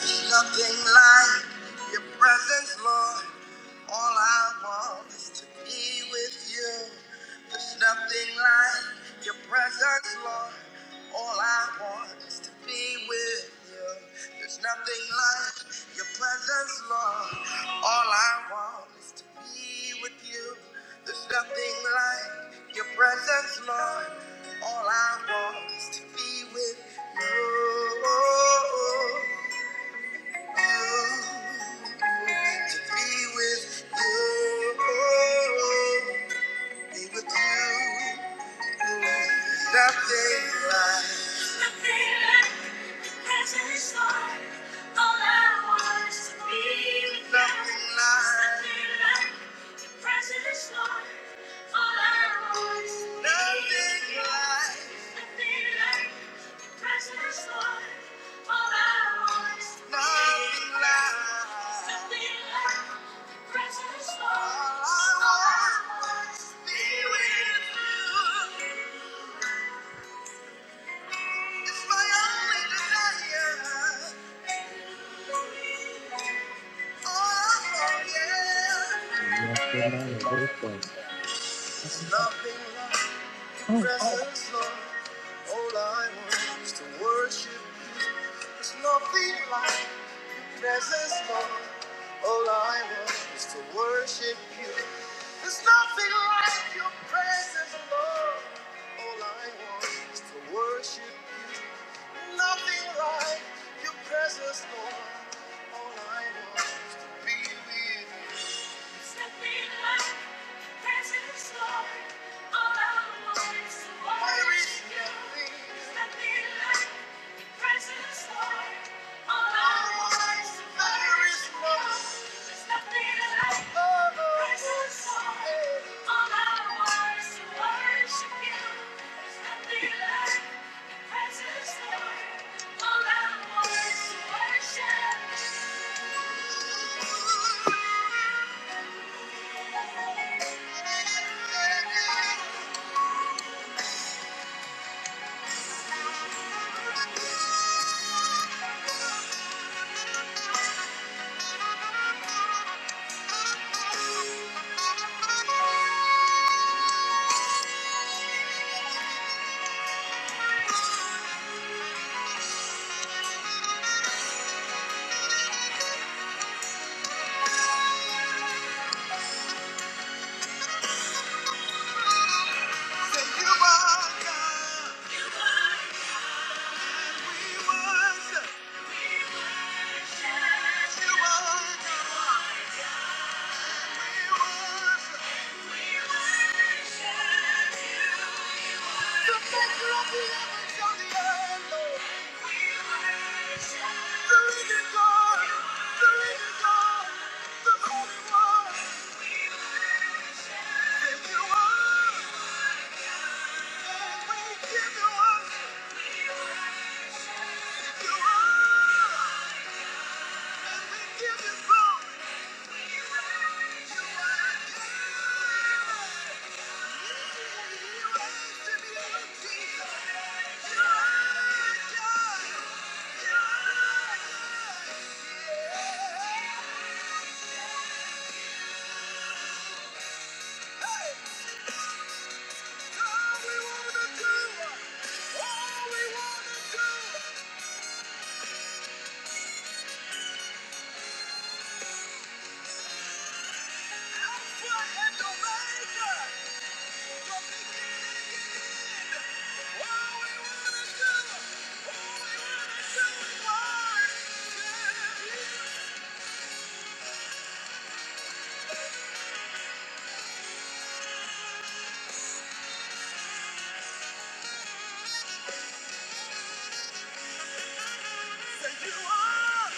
There's nothing like your presence, Lord. All I want is to be with you. There's nothing like your presence, Lord. All I want is to be with you. There's nothing like your presence, Lord. All I want is to be with you. There's nothing like your presence, Lord. All I want is to be with you to be with you. Be with you. Presence, Lord, all I want is to be with you. Oh, yeah. Yes, we're amen. Wisdom. Um, like Oh, worship. like like Nothing like your presence, Lord. All I want is to be with you. like Say you are God. Thank you. Alpha and Omega! Jesus, you are, Jesus, you are,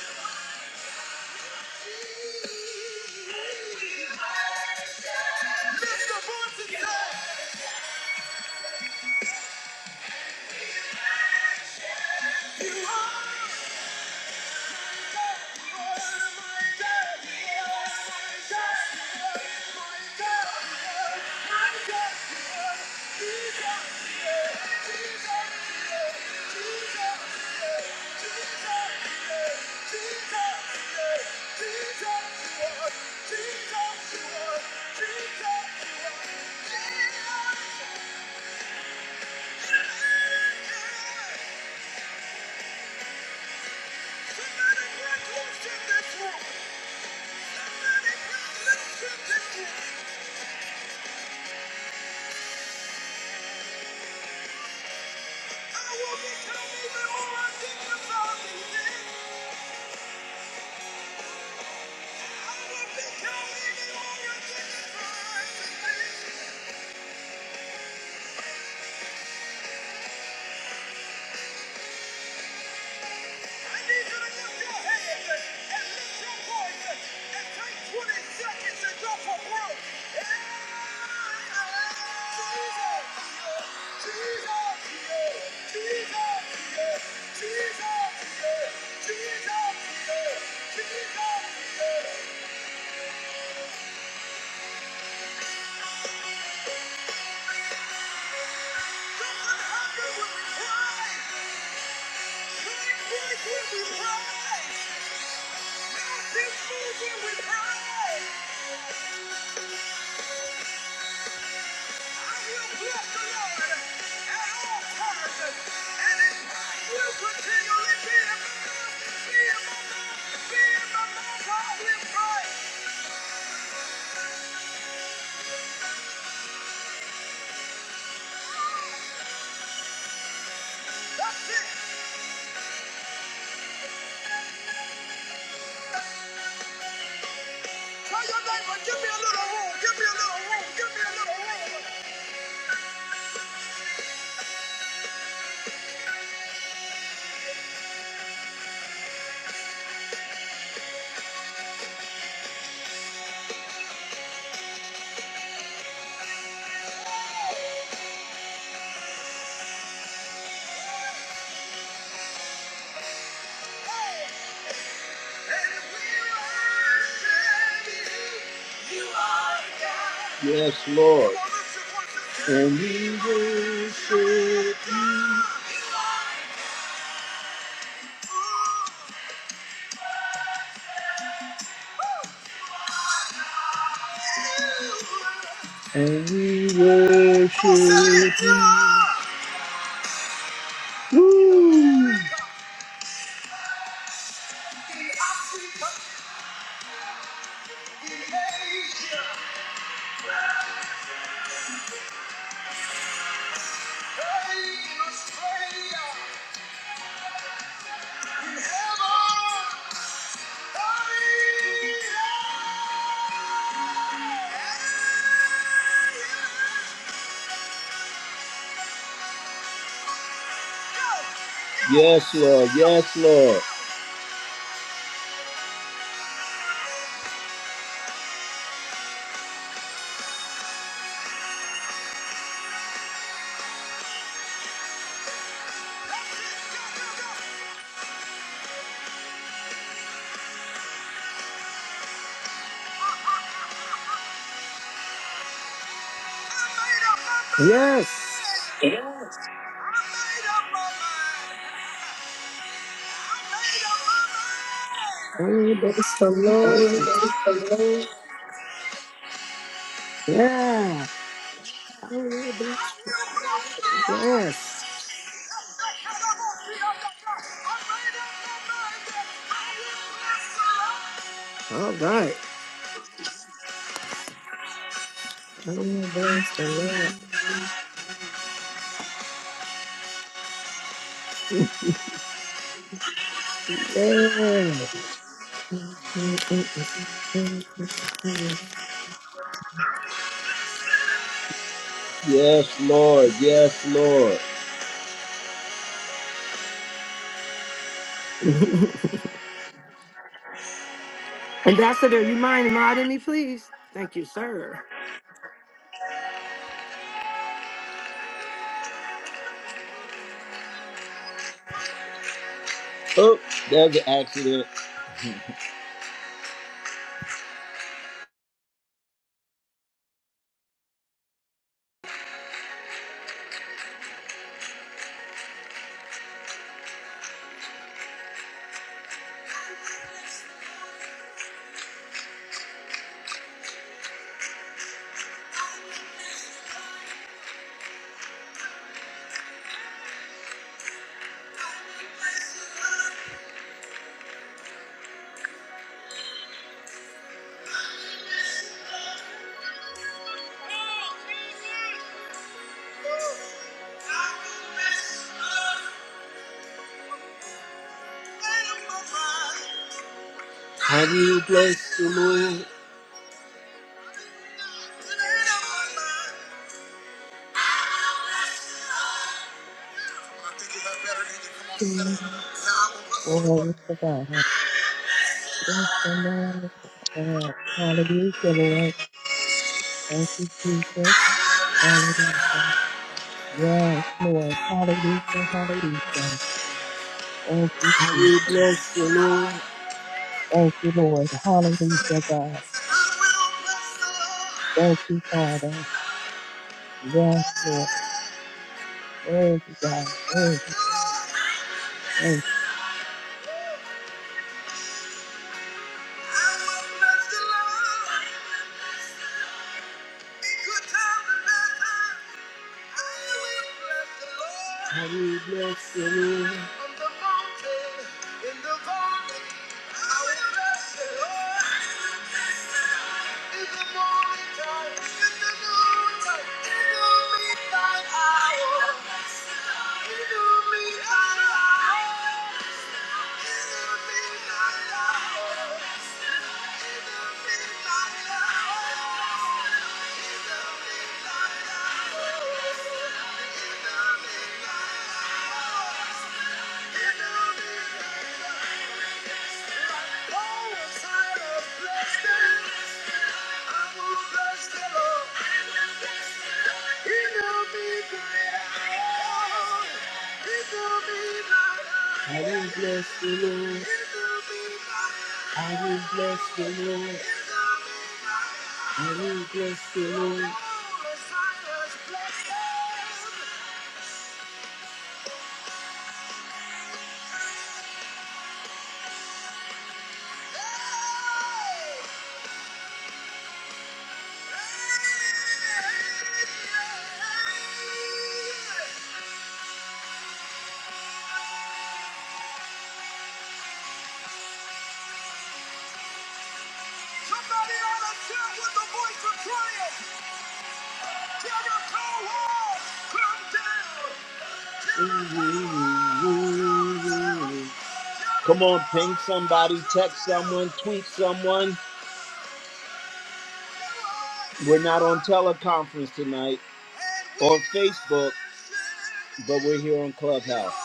Jesus. Thank you. I need you to lift your hands and lift your voice and take 20 seconds and go for broke. Something happened when we pray. Break, break when we pray. Mountains move when we pray. Thank you. should be. Yes, Lord. Yes, Lord. Yes. I will bless the Lord. Yeah. I will bless. Yes. All right. I will bless the Lord. Yeah. Yes, Lord. Yes, Lord. Ambassador, you mind modding me, please? Thank you, sir. Lord. I think you have better in you. Come on, sing amen. it. Glory to God. Yes, amen. Yes. Hallelujah, Lord. Thank you, Jesus. Hallelujah. Yes, Lord. Hallelujah, hallelujah. Thank you, I will Jesus. bless the Lord. I Thank you, Lord. Hallelujah, God. will bless the Lord. Thank you, Father. Yes, Lord. Worthy, God. Worthy. Thank I will bless the Lord. On the mountain, in the valley, I will bless the Lord. In the morning time, in the noon time, in the midnight hour, in the midnight hour, in the midnight hour. Thank you. I will bless the Lord. I will bless the Lord. I will bless the Lord. Somebody out of tune with the voice of triumph. Never go home. Come down. Come on, ping somebody, text someone, tweet someone. We're not on teleconference tonight or Facebook, but we're here on Clubhouse.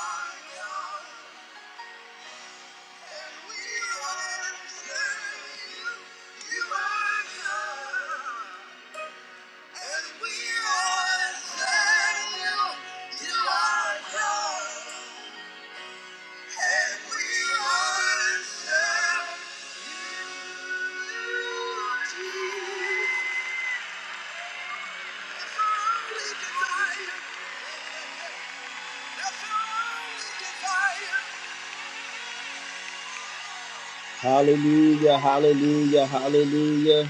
Hallelujah, hallelujah, hallelujah.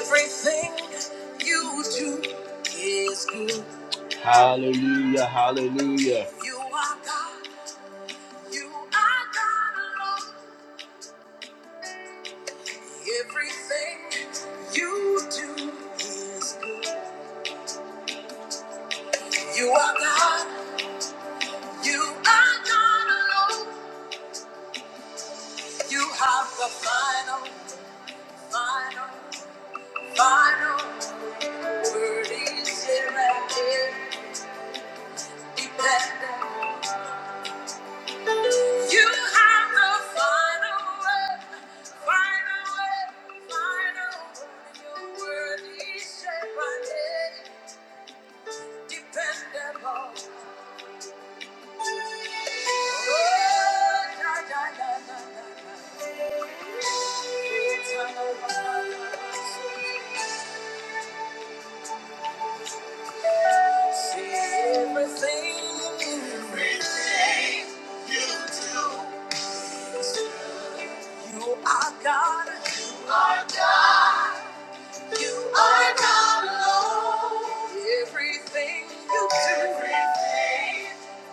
Everything you do is good. Hallelujah, hallelujah. You are God, you are God alone. Everything you do is good. You are God. You are God alone. You have the final, final, final word. Is it here and here. You do,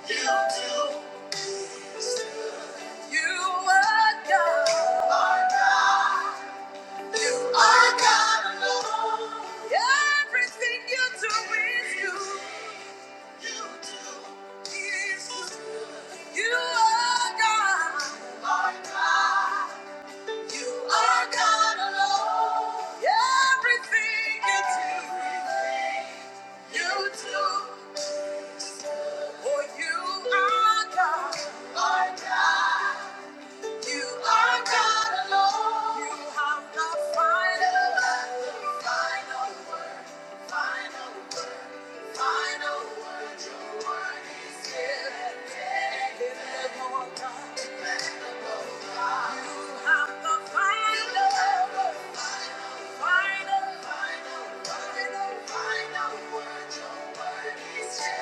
you do. God alone. Everything you do is good. You do. Is good. You are God. You are God You are God alone. Everything you do, you do. For you are God. Lord God. You are God alone. You have the final, the final, final, final word. Your word is here. You have the final, final. final. You're the owner of my salvation,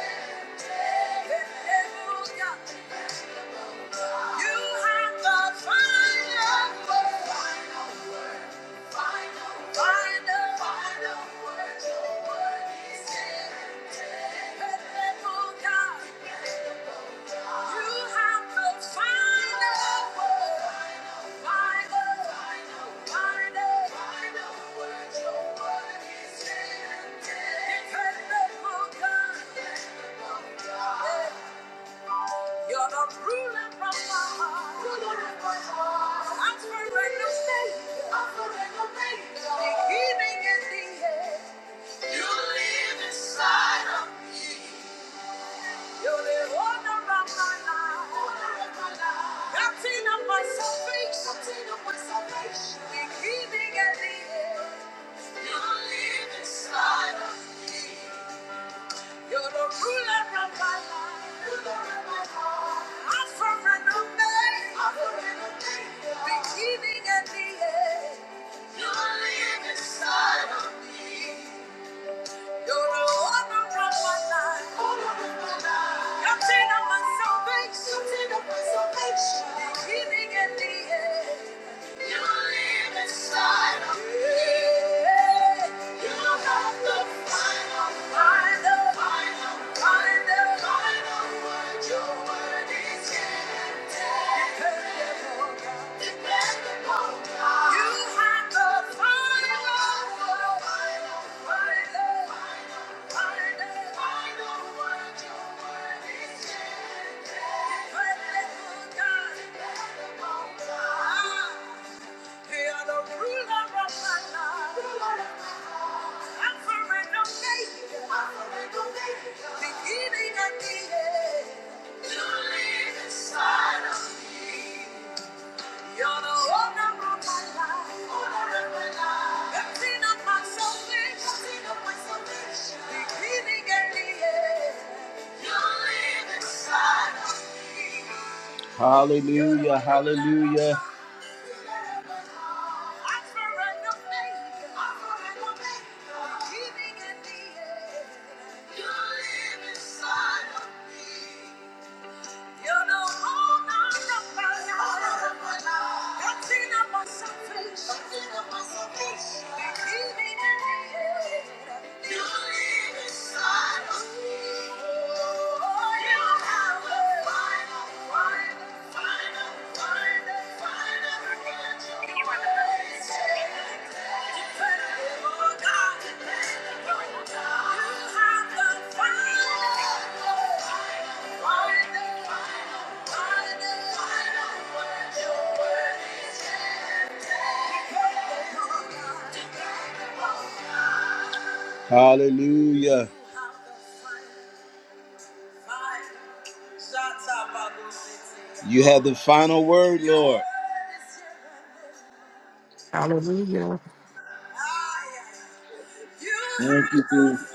the beginning and the end. You live inside of me. You have the final, final, final, final, final word. Your word is inevitable. Inevitable. You have the final, final, final, final, final word. Your word is inevitable. Inevitable, God. Beginning and the end, you live inside of me. Hallelujah, hallelujah. Hallelujah. You have the final word, Lord. Hallelujah. Thank you, Jesus.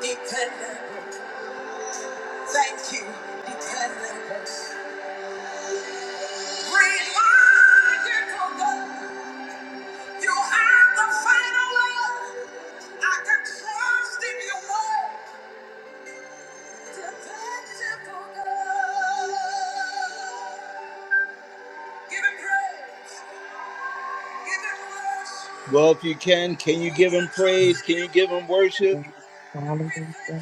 Dependable, Thank you. dependable. Reliable God. You are the final word. I can trust in your word. Dependable God. Give him praise. Give him worship. Well, if you can, can you give him you. praise? Can you give him worship? Yes. Hallelujah,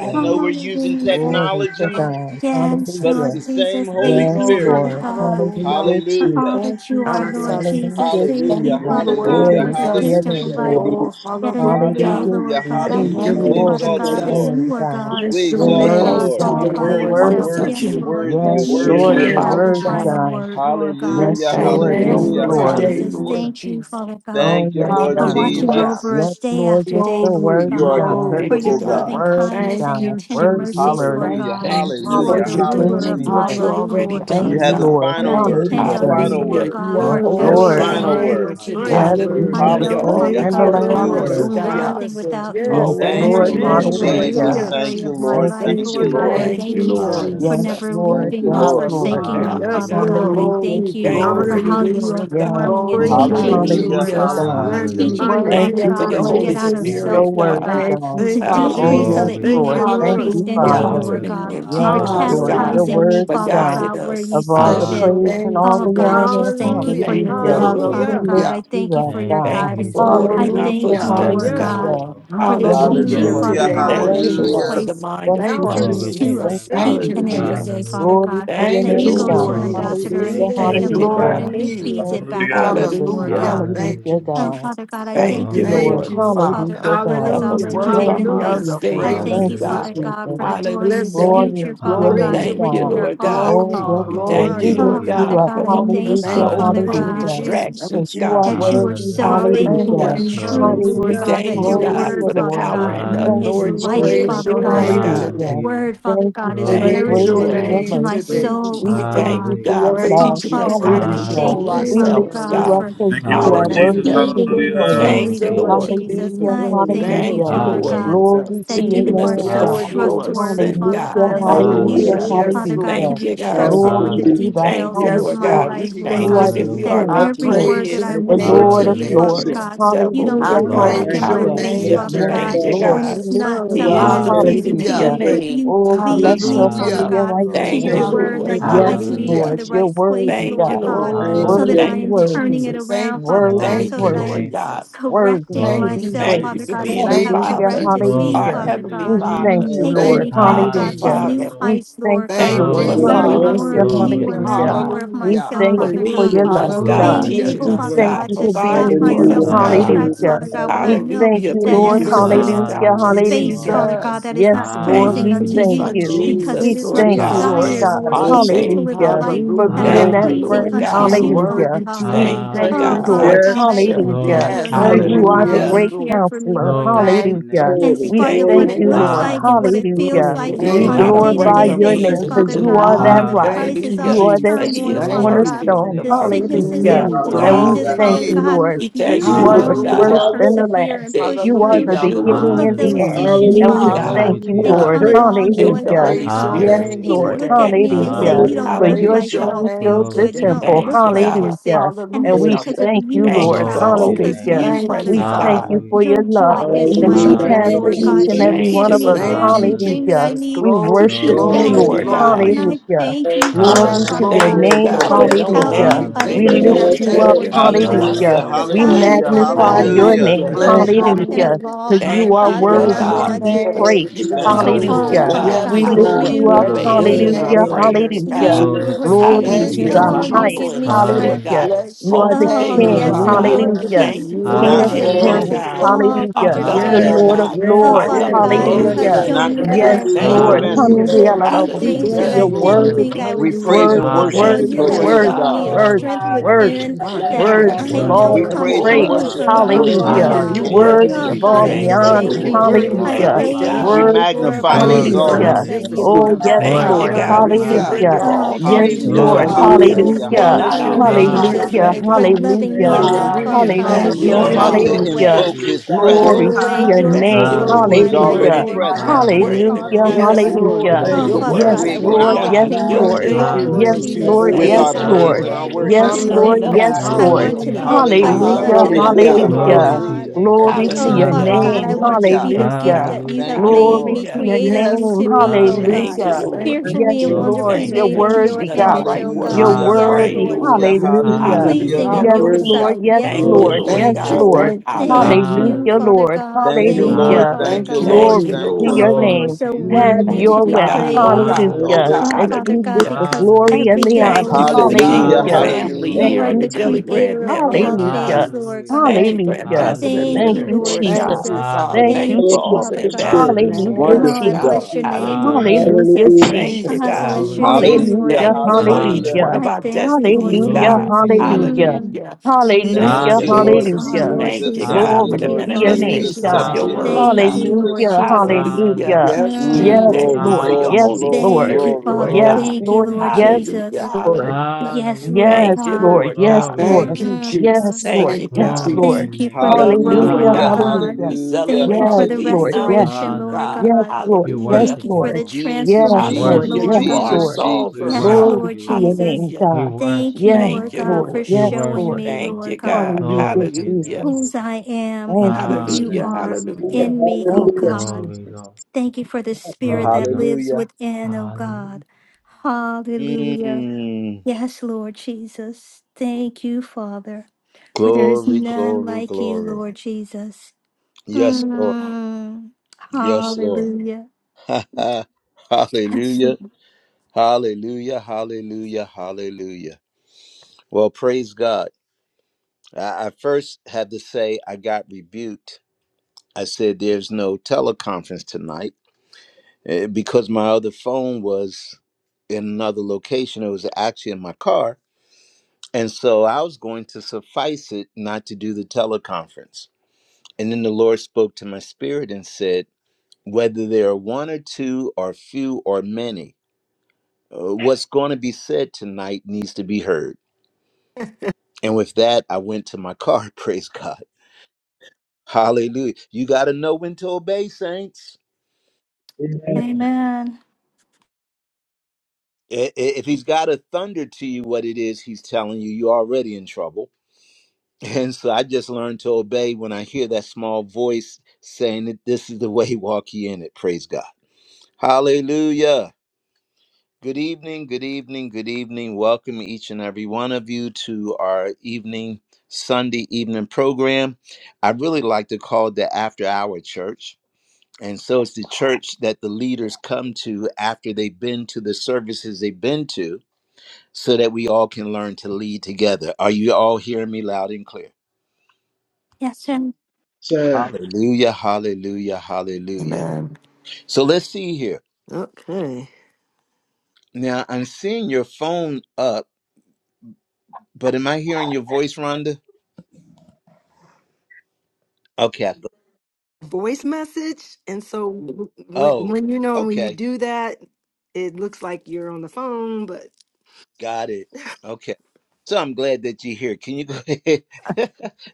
I know you, we're using Jesus. Hallelujah. Glory to technology, Thank you, God. Yes, but Jesus. it's Hallelujah. Lord the same Jesus, Holy thank Yes, you, Spirit. Father Glory, Lord. God, Hallelujah, hallelujah. for Jesus. Hallelujah. all Thank that you you, are, Lord Jesus. Hallelujah. Jesus. Hallelujah, Let Thank them Thank Hallelujah. you, give you, Jesus. Father Lord God, Hallelujah. glory, for Glory the to honor, Jesus. your gift of and name, Hallelujah. life. God. Oh, praise, Yet another Hallelujah, day, hallelujah. Hallelujah. Lord God. Jesus. I Thank you, Hallelujah. thank Thank you, We knowledge, you, Lord. and Father Glory exalt to you, God, presence, that Jesus. your Lord. name, you are God. God strength, We Bless your You're and you are exalt you, power. God worthy, name Lord. Awesome all You're today, God. by You're God, worthy, Lord you're yourself. worthy. wonderful worthy, Jesus. Yes, you're King. Lord, worthy, you're Yes, Bless you your Lord. worthy. Hallelujah. do You're have name, the Holy worthy, Jesus. final God. God. word, Lord Yes, God. Hallelujah, Bless your Thank Lord. you, Yes, Yes, name hallelujah, Lord. Lord Lord. today, Jesus, hallelujah. Lord Hallelujah. thank you, Jesus. Father God Oh, Thank you, yes, Lord Thank for you, God. watching Lord. Hallelujah. over Jesus. Yes, us day Lord. after You're day, so Lord Glory, You worthy, are God, a God. for glory. Thank you, your dependable God. loving God. Worthy, kindness Thank and your God. you, tender Worthy, mercies, Jesus. Lord worthy. Thank Hallelujah, God. you, Thank you for You are what hallelujah, the you're Jesus. Hallelujah, doing ruler and of for Jesus. hallelujah. my what you life, already Lord Hallelujah. Hallelujah. Thank You done, you, have the Jesus. God. Lord. And I final Thank word, you, depend the on Hallelujah. you, Jesus. final Lord Hallelujah. word, You God, are Yes, for Dear the holy, Bless Lord. Lord, your God. final everything, final, name Lord word. today, final Jesus. Yes, you Lord Lord. word. I have Hallelujah. the You're know, Jesus. first Hallelujah, Father Thank and always the you, God, that I last working am on hallelujah. us, word. Lord. Hallelujah, absolutely God. Lord. Hallelujah. nothing Promises, without you, Yes, yes, and and Thank Always I Thank you, Lord. making need Lord a you. amen. you over Hallelujah, Thank way, Jesus. Hallelujah. every Lord. you, Hallelujah. God. Thank area you, of my Lord. Thank Jesus. life. you, Thank Thank you, Lord you, God, Lord. I Jesus. Lord Thank Thank you, thank you, you Lord. for Jesus. Yes, Hallelujah, never Jesus. Lord. Lord. Thank leaving you, nor Yes, Lord. Lord. forsaking me, Hallelujah. Thank you, Yes, Father Hallelujah, God. God. Lord. Lord. I Hallelujah, thank Glory, you Thank you Jesus. for honor for Glory, your how glory, you, Lord. you Lord are wisdom, God. Yes, God. forming and glory Praise Lord. you, Glory, to teaching Lord. me, Jesus. Hallelujah, Lord Hallelujah. Hallelujah, God Jesus. God. hallelujah, You Hallelujah, teaching Magnify me, your Lord. Thank worthy Father Thank you you, name, of for the God, your Lord to get Holy Jesus. out Jesus. of You're praises. so self, Spirit, Lord Hallelujah, God. worthy, Lord. God, Thank God. you, to Thank you, Father. Oh, decrease so Hallelujah. yes, Jesus. that Glory, you Thank Lord. may Lord. you, Thank Lord. increase you, in For me, Hallelujah. Father. Lord Glory, comforting Lord. God, and for Yes, keeping us, Lord, Hallelujah. God. your Hallelujah, Hallelujah, chastising Lord. me, word For is Father God Jesus. guiding God, where you us. of all see the Bless fit. your praise Hallelujah. Hallelujah, and name Lord. all Oh the God, today, I honor. just thank you Jesus. for Jesus. Hallelujah. your Thank Thank you, Hallelujah. you, love, Lord. We Father Jesus. Hallelujah. lift God. Hallelujah. I you thank you up, for your Thank you, God. Thank you guidance. for Jesus. I ordering our Hallelujah, thank you, Hallelujah. footsteps, Lord Yes, God. Hallelujah, you God, hallelujah. are. Lord. for the Yes, teaching, Hallelujah Hallelujah. Lord, Glory Hallelujah, We Father to it's today, your the God, love Lord Thank name, word you, that of you Lord, God. for Jesus. Jesus. hallelujah, the place mind Thank of you, Thank Alpha you, and Glory Christ. to Jesus. your to Omega. Thank Jesus. name, us you, Thank Thank you, each Jesus. you, and Lord. Jesus. every Hallelujah. day, Jesus. Hallelujah, Father Lord. Glory God. to your Thank That you, Thank you name, Thank you, go you God. Lord. to for an Lord being Glory the to your ambassador and beginning you Hallelujah, name, and give Thank Jesus. the him Thank you, Jesus. a you, end. Lord word hallelujah. and God. he Thank Jesus. you, Hallelujah, Glory. feeds Thank Lord. it Lord. you, back to Hallelujah. us, Jesus. Lord Hallelujah. Hallelujah. God. Thank Hallelujah, Hallelujah, you, Lord. Oh, God. Jesus. Father God, I Thank thank Thank you you, you, Glory for to the Lord. Thank your Lord. you, name, growth, Father Father. Jesus. Hallelujah, God, that God. has Help You us Hallelujah. to already Hallelujah, keep Thank Lord. our taken you, worthy place. of Hallelujah. minds the Jesus. I stayed on Thank thank you, you, praises you, Hallelujah, God. Father Lord. today, God, for Jesus. the Lord glorious Jesus. Blessing Hallelujah. you, Glory future, God. to Father your God, name, Glory, to Praising Thank Hallelujah, which you, you, we Lord. God. Lord are Lord God. all God. Oh, glory, yes, called. We Glory to your Lord. thank you, We glory. name, Bless- lift Lord Oh, you Jesus. Father God, up. God, for I helping Mm, us thank to you, Hallelujah, Thank Father you, overcome Thank the you, Hallelujah, God, hallelujah. Lord. Jesus. Because Thank distractions, Jesus. you you, are God. that you are Jesus. worthy. so Hallelujah, Lord. Thank faithful Hallelujah. Hallelujah. and Hallelujah. you, true, Glory to your We Lord Hallelujah, Jesus. Hallelujah, name, God, that thank you, your Jesus. hallelujah, God, Jesus. word, Glory. for the Father Lord. power God, and the Thank is Hallelujah, you, Mm, authority life, Lord. that you Glory, Jesus. Praise have Father your given God. us, glory, name Your God. glory. today. Hallelujah. Hallelujah, Lord. word, Father Thank you God, for is Glory your to Thank your Praise you, Thank you, grace your name, nourishment Lord. and your Jesus. to Lord. name my mercy. today, Praise soul, We you, We Jesus. oh thank thank you you, God. for Hallelujah. your God, for Jesus. love. Oh, Praise teaching you, Father us how God, to I praise you Hallelujah. control thank you, today, Hallelujah, moon We Lord. Father of lift our ourselves, you God, Jesus. God. up life. for because Thank you, you are Lord Hallelujah, worthy Thank Jesus. Lord. Hallelujah. Thank you, you, to feeding be me Lord Hallelujah. praised. Glory Jesus. daily, Thank Jesus. you, to your Lord Lord. name, Jesus. Jesus. Hallelujah, I Mm, Glory, We glory, thank you, Thank thank glory. you, hallelujah. you, Father Lord, God, Hallelujah. Jesus. Glory for to that your you giving us are Mm. name, so God. Yes, authority Hallelujah, over Lord. Lord. trustworthy, sin, Father God. Hallelujah, God, and Yes, that Thank Lord. you, you, hallelujah, Hallelujah. Hallelujah. Hallelujah, Lord. Lord. Yes, Father God. God, can Lord. hallelujah. Thank be you, God. Thank Yes, trusted Lord. you, with Glory the Jesus. to Hallelujah, the Lord. Thank details you, of highest Yes, Lord my God. God. Lord We life, Lord You Thank thank you, you are God. the that Lord, we Jesus. Hallelujah, That are King Lord of I Lord. every Jesus. word praise kings, that your I victorious Thank the you, whisper Lord, name for to Lord of you, today, your Hallelujah, Father lords. mercy. Lord. against God, the Jesus. you devil, don't Thank I you, Lord Hallelujah, throw Lord. Glory God. back Thank to praise in your you God. my your for hallelujah. name, your face, name Hallelujah. Father Jesus. Yes, steadfast God, today, Thank you, love. Lord, when we God. it's Jesus. lift not you He up. something is that's Hallelujah. Thank pleasing you defeated Hallelujah, to for in your your Hallelujah. Hallelujah. Lord. you, but grace. you name, Oh, lead bless me, your Jesus. Father holy Hallelujah. and Hallelujah, God, Lord. righteous to Thank your Thank you, Mm. name. you, word Lord. thank that you, Hallelujah Yes, guides me today, to Lord, Hallelujah. Hallelujah, the Lord. you're right Jesus. place, worthy, Thank you, Lord God. God Lord. thank so that you, Glory. I Worthy, Thank Lord. Hallelujah, am you, Lord. turning worthy, it Jesus. Thank around, you. Father worthy, God, Glory so Thank Thank to you, your that you, I am worthy Lord name. God. Jesus. worthy correcting to Thank Glory be to you, your myself, Thank praised. you Father name, for God, Jesus. as being Jesus. you the have Hallelujah, Thank you, Father, corrected Jesus. me, Glory our to hallelujah. your Father Heavenly name, We God, thank Father, Jesus. Mm, Thank you, you, taking Lord. thank Lord. me, you, Father Abba God, to Hallelujah. Hallelujah, new Father. Jesus. Lord. We heights, thank Lord you, Thank God, Thank you Lord. for you, Glory Glory, Hallelujah. loving learning to Father. us more Hallelujah, and of God. Hallelujah. Glory you keeping to and your us, hallelujah. learning God. name. more of We Hallelujah. myself, thank for you Father for Hallelujah. your God. feeding love, us, Glory, God, God. Being Glory to Hallelujah, glory, able, teaching your We us, Jesus. Father name, glory. thank God, God, you Jesus. to for stop being providing for you. myself us, Hallelujah, in Mm, my God. tracks, hallelujah, Hallelujah. Father Jesus, Hallelujah, God, when We I Lord. hallelujah. know thank Hallelujah, you, for that I Thank Lord. you, am using Jesus, in Hallelujah, us, a Jesus. God. Hallelujah, Bless your space, Lord. hallelujah. Father name. God, Jesus, that is Yes, not Lord, Thank you pleasing we for unto your thank mm, Hallelujah, you, son, you. Lord. Lord. because We it Jesus, Jesus, Jesus, is my Lord thank you, God, Jesus, Lord desire, Jesus. God. Lord Jesus. our Hallelujah, Bless Jesus, you. to Lord. live a Savior. Hallelujah. life For Linger that on is being Hallelujah. Thank my Thank that you, heart. you. pleasing Lord friend. Hallelujah, unto God. You Jesus. Lord. you, O Hallelujah. worthy to God. We be Thank you, thank Oh, you, praised, God, Hallelujah. our Father Lord. God. Yes, God, I Lord. teacher. can't Hallelujah thank Glory you to Yes, for your enough Thank name, for you Lord. you. are the how Jesus. you Hallelujah. Yes, Hallelujah. great care Lord. for me, counselor. Lord Glory to God. your Thank name. Hallelujah. you. Oh, In We the We spite thank of what glory, thank you, it Thank you, you, glory. looks Lord. God, like and what Jesus. Hallelujah, it Lord. feels Hallelujah. Glory, like that he We is Thank on a glory, not a Glory you, day to to your glorify day regular glory, name, your Jesus. man, basis, name Thank that glory, you, Jesus. he because Father Lord. could you glory. God, are all that lie. Mm, the rock. Hallelujah, thank crisis, you, Lord. all You Hallelujah. the are that But Jesus. he chief turmoil, is Thank Father Glory to God, you. your perfect, Thank cornerstone. the the you. name, perfect Jesus. sicknesses and hallelujah, Hallelujah. the Mm, example, And we God. diseases, hallelujah, thank Father Hallelujah, glory. you, Lord. God, Lord, hallelujah, We because you thank Give you you, you are the the allow Lord me fruit of to God. Hallelujah, Hallelujah. first our Lord. and the lips. persevere last. and that push You are He through the is Hallelujah, you Lord beginning all and of and you the those are Hallelujah. end. Jesus. issues, Mm-hmm. And He, we Father Hallelujah. God, God, thank Glory to you, your Oh, and Hallelujah. And name, Lord. count it praise Jesus. all to your and joy, the name. Hallelujah. Father Holy Praise your God Spirit, Yes, name Hallelujah. people Lord. Lord. look today. at Thank me you, and say, Hallelujah. You Lord. don't For Hallelujah. Hallelujah. look your Praise like you your Hallelujah. train don't feel name fills the Glory good. You to today, your temple. don't name, look Thank you, Jesus. like Jesus. you're God. sick. Hallelujah. And And that's we Hallelujah. Yes, because Lord. of thank Thank you, you, you, oh Thank you Lord. for Glory God, to Jesus. your always because name. Hallelujah being you, Thank Father you, we present, God, thank God. you Father. for Hallelujah, your your Lord. love joy is my that you Mm, Hallelujah. Hallelujah. strength, have for Thank Lord Hallelujah, you, each God. Lord. and Hallelujah. You every Thank one give you, of Jesus. me us. Lord. Thank you, everything that Hallelujah. Hallelujah. I Jesus. need We to Glory, worship keep Glory Yes, you, to glory, your Thank going, you, Lord. Lord. name, God. God. And glory. I Jesus. Hallelujah. thank you Glory for Ah, it, to Father your Hallelujah, Yeah, Thank God. you, glory, Lord. name. yeah, God, For for yeah, glory, yeah. knowing without Hallelujah. you, glory. I would We everything. You be Thank Hallelujah, know you, Lord. lift us Yes, you nothing, thank better up. Lord. Lord you, than we know Jesus. Jesus. Hallelujah. hallelujah, Hallelujah, ourselves, We Lord. God. Without you, Thank hallelujah, Father you, magnify God, Glory I Jesus. your to your would hallelujah. Hallelujah. name. name, Bless curl Thank you, your Jesus. up in Jesus. a Hallelujah. name. ball, Because Father you Thank are you, God, and Lord Bless not worthy your God, to want be Hallelujah. to for name, praised. giving us Jesus. Thank go you, on, wisdom, Lord. Hallelujah, Hallelujah. Father Lord. God. God, Yes, Glory, We lift but glory, Lord. you you, Hallelujah. up. For glory, Bless Lord your answering glory, our Hallelujah, Hallelujah. Jesus, name, glory. Lord. prayers, Thank Jesus. you, Hallelujah. God. you, Jesus. Glory to Lord your name, Glory Thank Thank Jesus, you, to Hallelujah. you, Jesus. the oh, For you Hallelujah. Jesus. give highest. humbling me us, Jesus. strength. Lord Hallelujah. God. Hallelujah. Bless You are your the Oh, name, King. Cultivating yes, us, Father. Hallelujah, God. your Hallelujah. Hallelujah. Thank peace you for hallelujah, the King Not that of Glory, kingdom, form, Hallelujah, kings, hallelujah. glory, surpasses Lord. God. glory, all Our hallelujah. not The government, understanding. Lord Yes, Hallelujah, of fashion, God. Lord. Oh, yes, Our lords, Father glory, yes. government We God, is you Thank Glory you, the bless have to glory, you. hallelujah. your Lord. then. shown not name. me the kingdom, that I Lord. am Yes, prelude to Thank the Lord, you, able glory be Lord. Hallelujah. to Hallelujah. message. hallelujah. to Jesus. do We King things of that bless Hallelujah. you, I Yes, You're kings, Lord Lord. Lord didn't of God. think worthy, I lords. We was praise Hallelujah. worthy, and capable We of worship worthy, thank doing. Yes, We you, You Hallelujah, because have He Lord. Yes, Lord bless is Lord. worthy, you. shown God. me God. a Lord. Glory worthy, to strength your name, Hallelujah. within worthy, Jesus. My You Thank that God, you, Magnify my worthy rest I of you, God. and Worthy know all We of Lord. the Jesus. rule all Glory, comes praise over and glory, praise, praise, only us, worship Father. glory. from God. you, because He oh Glory, is hallelujah. Yes, our Hallelujah. You God. King. Hallelujah. Hallelujah. Lord. worthy to glory. Worthy Oh, of be We God, all I praise the your Jesus. praised. Thank just you, name. We honor, thank Thank You lift you, you. Lord. your name worthy Lord. to on I be Thank high, hallelujah. you, Jesus. lifted Father. up. praise We Glory, God. you and Worthy, glory. You magnify glorify and you worthy, for glorify exalt Thank your Hallelujah. all hallelujah. you, Him. Jesus. that name, never you Lord. magnificent do. Oh, are, God. yes, Father Thank Mighty you, Lord, God. Glorify you. God God. are We you. Hallelujah. hallelujah. Hallelujah, surrender Lord. Oh, We all to Yes, thank you, praise you, you, Hallelujah, Lord Lord, God. Glory Jesus. to your Hallelujah. name, Jesus. hallelujah, We Jesus. Hallelujah. hallelujah. Thank Not bless you, your our Lord hallelujah. way, name, but Lord your Jesus, Hallelujah, way, Hallelujah, Hallelujah. Jesus. Thank for Lord. God. you, loving Thank hallelujah. me you, Jesus. enough, Lord. Hallelujah. Father Hallelujah. Hallelujah, God, Your to Thank Have We Lord. your you, Hallelujah, don't show Hallelujah, glory way, me have Glory Father. to your Jesus. to goes Lord. your name, hallelujah. to way, invoke you, His Jesus. God. your Thank Glory presence, to way, you, your your Glory, Thank will Jesus. name. you, Hallelujah. over my glory, Lord. He's We Hallelujah. life, We're Thank already Hallelujah, glory. in you Lord for glorify present. God. your agree- That we're holy is absence. in Hallelujah, all name, that hallelujah, Lord. I Yes, agreement Yes, want. God. with Lord hallelujah. Lord God. We Oh, Thank lift your Glory you, to Father your your Yes, God, We Jesus. word, I name, Lord. holy want Lord name, to Lord, acknowledge walk Jesus. yes, God. his in Your your God. Lord. Thank presence will, will. you, Hallelujah. Mm, Lord Lord Yes, Hallelujah. Jesus, Jesus. Lord, with Jesus. Hallelujah. day Thank our yes, you, Yes, after praise Lord. and Lord. Lord. our day, Yes, Hallelujah, Lord worship. We Lord. Yes, Lord. Yes, Thank Lord, line Jesus. you. up Hallelujah. yes, with your God. I Jesus. Glory Lord. want to will, to your Hallelujah. be a name, God. Hallelujah, blessing Jesus. Hallelujah, unto Hallelujah. Glory, And with others, your Hallelujah. hallelujah, glory, Lord glory. Glory hallelujah. word. to God. your hallelujah. name, Glory Jesus. to Mm, Oh, your Father Hallelujah. God, Hallelujah. name. I Thank want you, to be hallelujah. Jesus. the Yes, gift Hallelujah. that God. you Hallelujah, have Thank Lord. you, made Glory Lord. me, to Hallelujah. your created me Yes, name. to be, Lord oh God. Thank Hallelujah, you, Hallelujah. Jesus. Lord. Lord. Thank you, Yes, Fearfully and Hallelujah. Glory Lord, wonderfully to Jesus. your Thank you're you made for name, in your teaching worthy, us Jesus. the God. Thank image, right oh you, You're words God. to Hallelujah, Yes, Jesus. pray, worthy. Hallelujah. Lord Lord. hallelujah, Jesus. Hallelujah. Mm, hallelujah. Pleasing Hallelujah, in Hallelujah. Yes, Lord. your Worship Lord. hallelujah. sight. Yes, Yes, Thank you, Glory Lord. Lord Worship to Lord Yes, your Thank you, God. name. Jesus. Hallelujah. Lord. thank you, Thank thank Hallelujah. you. you, Hallelujah, Father Hallelujah. Lord. God. Thank Thank you, you, Thank you, Mm, Lord. Hallelujah. Father Thank you, thank Hallelujah, you, God. Lord. Lord. Thank Glory you, to Thank you, Jesus. Lord. Oh, your for you Lord. are Glory name. to so your name, Have worthy Mm, to Jesus. Thank your be you, way. God, God. Mm. oh praised. God, Yes, oh Hallelujah. yes, God, Hallelujah. Oh, That Lord. Father you God, get Hallelujah. the because glory Hallelujah, and the Lord. everything Thank honor. you Jesus, for belongs oh Yes, the to you, God, Hallelujah, Lord. kingdom oh Hallelujah. Yes, thank God. Hallelujah, you, family Lord. hallelujah, Thank You here are in you, the the Daily hallelujah. Jesus. Bread creator of Network, thank all you, Hallelujah. things, God. Lord Hallelujah. Jesus, God. Thank thank you for you, Hallelujah. Jesus, Ambassador Hallelujah, Thank Thank you, Mm. Leonard, Lord. you, Lord Lord thank Jesus. God. you, Jesus. for Father. the Thank Thank Hallelujah. you, you Thank for you, fellowship all of the Father the Jesus. God. Spirit. ambassadors Hallelujah, here, Hallelujah, Oh, Lord. Lord Yes, I Wonderful God. Lord Jesus. bless God. your Jesus, name, Lord Hallelujah. Hallelujah, Hallelujah, Lord. Jesus. Hallelujah. Jesus. Thank Oh, you, I Jesus, God. bless Glory your to your name, Jesus, name. Lord Hallelujah, Hallelujah, Thank you Jesus. for each hallelujah. one hallelujah, of Hallelujah, I our Lord. thank you, Lord destinies, hallelujah, God. Glory Jesus. to your name, mm, hallelujah, Jesus. Mm. Hallelujah. Thank hallelujah, Thank Jesus, you, you, Hallelujah, Lord Lord. Jesus, Lord. Oh, hallelujah. Lord Thank Jesus. you, Jesus, Jesus, Thank God, you, for Glory thank to the Hallelujah, you, Lord Lord. your Father. name, Jesus, Jesus. manifestations of God. Thank your you, Lord word, Thank Hallelujah, Jesus, God. you, Lord. Lord Jesus. Hallelujah, Jesus. Hallelujah. hallelujah. Hallelujah, yes, Lord. We Ooh, Yes, thank glory, you Mm. Jesus. for Lord, your glory, yes, Holy Hallelujah, glory, Lord. Lord, Thank you, Spirit, glory, Lord Father. yes, Glory God. glory. to Thank your you, Lord, Lord name, yes, Jesus. Hallelujah. Jesus. Lord, Hallelujah. Yes, Hallelujah, Lord Lord. yes, Thank you, God. Lord, Lord yes, God. Glory to your Lord, Thank you, name, Jesus. yes, Mm. Jesus. Thank Thank you, Lord, you, yes, God. Glory to Lord. your Thank Jesus. you name. for We the love you, growth, Lord Hallelujah, Hallelujah, Lord God. Hallelujah, God. hallelujah. We Lord. hallelujah, Thank you celebrate for Yes, you. the We Lord, hallelujah. Yes. acknowledge restoration, you, Lord God. Hallelujah. Yes, God. Lord. We Yes, Thank Hallelujah. worship you for you, Lord. the Lord. Jesus, Yes, We transformation, Lord. Hallelujah. worship Jesus, you, Lord You Yes, Lord. are Jesus, God. Lord. We sovereign, Jesus. Yes, Glory worship God. to Lord you, Lord. your Jesus. name, Hallelujah. We God. Thank worship you, you, Yes, Lord Thank Lord. you, God, Lord. for Lord. We Yes, showing worship Lord. me, you, Thank Lord. Lord you, God, God. Hallelujah, Glory to your name, Hallelujah. Jesus. Jesus. whose I am Thank and you, who you Hallelujah. are Hallelujah, Jesus. Lord. Hallelujah. Hallelujah. in me, Thank oh you, Hallelujah. God. Glory, Jesus. Lord. Thank you for the spirit Glory, that Lord. lives Hallelujah. within, oh Hallelujah. God. Hallelujah. Mm. Yes, Lord Jesus. Thank you, Father, for there is Glory, none glory, like you, glory. Lord Jesus. Yes, Lord. Mm. Yes, Lord. Hallelujah. Yes, hallelujah, Lord. hallelujah, hallelujah, hallelujah. Well, praise God. I I first had to say I got rebuked. I said, There's no teleconference tonight Eh, because my other phone was in another location. It was actually in my car. And so I was going to suffice it not to do the teleconference. And then the Lord spoke to my spirit and said, Whether there are one or two, or few, or many, uh, what's going to be said tonight needs to be heard. And with that, I went to my car. Praise God. Hallelujah. You got to know when to obey, saints. Amen. Amen. I- i- If he's got to thunder to you what it is he's telling you, you're already in trouble And so I just learned to obey when I hear that small voice saying that this is the way, walk ye in it. Praise God. Hallelujah. Good evening, good evening, good evening. Welcome each and every one of you to our evening, Sunday evening program. I really like to call it the after hour church. And so it's the church that the leaders come to after they've been to the services they've been to so that we all can learn to lead together. Are you all hearing me loud and clear? Yes, and So, Hallelujah, hallelujah, hallelujah. Amen. So let's see here. Okay. Now I'm seeing your phone up, but am I hearing your voice, Rhonda? Okay. I- voice message. And so w- when Oh, when you know when you okay. do that, it looks like you're on the phone, but. Got it. Okay. So I'm glad that you're here. Can you go ahead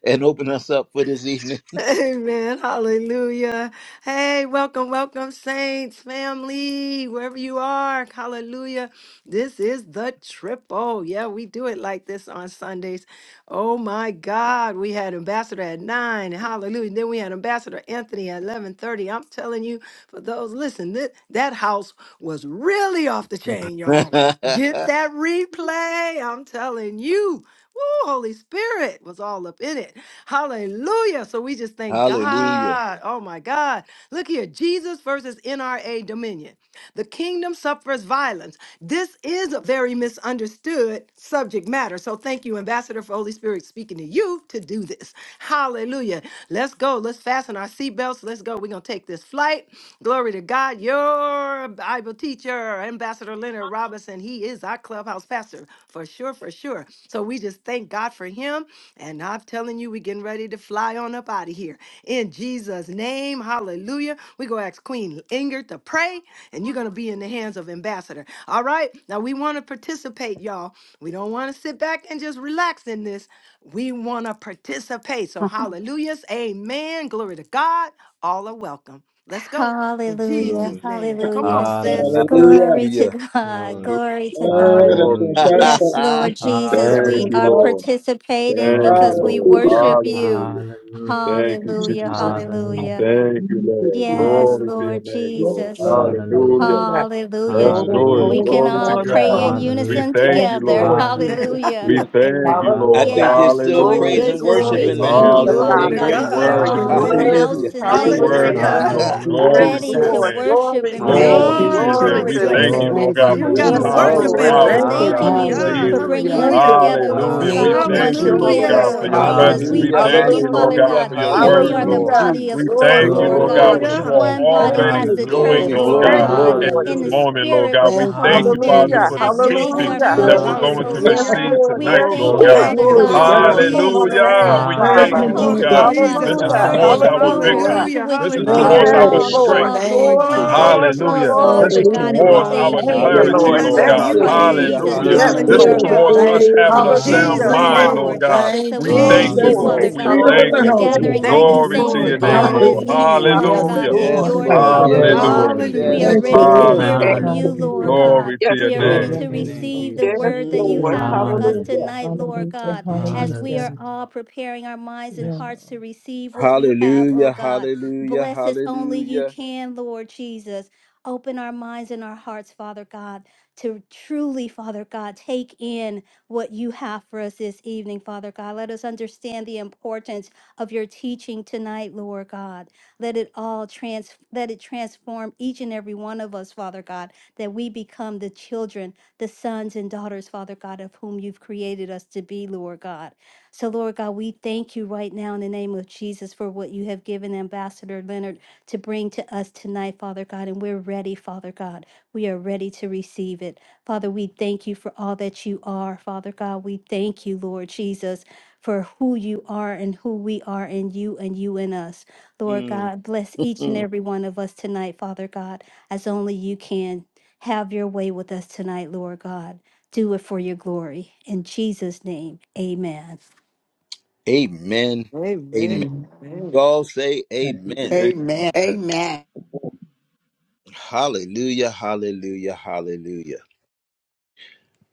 and open us up for this evening? Amen. Hallelujah. Hey, welcome, welcome, saints, family, wherever you are. Hallelujah. This is the triple. Yeah, we do it like this on Sundays. Oh my God. We had Ambassador at nine. Hallelujah. Then we had Ambassador Anthony at 1130. I'm telling you, for those, listen, that, that house was really off the chain, y'all. Get that replay. I'm telling you. Woo, Holy Spirit was all up in it. Hallelujah. So we just thank hallelujah. God. Oh my God. Look here Jesus versus NRA dominion. The kingdom suffers violence. This is a very misunderstood subject matter. So thank you, Ambassador, for Holy Spirit speaking to you to do this. Hallelujah. Let's go. Let's fasten our seatbelts. Let's go. We're going to take this flight. Glory to God. Your Bible teacher, Ambassador Leonard Robinson, he is our clubhouse pastor for sure, for sure. So we just thank God for him. And I'm telling you, we're getting ready to fly on up out of here. In Jesus' name, hallelujah. We're going to ask Queen Inger to pray, and you're going to be in the hands of Ambassador. All right? Now, we want to participate, y'all. We don't want to sit back and just relax in this. We want to participate. So, hallelujahs, amen. Glory to God. All are welcome. Let's go. In hallelujah. Jesus' Hallelujah. name. Come on, Hallelujah. sis. Hallelujah. hallelujah. Glory to Hallelujah. God. Glory. Hallelujah. Glory to God. Oh, that's Glory going to Hallelujah. to start God. Yes, something. Lord Jesus, that's Thank we going to you, are Hallelujah, start. Lord. Lord. participating Thank Glory, you, because Yes, Lord. we Lord. Hallelujah. worship you. Hallelujah. Hallelujah. Thank you, Hallelujah. Jesus. Hallelujah. Hallelujah. Thank you, Lord. Yes, Glory to your Hallelujah. Lord name, Lord. Jesus. Lord. Hallelujah. Hallelujah. Hallelujah. Hallelujah. Let's Glory, do it. Hallelujah. We Mm. glory, can Glory to all glory, pray God. in glory. We Hallelujah. unison thank Thank you, you, together. Lord. Lord Jesus. Hallelujah. Hallelujah. We Yeah. thank you, amen. I Lord. Hallelujah. Hallelujah. think there's Yes, still Lord Hallelujah. praise Glory, and Praise, Jesus, glory. worship we praise in the Hallelujah, Thank thank you. you, you, house, Lord. Father Glory to Hallelujah. Father. God, Ingrid. We that we God. are For worship you all you, in the Lord. Hallelujah, Hallelujah. house worthy. Hallelujah. Lord. We tonight, Lord Jesus. worship Hallelujah. you, Hallelujah. Jesus, Thank Lord. you, Hallelujah, Yes, Glory Lord. to ready your to Jesus. Lord. name. worship Glory and to the Thank King. Glory praise to Hallelujah, you, Glory, your you, Lord. name. Glory glory, Lord We to the glory. thank Jesus. Jesus, you, King. Glory Lord to Thank for your God, you, Still for who name, this got a you Yes, time, are, Jesus. oh, this Jesus. worship Lord. in Lord us. Lord. hour, God. Thank Lord you, Glory God, Thanking to this you Hallelujah, Jesus. God. for Lord. season. bringing Hallelujah. us Thank you, Hallelujah. together, Lord. Lord Hallelujah. We We Thank God, Hallelujah, you, bless thank once you, Lord. your Lord holy again, God, Jesus. name, for Lord Hallelujah. your Thank Father. you, Jesus. presence. We We Hallelujah, Hallelujah, thank thank you, Jesus. Lord. you, Hallelujah. Lord Father God, Glory hallelujah, God, for to your your that Woo-wee. name, we Thank word, are the you, hallelujah. Jesus. Lord. Hallelujah. body of We Jesus. Glory, Christ, thank you, Lord Glory Lord to Glory. your God, God. Hallelujah. what glory. name, you are One Jesus. body Thank Hallelujah. already as you, the Hallelujah. church, doing, Glory, Jesus. Yes, Lord Lord glory, God, Thank Glory, God, you, in glory. glory, Lord in this the glory. Hallelujah, glory. Jesus. glory. Lord. moment, Lord spirit with God. the We Thank Holy thank you, you, Spirit Father, Hallelujah, Hallelujah. who for the Lord. Jesus. Yes, activates we teaching our Thank Hallelujah. you, do. that we're fellowship, going oh to Jesus. Hallelujah, Yes, God. Lord. receive Hallelujah. Lord. We tonight, Yes, thank Lord Glory. you, Woo, Lord. Glory God. to Thank Father you, your glory So to we Yes, God, name, Lord bless for God. Lord Jesus. your hope, holy Lord Jesus. Jesus. Hallelujah. name, God, We Thank Thank and thank Father. you, you, you, Hallelujah, Thank hope, Lord Lord Lord. Jesus. you, God. Lord God, the This is Jesus. Hallelujah. Jesus. towards glorious Thank you, our Hallelujah, future Lord. Lord. Hallelujah. victory. to Hallelujah. which This you- is we Yes, I are Hallelujah. towards Yes, our all Lord. praise Hallelujah, your strength. Lord. Lord. called, Lord name Glory, Jesus. today, Glory, glory, Hallelujah, Oh, glory, Hallelujah. Lord. Jesus. glory, This Father is glory. God, glory. and Hallelujah. we towards our Glory thank Thank be Hallelujah, you you, to We are in Lord. clarity, the Lord. Lord Hallelujah, blessing Thank Lord God. Jesus. you, you, Thank Christ hallelujah, King. you, Jesus. Jesus, And the Hallelujah. to Yes, whom we Jesus. This Spirit is are Hallelujah, hallelujah. of Lord. the Hallelujah. Lord. towards all Lord us Thank is having you, a there called is and sound Hallelujah, Jesus' Hallelujah, Jesus. belong, mind, Lord. freedom. Lord Lord Father. name. God. Jesus. So Thank We we you, Oh, We thank thank you, you, thank Jesus' you glory. for Lord. Father Hallelujah, Jesus. name. We Lord. God, freedom in thank for Hallelujah. the the you. house, Glory. Thank We you Lord. gathering for Jesus. of thank the Thank you who you you, Glory to saints are, for Mm, your it. Jesus. name, Father. again Glory to this glory. Lord. your Hallelujah. name, evening, Father Jesus. Yes, Hallelujah. God, Hallelujah. Hallelujah, in Yes, your Lord. hallelujah, Lord, name, Glory Lord Lord. to yes, your God. Hallelujah. Lord, name, Hallelujah. Glory be We are to yes, Thank Jesus. Hallelujah. Thank you, you, ready Lord. to Lord. Jesus. hear Jesus. Thank from Hallelujah. you, you, Hallelujah, Lord Hallelujah, Lord. Jesus. God. God. Glory to Yes, your We are Lord. Thank ready Glory name. to you, to your Yes, Lord. name, receive Lord. the Yes, Jesus. Thank word you, that you Lord. have Jesus. for us Mm. Hallelujah. Hallelujah. tonight, Lord Mm, Hallelujah, thank God, you, as we Jesus. are hallelujah. Hallelujah, all Lord. preparing our minds and Yes, Yes, hearts Lord. to receive what you have, oh Hallelujah, God. hallelujah, Bless us only you hallelujah. can, Lord Jesus. Open our minds and our hearts, Father God, to truly, Father God, take in what you have for us this evening, Father God. Let us understand the importance of your teaching tonight, Lord God. Let it all trans let it transform each and every one of us, Father God that we become the children, the sons and daughters, Father God, of whom you've created us to be, Lord God. So, Lord God, we thank you right now in the name of Jesus for what you have given Ambassador Leonard to bring to us tonight, Father God. And we're ready, Father God. We are ready to receive it. Father, we thank you for all that you are, Father God. We thank you, Lord Jesus, for who you are and who we are in you and you in us. Lord Mm, God, bless each and mm. every one of us tonight, Father God, as only you can. Have your way with us tonight, Lord God. Do it for your glory. In Jesus' name, amen. Amen, amen. Amen. Amen. Amen. Y'all say Thank you, Yeah, amen. hey, Father. Amen. Amen. Hallelujah, hallelujah, hallelujah.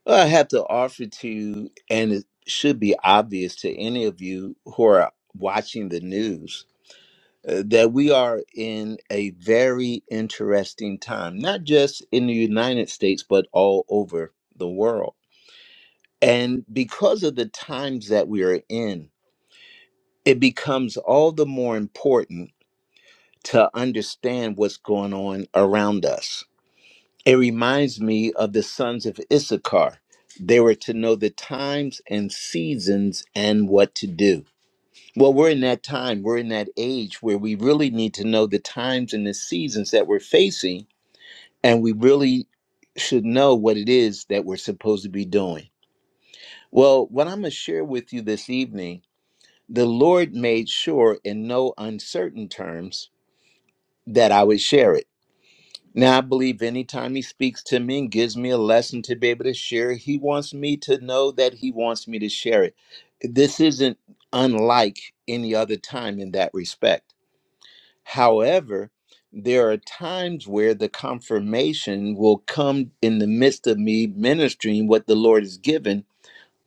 Well, I have to offer to you, and it should be obvious to any of you who are watching the news, uh, that we are in a very interesting time, not just in the United States, but all over the world. And because of the times that we are in, it becomes all the more important to understand what's going on around us It reminds me of the sons of Issachar. They were to know the times and seasons and what to do. Well, we're in that time, we're in that age where we really need to know the times and the seasons that we're facing, and we really should know what it is that we're supposed to be doing. Well, what I'm going to share with you this evening, the Lord made sure in no uncertain terms that I would share it. Now, I believe anytime he speaks to me and gives me a lesson to be able to share, he wants me to know that he wants me to share it. This isn't unlike any other time in that respect. However, there are times where the confirmation will come in the midst of me ministering what the Lord has given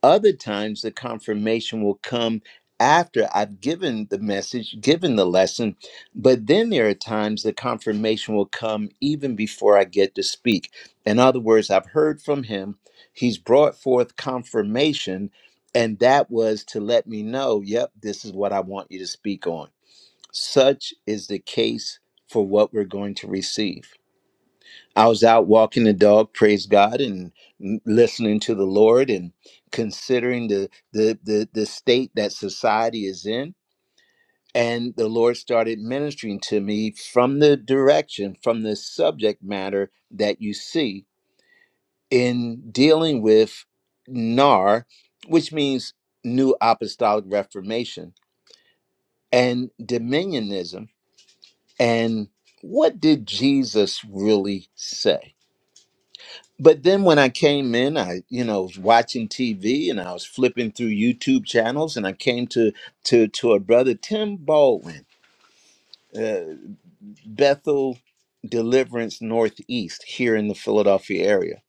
other times, the confirmation will come after I've given the message, given the lesson. But then there are times the confirmation will come even before I get to speak. In other words, I've heard from him, he's brought forth confirmation, and that was to let me know, yep, this is what I want you to speak on. Such is the case for what we're going to receive. I was out walking the dog, praise God, and listening to the Lord and considering the the the, the state that society is in. And the Lord started ministering to me from the direction, from the subject matter that you see in dealing with NAR, which means New Apostolic Reformation and Dominionism. And what did Jesus really say? but then when I came in, I you know was watching TV and I was flipping through YouTube channels, and I came to to to a brother Tim Baldwin, uh, Bethel Deliverance Northeast here in the Philadelphia area,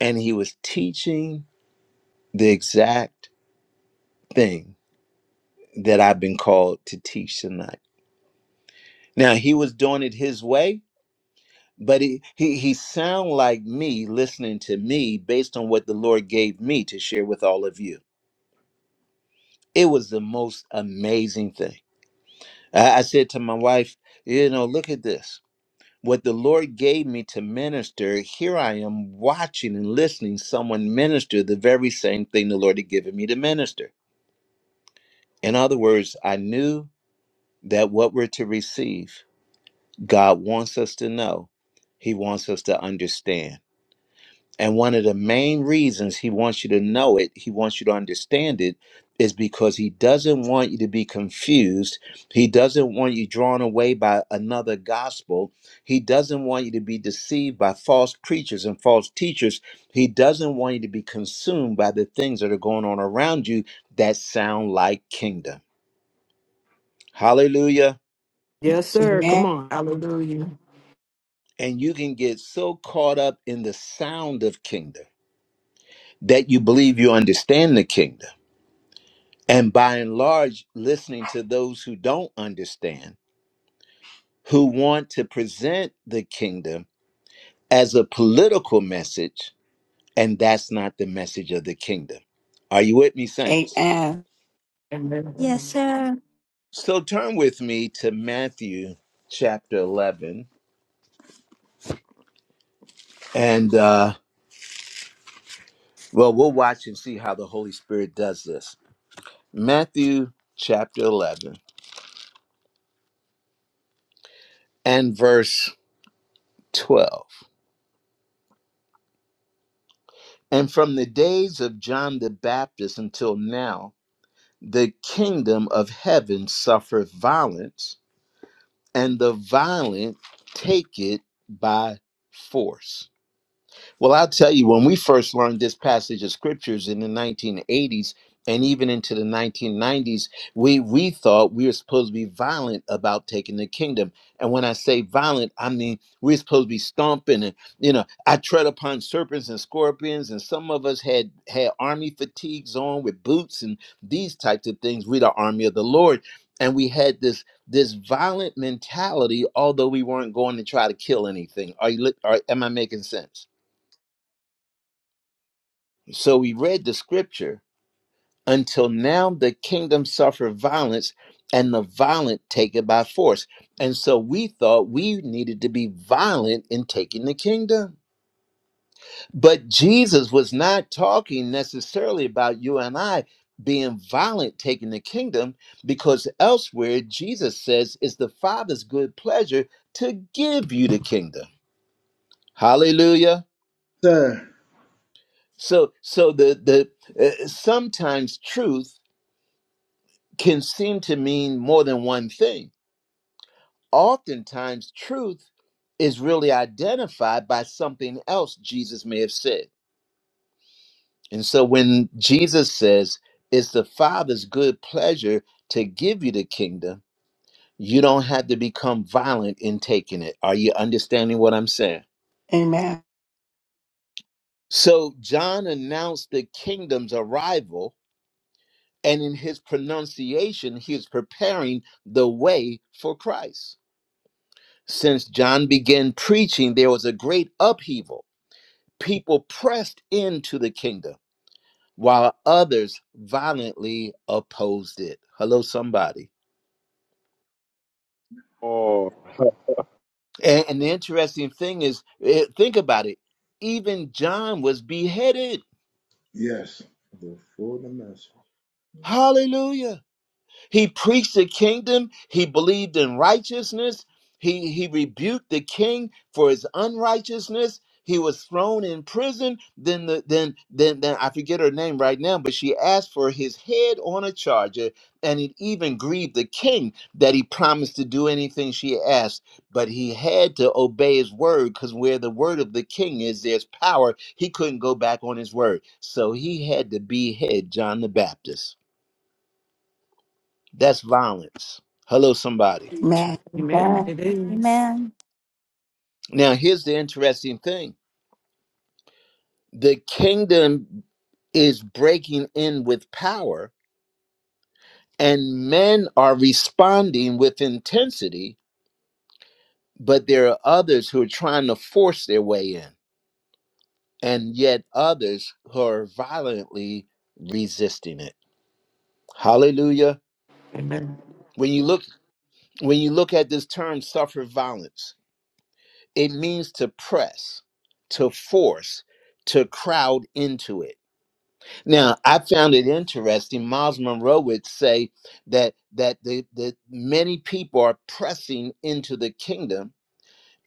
and he was teaching the exact thing that I've been called to teach tonight. Now he was doing it his way, but he he he sound like me listening to me based on what the Lord gave me to share with all of you. It was the most amazing thing. I, I said to my wife, you know, look at this. What the Lord gave me to minister, here I am watching and listening someone minister the very same thing the Lord had given me to minister. In other words, I knew that what we're to receive, God wants us to know, He wants us to understand. And one of the main reasons he wants you to know it, he wants you to understand it, is because he doesn't want you to be confused. He doesn't want you drawn away by another gospel. He doesn't want you to be deceived by false preachers and false teachers. He doesn't want you to be consumed by the things that are going on around you that sound like kingdom. Hallelujah. Yes, Yes. sir. Come Amen. on. Hallelujah. And you can get so caught up in the sound of kingdom that you believe you understand the kingdom And by and large, listening to those who don't understand, who want to present the kingdom as a political message, and that's not the message of the kingdom. Are you with me, saints? Amen. Yes, Amen. sir. So turn with me to Matthew chapter 11. And, uh, well, we'll watch and see how the Holy Spirit does this. Matthew chapter 11 and verse 12. And from the days of John the Baptist until now, the kingdom of heaven suffereth violence, and the violent take it by force. Well, I'll tell you, when we first learned this passage of scriptures in the 1980s and even into the 1990s, we, we thought we were supposed to be violent about taking the kingdom. And when I say violent, I mean we're supposed to be stomping and, you know, I tread upon serpents and scorpions. And some of us had had army fatigues on with boots and these types of things. we the army of the Lord. And we had this this violent mentality, although we weren't going to try to kill anything. Are you? li- Are, am I making sense? So we read the scripture until now the kingdom suffer violence and the violent take it by force. And so we thought we needed to be violent in taking the kingdom. But Jesus was not talking necessarily about you and I being violent taking the kingdom because elsewhere Jesus says it's the Father's good pleasure to give you the kingdom. Hallelujah. Sir. So so the the uh, sometimes truth can seem to mean more than one thing. Oftentimes, truth is really identified by something else Jesus may have said. And so when Jesus says, It's the Father's good pleasure to give you the kingdom, you don't have to become violent in taking it. Are you understanding what I'm saying? Amen. So John announced the kingdom's arrival, and in his pronunciation, he is preparing the way for Christ. Since John began preaching, there was a great upheaval. People pressed into the kingdom while others violently opposed it. Hello, somebody. Oh, And, and the interesting thing is, eh, think about it. Even John was beheaded. Yes. The fullness of Hallelujah He preached the kingdom. He believed in righteousness. He, he rebuked the king for his unrighteousness. He was thrown in prison. Then, the, then, then, then I forget her name right now, but she asked for his head on a charger, and it even grieved the king that he promised to do anything she asked. But he had to obey his word, because where the word of the king is, there's power. He couldn't go back on his word, so he had to behead John the Baptist. That's violence. Hello, somebody. Amen. Amen. It is. Amen. Now, here's the interesting thing the kingdom is breaking in with power, and men are responding with intensity, but there are others who are trying to force their way in, and yet others who are violently resisting it. Hallelujah. Amen. When you look when you look at this term suffer violence, it means to press, to force, to crowd into it Now, I found it interesting. Miles Monroe would say that that the, the many people are pressing into the kingdom.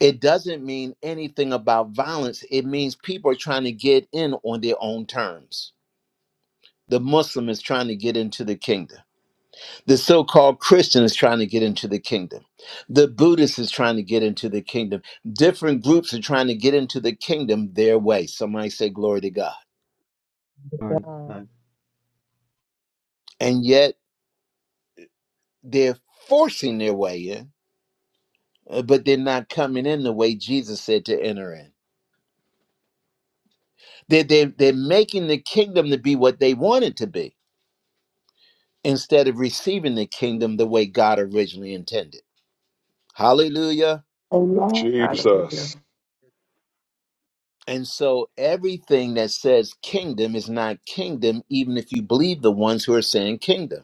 It doesn't mean anything about violence. It means people are trying to get in on their own terms. The Muslim is trying to get into the kingdom. The so called Christian is trying to get into the kingdom. The Buddhist is trying to get into the kingdom. Different groups are trying to get into the kingdom their way. Somebody say, Glory to God. Glory to God. God. And yet they're forcing their way in uh, but they're not coming in the way Jesus said to enter in. They're, they're, they're making the kingdom to be what they want it to be instead of receiving the kingdom the way God originally intended. Hallelujah. Amen. Hallelujah. Jesus. And so everything that says kingdom is not kingdom, even if you believe the ones who are saying kingdom.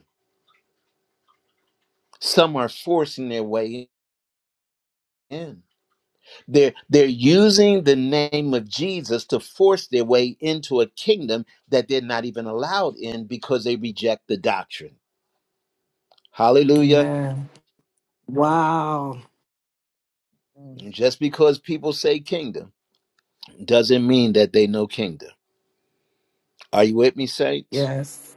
Some are forcing their way in. They're, they're using the name of Jesus to force their way into a kingdom that they're not even allowed in because they reject the doctrine. Hallelujah. Amen. Wow. Mm, Just because people say kingdom doesn't mean that they know kingdom. Are you with me, saints? Yes.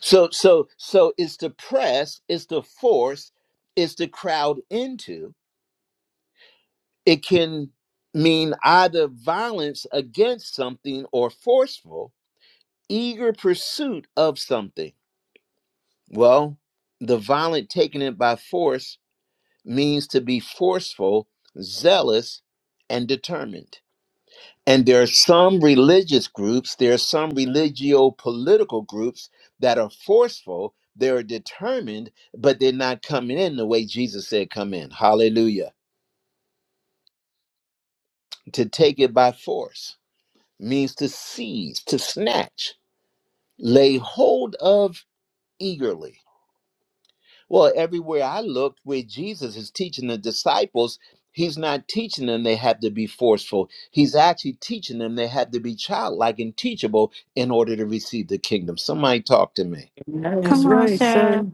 So, so, so it's the press, it's the force, it's the crowd into. It can mean either violence against something or forceful, eager pursuit of something. Well, the violent taking it by force means to be forceful, zealous, and determined. And there are some religious groups, there are some religio political groups that are forceful, they're determined, but they're not coming in the way Jesus said, come in. Hallelujah. To take it by force means to seize, to snatch, lay hold of eagerly. Well, everywhere I looked where Jesus is teaching the disciples, he's not teaching them they have to be forceful. He's actually teaching them they have to be childlike and teachable in order to receive the kingdom. Somebody talk to me. That's Come Amen. on, right, sir. sir.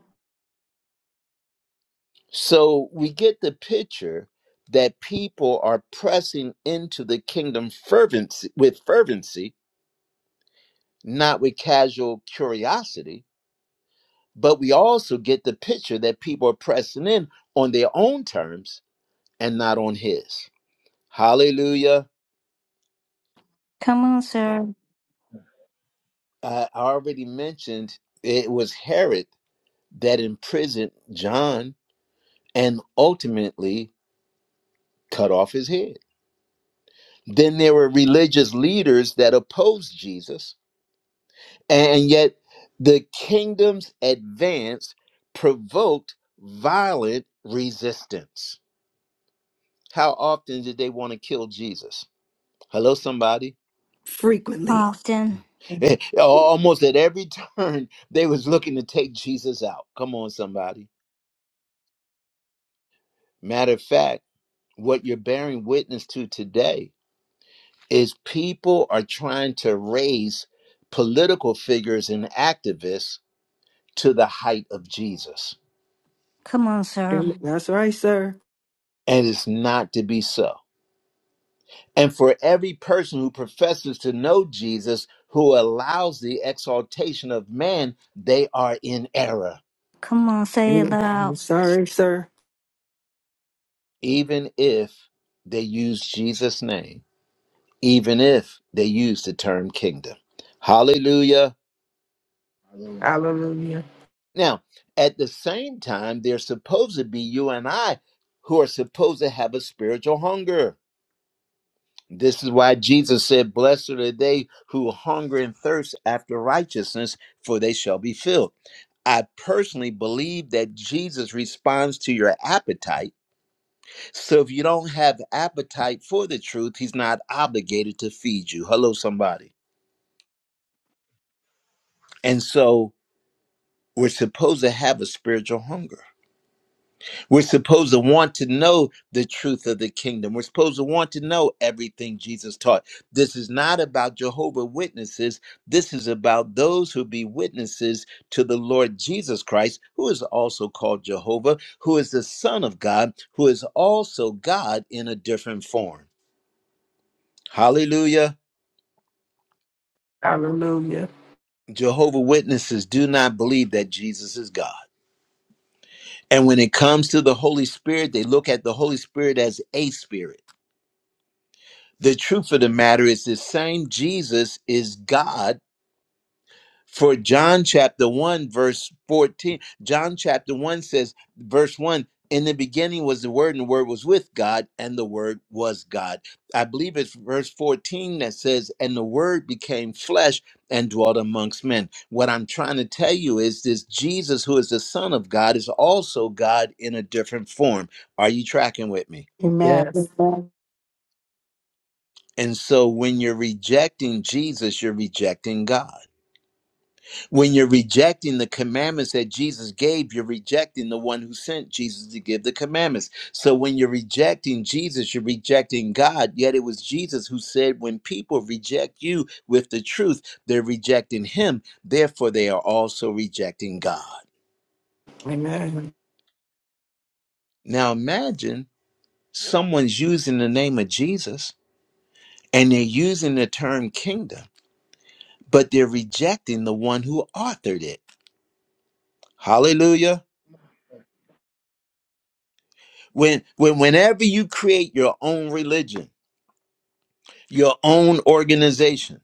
So we get the picture that people are pressing into the kingdom fervency with fervency, not with casual curiosity, but we also get the picture that people are pressing in on their own terms and not on his. Hallelujah. Come on, sir. I already mentioned it was Herod that imprisoned John and ultimately cut off his head. Then there were religious leaders that opposed Jesus, and yet the kingdom's advance provoked violent resistance. How often did they want to kill Jesus? Hello, somebody. Frequently. Often. Almost at every turn, they was looking to take Jesus out. Come on, somebody. Matter of fact. what you're bearing witness to today is people are trying to raise political figures and activists to the height of Jesus. Come on, sir. That's right, sir. And it's not to be so. And for every person who professes to know Jesus, who allows the exaltation of man, they are in error, Come on, say it loud. Sorry, sir. even if they use Jesus' name, even if they use the term kingdom. Hallelujah. my Lord. Hallelujah. Now, at the same time, there's supposed to be you and I who are supposed to have a spiritual hunger. This is why Jesus said, Blessed are they who hunger and thirst after righteousness, for they shall be filled. I personally believe that Jesus responds to your appetite. So if you don't have appetite for the truth, he's not obligated to feed you. Hello, somebody. And so we're supposed to have a spiritual hunger. We're supposed to want to know the truth of the kingdom. We're supposed to want to know everything Jesus taught. This is not about Jehovah Witnesses. This is about those who be witnesses to the Lord Jesus Christ, who is also called Jehovah, who is the Son of God, who is also God in a different form. Hallelujah. Hallelujah. Jehovah Witnesses do not believe that Jesus is God. And when it comes to the Holy Spirit, they look at the Holy Spirit as a spirit. The truth of the matter is the same Jesus is God. For John chapter 1, verse 14, John chapter 1 says, verse 1, in the beginning was the Word, and the Word was with God, and the Word was God. I believe it's verse 14 that says, and the Word became flesh and dwelt amongst men. What I'm trying to tell you is this Jesus, who is the Son of God, is also God in a different form. Are you tracking with me? Amen. Amen. Yes. And so when you're rejecting Jesus, you're rejecting God. When you're rejecting the commandments that Jesus gave, you're rejecting the one who sent Jesus to give the commandments. So when you're rejecting Jesus, you're rejecting God. Yet it was Jesus who said, when people reject you with the truth, they're rejecting him. Therefore, they are also rejecting God. Amen. Now imagine someone's using the name of Jesus and they're using the term kingdom, but they're rejecting the one who authored it. Hallelujah. When, when whenever you create your own religion, your own organization,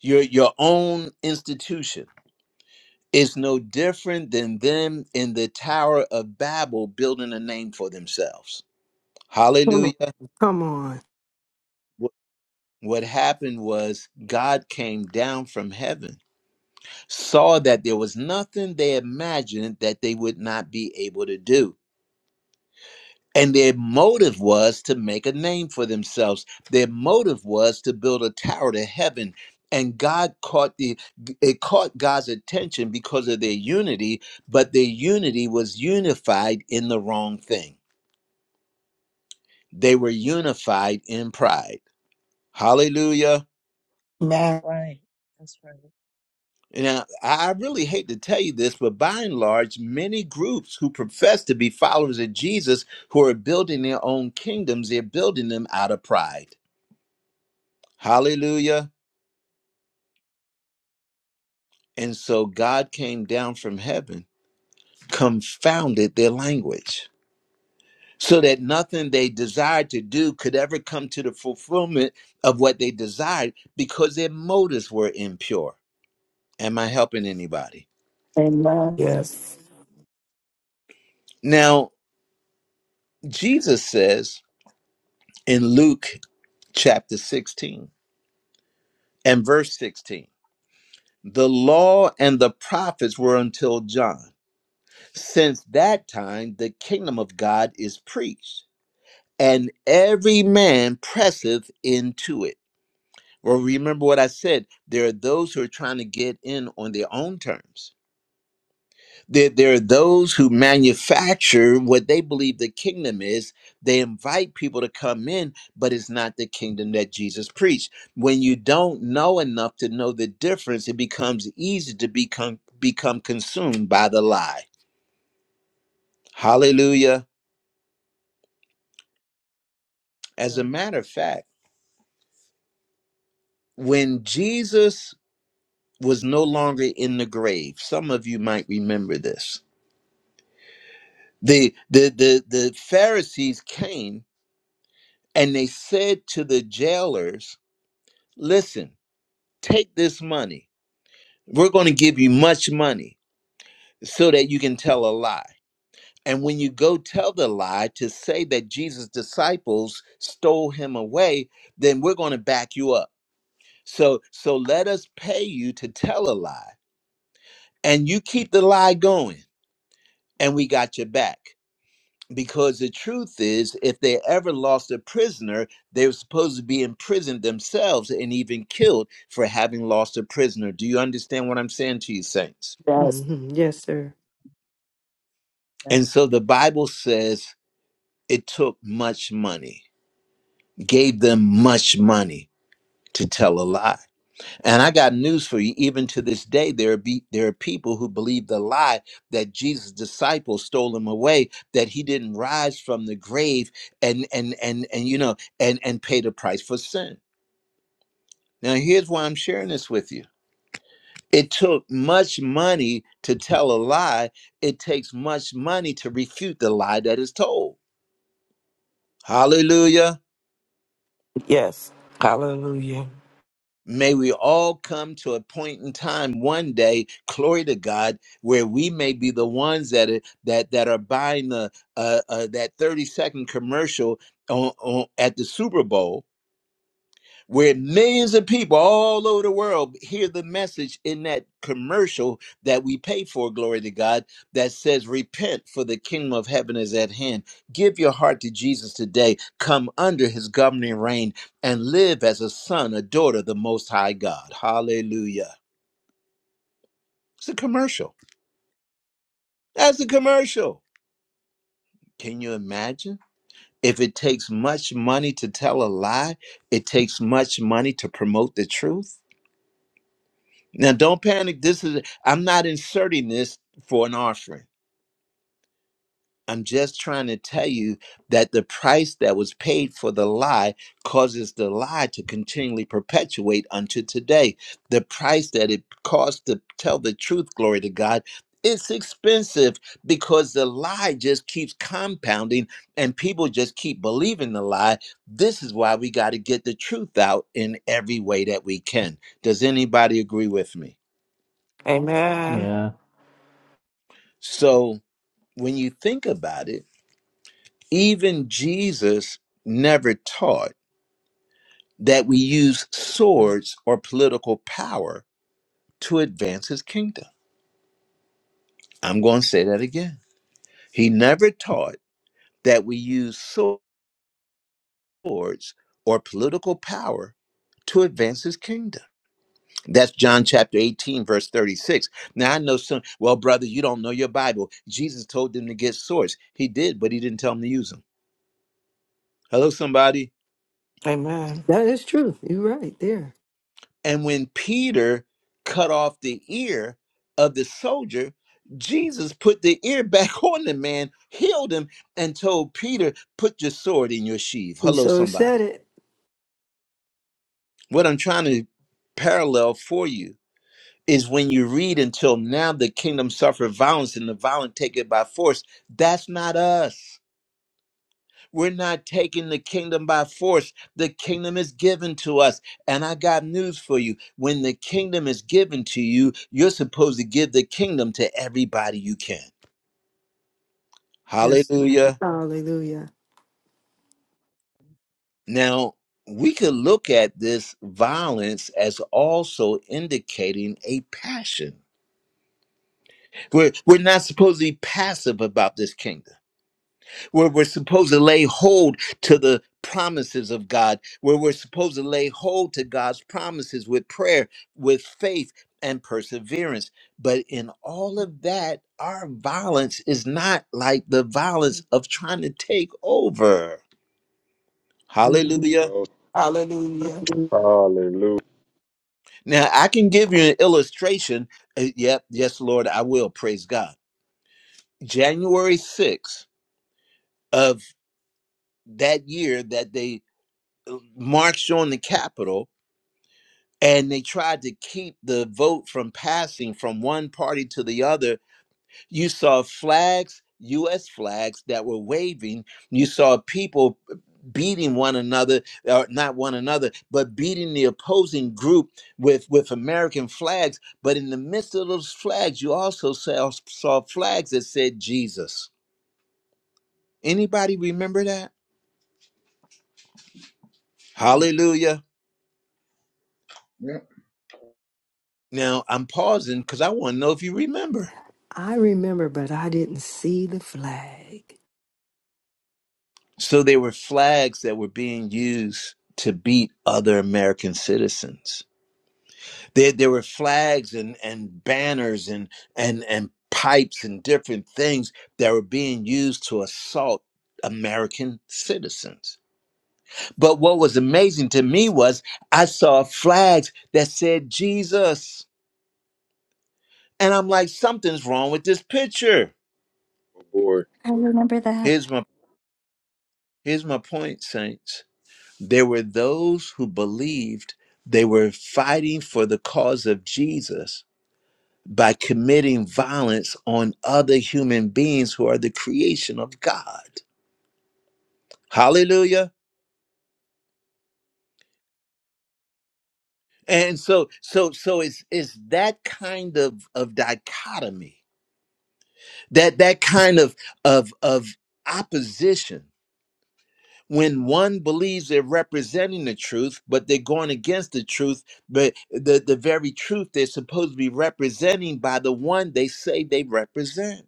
your your own institution, it's no different than them in the Tower of Babel building a name for themselves. Come on. Hallelujah. Come on. Wh- What happened was God came down from heaven, saw that there was nothing they imagined that they would not be able to do And their motive was to make a name for themselves. Their motive was to build a tower to heaven. And God caught the it caught God's attention because of their unity, but their unity was unified in the wrong thing. They were unified in pride. Hallelujah. That's Amen. right. That's right. Now, I really hate to tell you this, but by and large, many groups who profess to be followers of Jesus who are building their own kingdoms, they're building them out of pride. Hallelujah. And so God came down from heaven, confounded their language, so that nothing they desired to do could ever come to the fulfillment of what they desired because their motives were impure. Am I helping anybody? Amen. That's Yes. Now, Jesus says in Luke chapter 16 and verse 16, the law and the prophets were until John. Since that time, the kingdom of God is preached and every man presseth into it. Well, remember what I said. There are those who are trying to get in on their own terms. There, there are those who manufacture what they believe the kingdom is. They invite people to come in, but it's not the kingdom that Jesus preached. When you don't know enough to know the difference, it becomes easy to become become consumed by the lie. Hallelujah. As a true. matter of fact, when Jesus was no longer in the grave. Some of you might remember this. The the the, the Pharisees came and they said to the jailers, "Listen, take this money. We're going to give you much money so that you can tell a lie. And when you go tell the lie to say that Jesus' disciples stole him away, then we're going to back you up. So so let us pay you to tell a lie, and you keep the lie going, and we got your back." because the truth is if they ever lost a prisoner they were supposed to be imprisoned themselves and even killed for having lost a prisoner do you understand what i'm saying to you saints Yes. hmm Yes, sir. and so the bible says it took much money gave them much money to tell a lie And I got news for you. Even to this day, there are be, there are people who believe the lie that Jesus' disciples stole him away, that he didn't rise from the grave, and and and and you know, and and pay the price for sin. Now, here's why I'm sharing this with you. It took much money to tell a lie. It takes much money to refute the lie that is told. Hallelujah. Yes. Hallelujah. May we all come to a point in time one day, glory to God, where we may be the ones that are, that that are buying the uh, uh, that thirty second commercial on, on, at the Super Bowl where millions of people all over the world hear the message in that commercial that we pay for, glory to God, that says, Repent, for the kingdom of heaven is at hand. Give your heart to Jesus today. Come under his governing reign and live as a son, a daughter of the Most High God. Hallelujah. It's a commercial. That's a commercial. Can you imagine? If it takes much money to tell a lie, it takes much money to promote the truth. Now, don't panic. This is, I'm not inserting this for an offering. I'm just trying to tell you that the price that was paid for the lie causes the lie to continually perpetuate unto today. The price that it cost to tell the truth, glory to God, it's expensive because the lie just keeps compounding and people just keep believing the lie. This is why we got to get the truth out in every way that we can. Does anybody agree with me? Amen. Yeah, So, when you think about it, even Jesus never taught that we use swords or political power to advance his kingdom. I'm going to say that again. He never taught that we use swords or political power to advance his kingdom. That's John chapter 18, verse 36. Now I know some, well, brother, you don't know your Bible. Jesus told them to get swords. He did, but he didn't tell them to use them. Hello, somebody. Amen. That is true. You're right there. And when Peter cut off the ear of the soldier, Jesus put the ear back on the man, healed him, and told Peter, Put your sword in your sheath. And Hello, so it said somebody. it. What I'm trying to parallel for you is when you read until now the kingdom suffered violence and the violent take it by force. That's not us. We're not taking the kingdom by force. The kingdom is given to us. And I got news for you. When the kingdom is given to you, you're supposed to give the kingdom to everybody you can. Yes, Lord. Hallelujah. hallelujah. Now, we could look at this violence as also indicating a passion. We're, we're not supposed to be passive about this kingdom. where we're supposed to lay hold to the promises of God, where we're supposed to lay hold to God's promises with prayer, with faith, and perseverance. But in all of that, our violence is not like the violence of trying to take over. Mhm. Hallelujah. Oh, Hallelujah. Hallelujah. Now, I can give you an illustration. Uh, Yep, yes, Lord, I will. Praise God. January 6th of that year that they uh, marched on the Capitol, and they tried to keep the vote from passing from one party to the other, you saw flags, U.S. flags that were waving. You saw people beating one another, or not one another, but beating the opposing group with, with American flags. But in the midst of those flags, you also saw, saw flags that said Jesus. Anybody remember that? Mm. Hallelujah. Yep. Now I'm pausing because I want to know if you remember. I remember, but I didn't see the flag. So they were flags that were being used to beat other American citizens. There, there were flags and, and banners and, and, and pipes and different things that were being used to assault American citizens. But what was amazing to me was I saw flags that said Jesus. And I'm like, something's wrong with this picture. Oh boy, I remember that. Here's my here's my point, Saints There were those who believed they were fighting for the cause of Jesus by committing violence on other human beings who are the creation of God. Hallelujah. And so so so it's it's that kind of of dichotomy, that that kind of of of opposition when one believes they're representing the truth, but they're going against the truth, but the, the very truth they're supposed to be representing by the one they say they represent.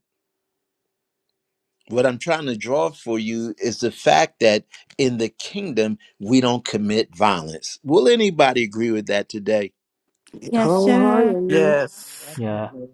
What I'm trying to draw for you is the fact that in the kingdom, we don't commit violence. Will anybody agree with that today? Yes, sir. Wholeheartedly. Yes. yeah. Definitely.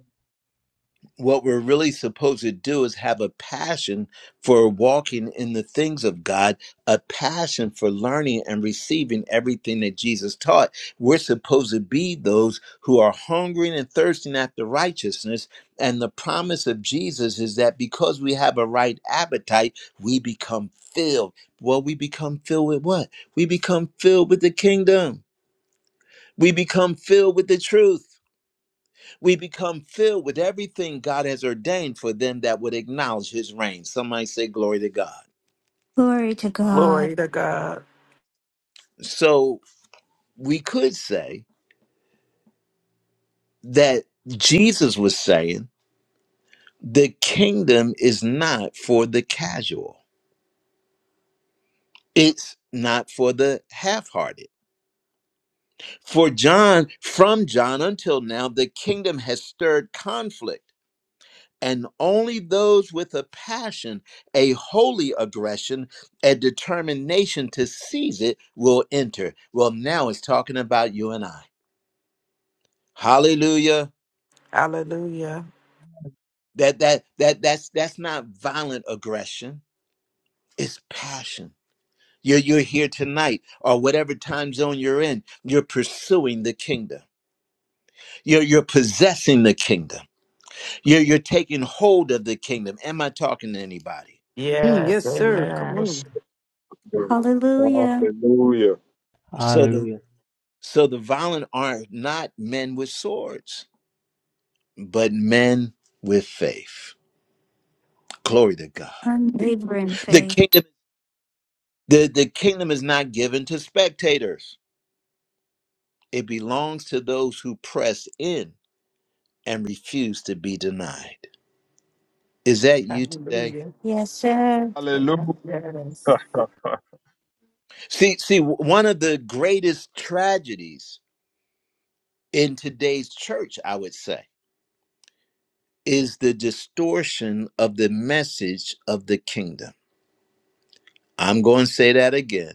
what we're really supposed to do is have a passion for walking in the things of God, a passion for learning and receiving everything that Jesus taught. We're supposed to be those who are hungering and thirsting after righteousness. And the promise of Jesus is that because we have a right appetite, we become filled. Well, we become filled with what? We become filled with the kingdom, we become filled with the truth. We become filled with everything God has ordained for them that would acknowledge his reign. Some might say, Glory to God. Glory to God. Glory to God. So we could say that Jesus was saying, The kingdom is not for the casual, it's not for the half hearted. For John, from John until now, the kingdom has stirred conflict and only those with a passion, a holy aggression, a determination to seize it will enter. Well, now it's talking about you and I. Hallelujah. Hallelujah. That that that that's that's not violent aggression. It's passion. You're you're here tonight or whatever time zone you're in, you're pursuing the kingdom. You're you're possessing the kingdom. You're you're taking hold of the kingdom. Am I talking to anybody? Mm, Yes. yes, sir. Come Amen. that's so on. good. Hallelujah. Hallelujah. So the Hallelujah. So the violent are not men with swords, but men with faith. Glory to God. Unwavering The faith. kingdom, the, the kingdom is not given to spectators. It belongs to those who press in and refuse to be denied. Is that you today? Hallelujah. Yes, sir. Amen. Hallelujah. Yes. See, see, one of the greatest tragedies in today's church, I would say, is the distortion of the message of the kingdom. I'm going to say that again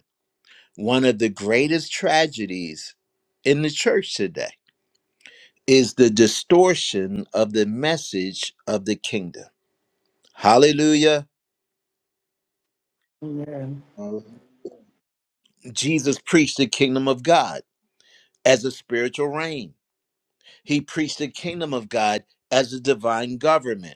One of the greatest tragedies in the church today is the distortion of the message of the kingdom. Hallelujah. Amen. Hallelujah. Jesus preached the kingdom of God as a spiritual reign, he preached the kingdom of God as a divine government.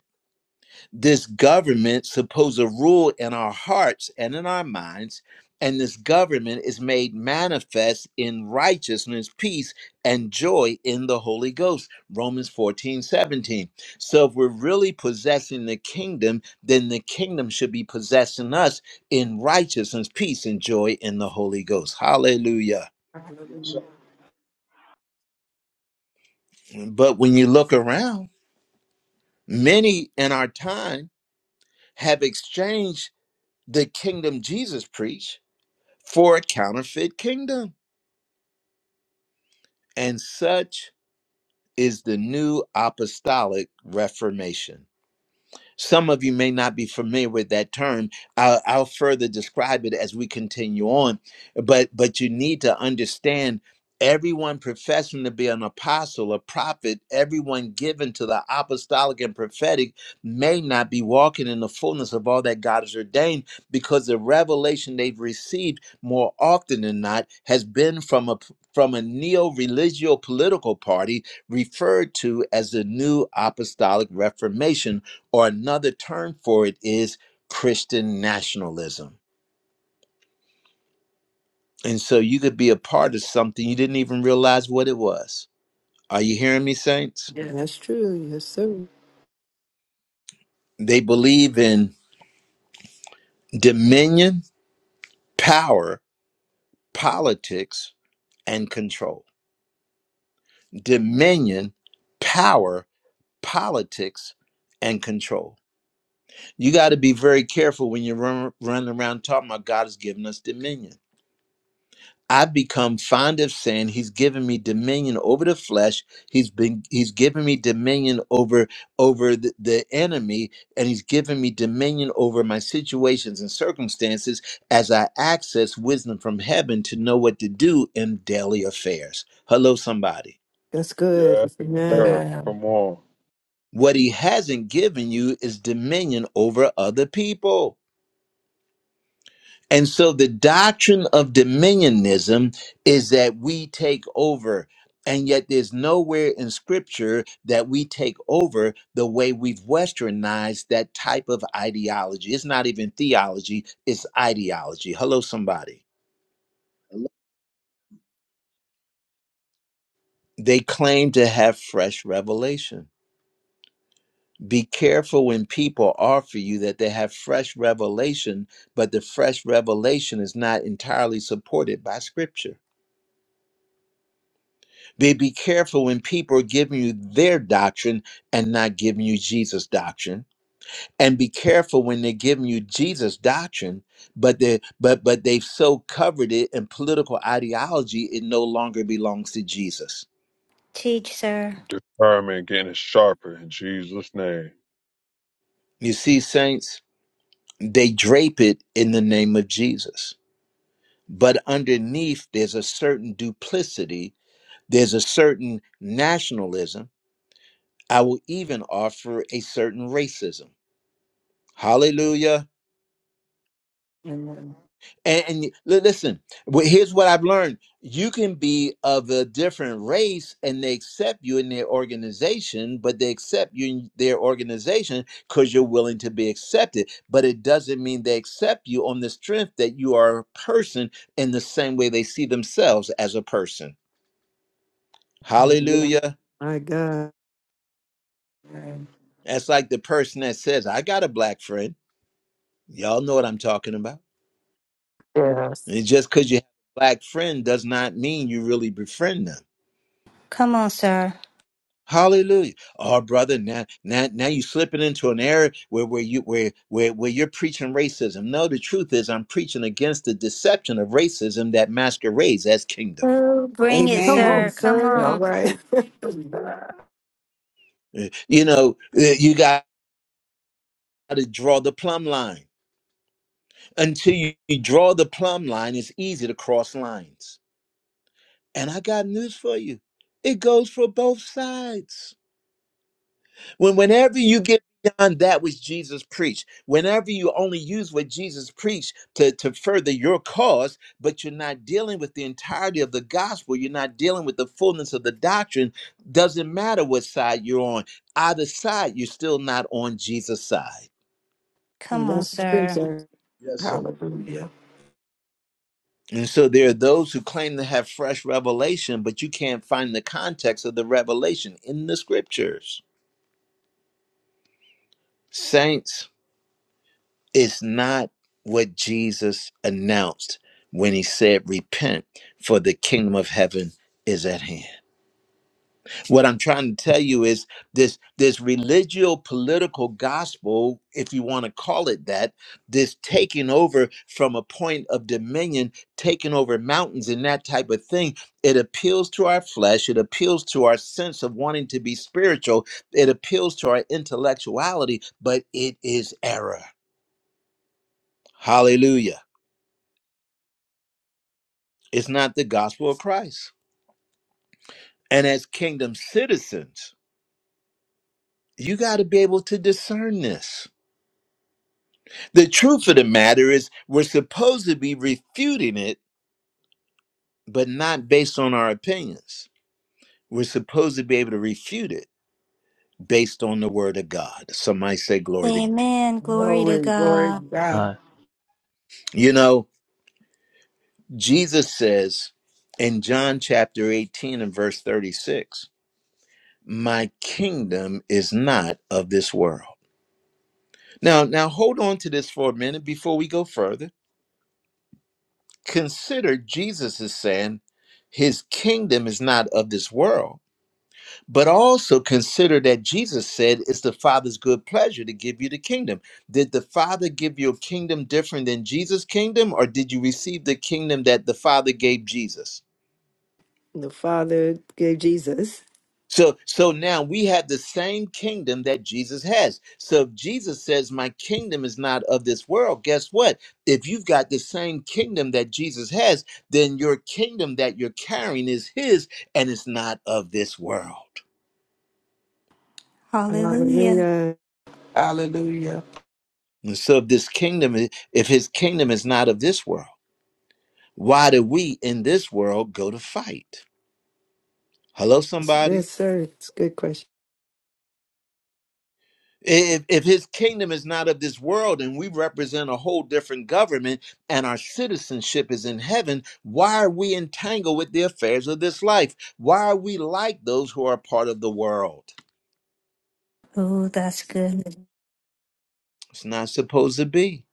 this government supposed to rule in our hearts and in our minds and this government is made manifest in righteousness peace and joy in the holy ghost romans 14 17. so if we're really possessing the kingdom then the kingdom should be possessing us in righteousness peace and joy in the holy ghost hallelujah Yes, sir. Hallelujah. but when you look around many in our time have exchanged the kingdom jesus preached for a counterfeit kingdom. And such is the new apostolic reformation. Some of you may not be familiar with that term. I'll, I'll further describe it as we continue on, but but you need to understand everyone professing to be an apostle, a prophet, everyone given to the apostolic and prophetic may not be walking in the fullness of all that God has ordained because the revelation they've received more often than not has been from a from a neo-religio political party referred to as the New Apostolic Reformation or another term for it is Christian nationalism. And so you could be a part of something you didn't even realize what it was. Are you hearing me, saints? That's Yes. true. Yes, sir. They believe in dominion, power, politics, and control. Dominion, power, politics, and control. You got to be very careful when you run, run around talking about God has given us dominion I've become fond of saying he's given me dominion over the flesh. He's been he's given me dominion over over the, the enemy, and he's given me dominion over my situations and circumstances as I access wisdom from heaven to know what to do in daily affairs. Hello, somebody. That's good. yeah. Amen. Amen. Come on. What he hasn't given you is dominion over other people. And so the doctrine of dominionism is that we take over. And yet there's nowhere in scripture that we take over the way we've westernized that type of ideology. It's not even theology, it's ideology. Hello, somebody. Hello. They claim to have fresh revelation. Be careful when people offer you that they have fresh revelation, but the fresh revelation is not entirely supported by scripture. Be be careful when people are giving you their doctrine and not giving you Jesus' doctrine. And be careful when they're giving you Jesus' doctrine, but they but but they've so covered it in political ideology, it no longer belongs to Jesus. Teach, sir. Determined, getting sharper in Jesus' name. You see, saints, they drape it in the name of Jesus. But underneath there's a certain duplicity, there's a certain nationalism. I will even offer a certain racism. Hallelujah. Amen. And, and you- li- listen, wh- here's what I've learned. You can be of a different race and they accept you in their organization, but they accept you in their organization because you're willing to be accepted. But it doesn't mean they accept you on the strength that you are a person in the same way they see themselves as a person. Hallelujah. My God. Amen. That's like the person that says, I got a black friend. Y'all know what I'm talking about. Yes. And just because you have a black friend does not mean you really befriend them Come on, sir. Hallelujah. Oh, brother, now, now, now you're slipping into an area where, where you where, where where you're preaching racism. No, the truth is I'm preaching against the deception of racism that masquerades as kingdom. Oh, bring it, Come on, Amen. sir. Come sir. All on. right. Uh, You know, uh, you got to draw the plumb line. Until you you draw the plumb line, it's easy to cross lines. And I got news for you. It goes for both sides. When whenever you get beyond that which Jesus preached, whenever you only use what Jesus preached to, to further your cause, but you're not dealing with the entirety of the gospel, you're not dealing with the fullness of the doctrine, doesn't matter what side you're on. Either side, you're still not on Jesus' side. Come on, That's true, sir. sir. Yes, sir. Hallelujah. And so there are those who claim to have fresh revelation, but you can't find the context of the revelation in the scriptures. Saints, It's not what Jesus announced when he said, Repent, for the kingdom of heaven is at hand. What I'm trying to tell you is this this religio political gospel, if you want to call it that, this taking over from a point of dominion, taking over mountains and that type of thing, it appeals to our flesh, it appeals to our sense of wanting to be spiritual, it appeals to our intellectuality, but it is error. Hallelujah. It's not the gospel of Christ. And as kingdom citizens, you got to be able to discern this. The truth of the matter is, we're supposed to be refuting it, but not based on our opinions. We're supposed to be able to refute it based on the word of God. Somebody say, Glory to God. Amen. Glory to Glory. Glory to God. God. Uh, You know, Jesus says in John chapter 18 and verse 36, My kingdom is not of this world. Now, now hold on to this for a minute before we go further Consider Jesus is saying his kingdom is not of this world, but also consider that Jesus said it's the Father's good pleasure to give you the kingdom. Did the Father give you a kingdom different than Jesus' kingdom, or did you receive the kingdom that the Father gave Jesus? The Father gave Jesus. So so now we have the same kingdom that Jesus has. So if Jesus says my kingdom is not of this world, guess what? If you've got the same kingdom that Jesus has, then your kingdom that you're carrying is his and it's not of this world. Hallelujah. Hallelujah. Hallelujah. And so if this kingdom i- if his kingdom is not of this world, why do we in this world go to fight? Hello That's somebody? good, sir. It's a good question. If, if his kingdom is not of this world and we represent a whole different government and our citizenship is in heaven, why are we entangled with the affairs of this life? Why are we like those who are part of the world? Oh, that's good. It's not supposed to be.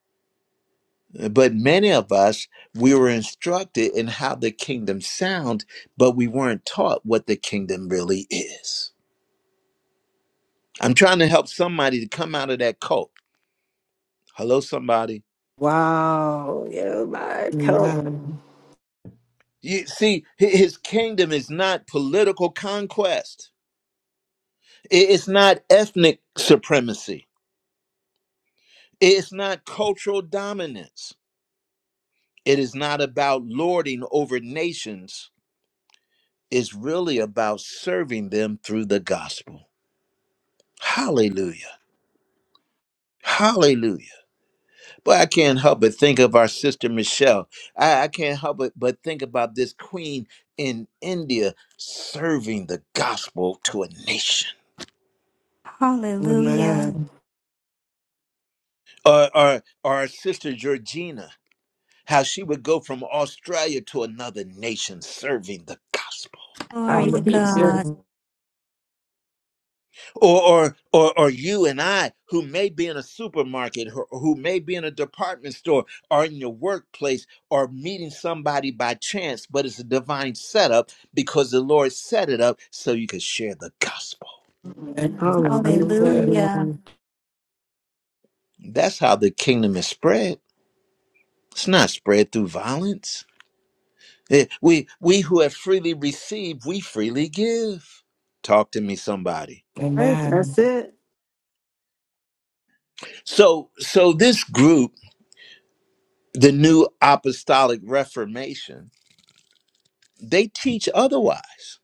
But many of us, we were instructed in how the kingdom sounds, but we weren't taught what the kingdom really is. I'm trying to help somebody to come out of that cult. Hello, somebody. Wow. Yeah, my help. Amen. You see, hi- his kingdom is not political conquest. I- It's not ethnic supremacy. It's not cultural dominance. It is not about lording over nations. It's really about serving them through the gospel. Hallelujah. Hallelujah. But I can't help but think of our sister Michelle. I, I can't help but, but think about this queen in India serving the gospel to a nation. Hallelujah. Amen. or or, or our sister Georgina, how she would go from Australia to another nation serving the gospel. Glory to Hallelujah. God. Or, or or or you and I who may be in a supermarket or who may be in a department store or in your workplace or meeting somebody by chance, but it's a divine setup because the Lord set it up so you could share the gospel. Amen. Hallelujah. Hallelujah. Hallelujah. That's how the kingdom is spread. It's not spread through violence. Eh, We we who have freely received, we freely give. Talk to me, somebody. Right, Amen. that's it. So so this group, the New Apostolic Reformation, they teach otherwise.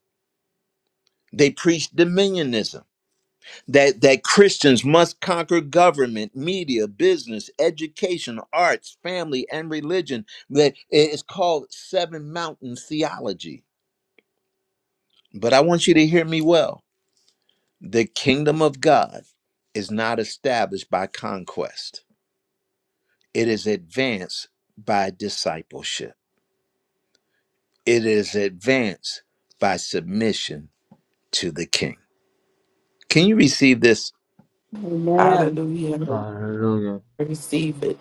They preach dominionism that that Christians must conquer government, media, business, education, arts, family, and religion. That it's called Seven Mountain Theology. But I want you to hear me well The kingdom of God is not established by conquest, it is advanced by discipleship, it is advanced by submission to the king. Can you receive this? Amen. Hallelujah. Thank hallelujah. Receive it.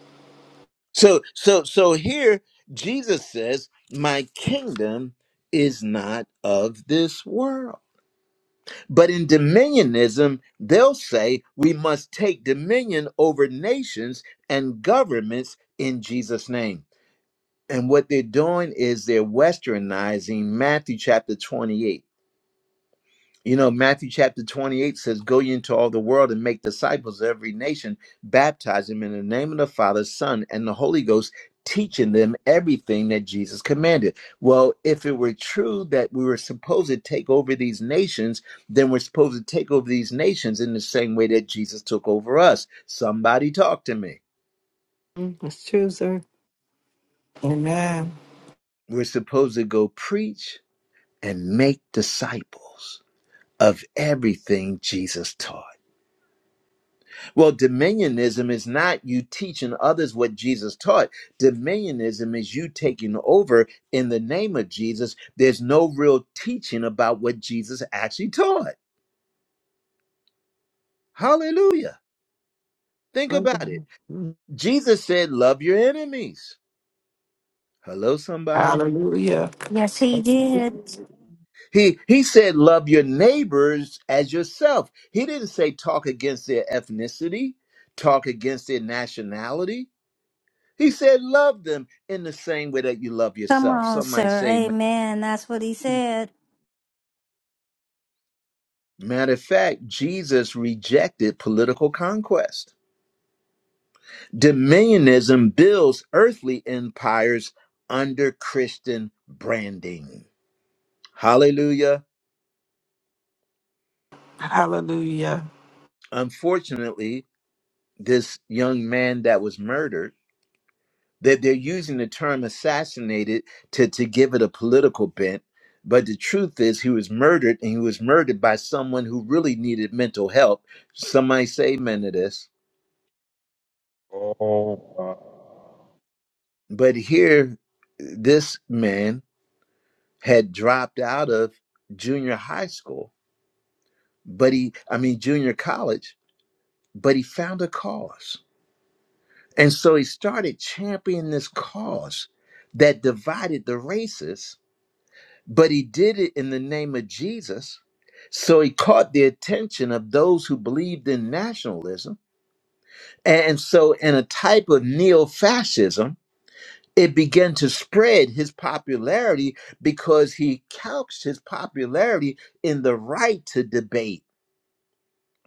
So, so, so here Jesus says, My kingdom is not of this world. But in dominionism, they'll say we must take dominion over nations and governments in Jesus' name. And what they're doing is they're westernizing Matthew chapter 28. You know, Matthew chapter 28 says, Go ye into all the world and make disciples of every nation, baptize them in the name of the Father, Son, and the Holy Ghost, teaching them everything that Jesus commanded. Well, if it were true that we were supposed to take over these nations, then we're supposed to take over these nations in the same way that Jesus took over us. Somebody talk to me. Mm, That's true, sir. Amen. We're supposed to go preach and make disciples. of everything Jesus taught. Well, dominionism is not you teaching others what Jesus taught. Dominionism is you taking over in the name of Jesus. There's no real teaching about what Jesus actually taught. Hallelujah. Think My about it. God. Mm, Jesus said, Love your enemies. Hello, somebody. Hallelujah. Yes, he did. He he said, Love your neighbors as yourself. He didn't say talk against their ethnicity, talk against their nationality He said, Love them in the same way that you love Come yourself. on, Some might sir. say, Amen. That's what he you. said. Matter of fact, Jesus rejected political conquest. Dominionism builds earthly empires under Christian branding. Hallelujah. Hallelujah. Unfortunately, this young man that was murdered that they're using the term assassinated to, to give it a political bent. But the truth is, he was murdered, and he was murdered by someone who really needed mental help. Somebody say amen to this. Oh, wow. But here, this man had dropped out of junior high school, but he, I mean, junior college, but he found a cause. And so he started championing this cause that divided the races but he did it in the name of Jesus. So he caught the attention of those who believed in nationalism. And so, in a type of neo fascism, it began to spread his popularity because he couched his popularity in the right to debate.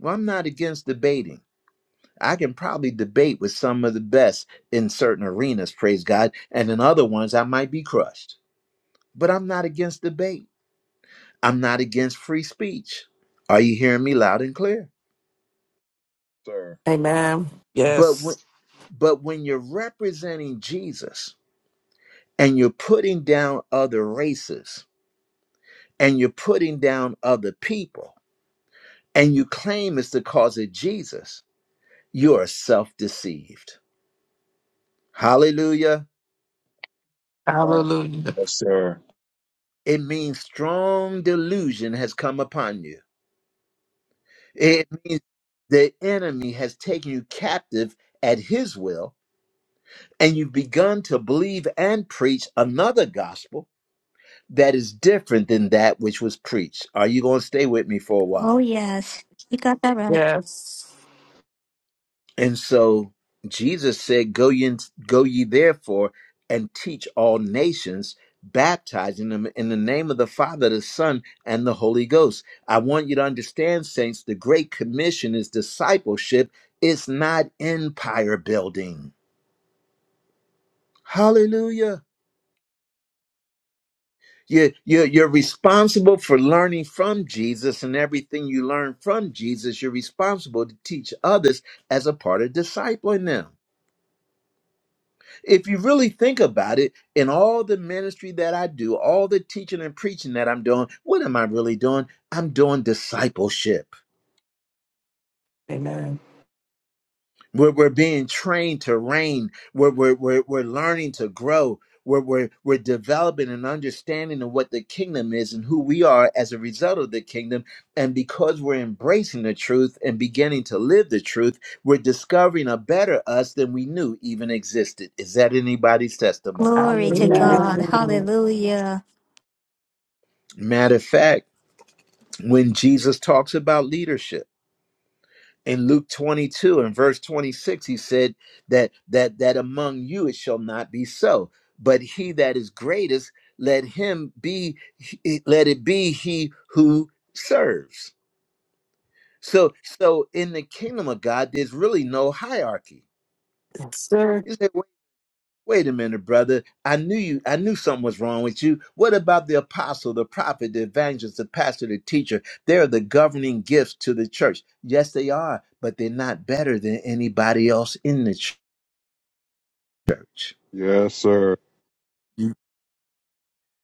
Well, I'm not against debating. I can probably debate with some of the best in certain arenas, praise God, and in other ones I might be crushed. But I'm not against debate. I'm not against free speech. Are you hearing me loud and clear? sir. Amen. But when, Yes. but when you're representing Jesus and you're putting down other races and you're putting down other people and you claim it's the cause of Jesus, you are self-deceived. Hallelujah. Wow. Hallelujah. Yes, sir. It means strong delusion has come upon you. It means the enemy has taken you captive at his will and you've begun to believe and preach another gospel that is different than that which was preached. Are you going to stay with me for a Oh, while? yes. You got that right. Yes. And so Jesus said, "Go ye, go ye therefore and teach all nations, baptizing them in the name of the Father, the Son, and the Holy Ghost." I want you to understand, saints, the great commission is discipleship. It's not empire building. Hallelujah. you you you're responsible for learning from Jesus and everything you learn from Jesus you're responsible to teach others as a part of discipling them if you really think about it in all the ministry that I do all the teaching and preaching that I'm doing what am I really doing I'm doing discipleship Amen. We're, we're being trained to reign. We're, we're, we're, we're learning to grow. We're, we're, we're developing an understanding of what the kingdom is and who we are as a result of the kingdom. And because we're embracing the truth and beginning to live the truth, we're discovering a better us than we knew even existed. Is that anybody's testimony? Glory to God. Amen. Hallelujah. Amen. Hallelujah. Matter of fact, when Jesus talks about leadership, in Luke 22 and verse 26 he said that that that among you it shall not be so but he that is greatest let him be let it be he who serves so so in the kingdom of God there's really no hierarchy Yes, sir. You say, Wait a minute, brother. I knew you. I knew something was wrong with you. What about the apostle, the prophet, the evangelist, the pastor, the teacher? They're the governing gifts to the church. Yes, they are, but they're not better than anybody else in the church. Yes, sir. Mm.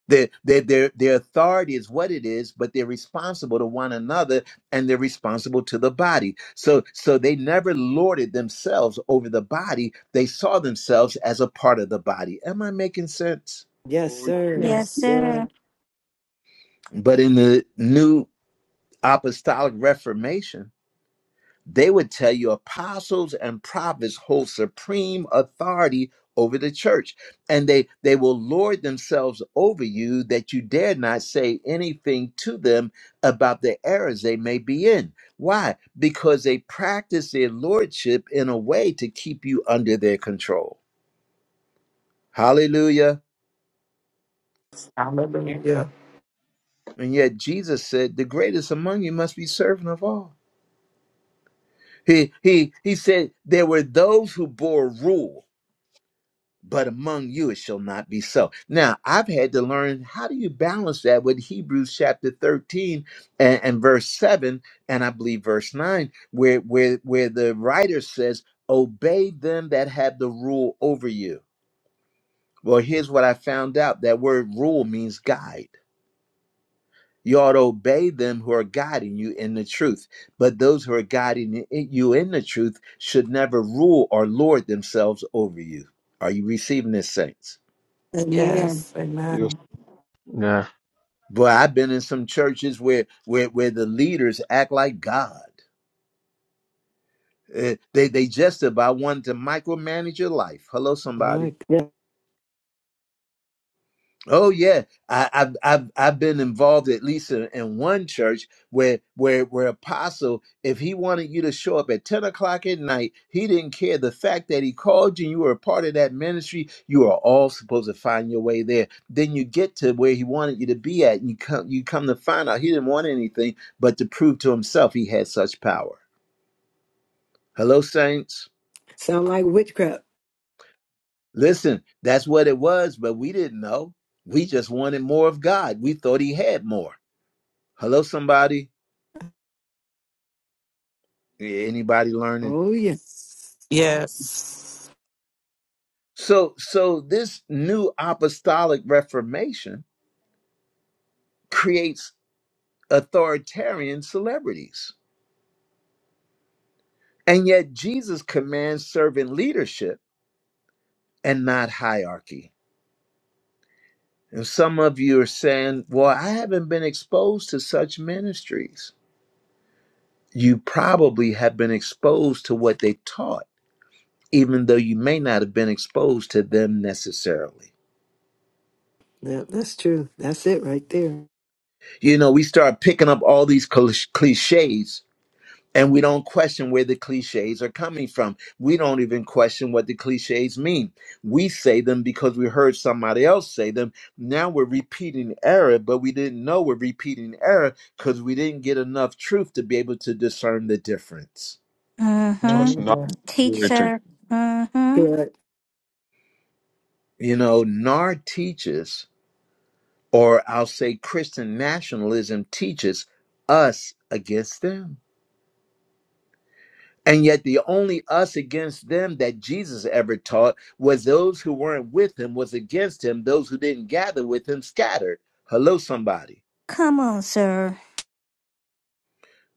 Their, their, their, their authority is what it is, but they're responsible to one another and they're responsible to the body. So, so they never lorded themselves over the body. They saw themselves as a part of the body. Am I making sense? Yes, Oh, sir. Yes, Yes, Yes. Sir. sir. But in the new apostolic reformation, they would tell you apostles and prophets hold supreme authority over the church, and they they will lord themselves over you that you dare not say anything to them about the errors they may be in. Why? Because they practice their lordship in a way to keep you under their control. Hallelujah. Hallelujah. And yet Jesus said, "The greatest among you must be servant of all." He he he said there were those who bore rule but among you it shall not be so. Now, I've had to learn how do you balance that with Hebrews chapter 13 and, and verse 7, and I believe verse 9, where, where, where the writer says, Obey them that have the rule over you. Well, here's what I found out that word rule means guide. You ought to obey them who are guiding you in the truth. But those who are guiding i- you in the truth should never rule or lord themselves over you. Are you receiving this, saints? Amen. Yes. yes. Amen. Yeah, Boy, I've been in some churches where where where the leaders act like God. Eh, they they just about want to micromanage your life. Hello, somebody. My God. Oh yeah, I, I've I've I've been involved at least in, in one church where where where apostle, if he wanted you to show up at ten o'clock at night, he didn't care. The fact that he called you, and you were a part of that ministry, you are all supposed to find your way there. Then you get to where he wanted you to be at, and you come you come to find out he didn't want anything but to prove to himself he had such power. Hello, saints. Sound like witchcraft. Listen, that's what it was, but we didn't know. We just wanted more of God. We thought he had more. Hello, somebody. Yeah, Anybody learning? Oh, yes. Yes. So, so this new apostolic reformation creates authoritarian celebrities, and yet Jesus commands servant leadership and not hierarchy. And some of you are saying, "Well, I haven't been exposed to such ministries." You probably have been exposed to what they taught, even though you may not have been exposed to them necessarily. Yeah, that's true. That's it right there. You know, we start picking up all these cliches and we don't question where the cliches are coming from. We don't even question what the cliches mean. We say them because we heard somebody else say them. Now we're repeating error, but we didn't know we're repeating error because we didn't get enough truth to be able to discern the difference. Mm-hmm. Touch not Amen. Teach, everything. sir. Mm-hmm. Good. You know, NAR teaches, or I'll say Christian nationalism teaches us against them. And yet the only us against them that Jesus ever taught was those who weren't with him, was against him, those who didn't gather with him scattered. Hello, somebody. Come on, sir.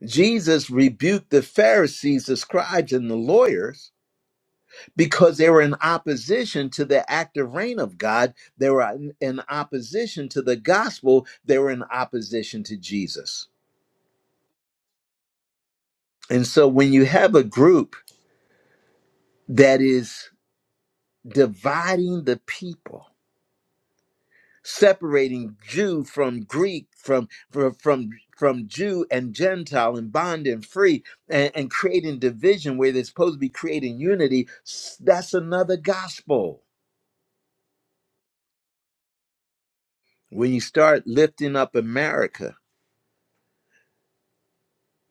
Jesus rebuked the Pharisees, the scribes, and the lawyers because they were in opposition to the active reign of God. They were in opposition to the gospel. They were in opposition to Jesus. And so when you have a group that is dividing the people, separating Jew from Greek, from from from, from Jew and Gentile, and bond and free, and, and creating division where they're supposed to be creating unity. s- That's another gospel. When you start lifting up America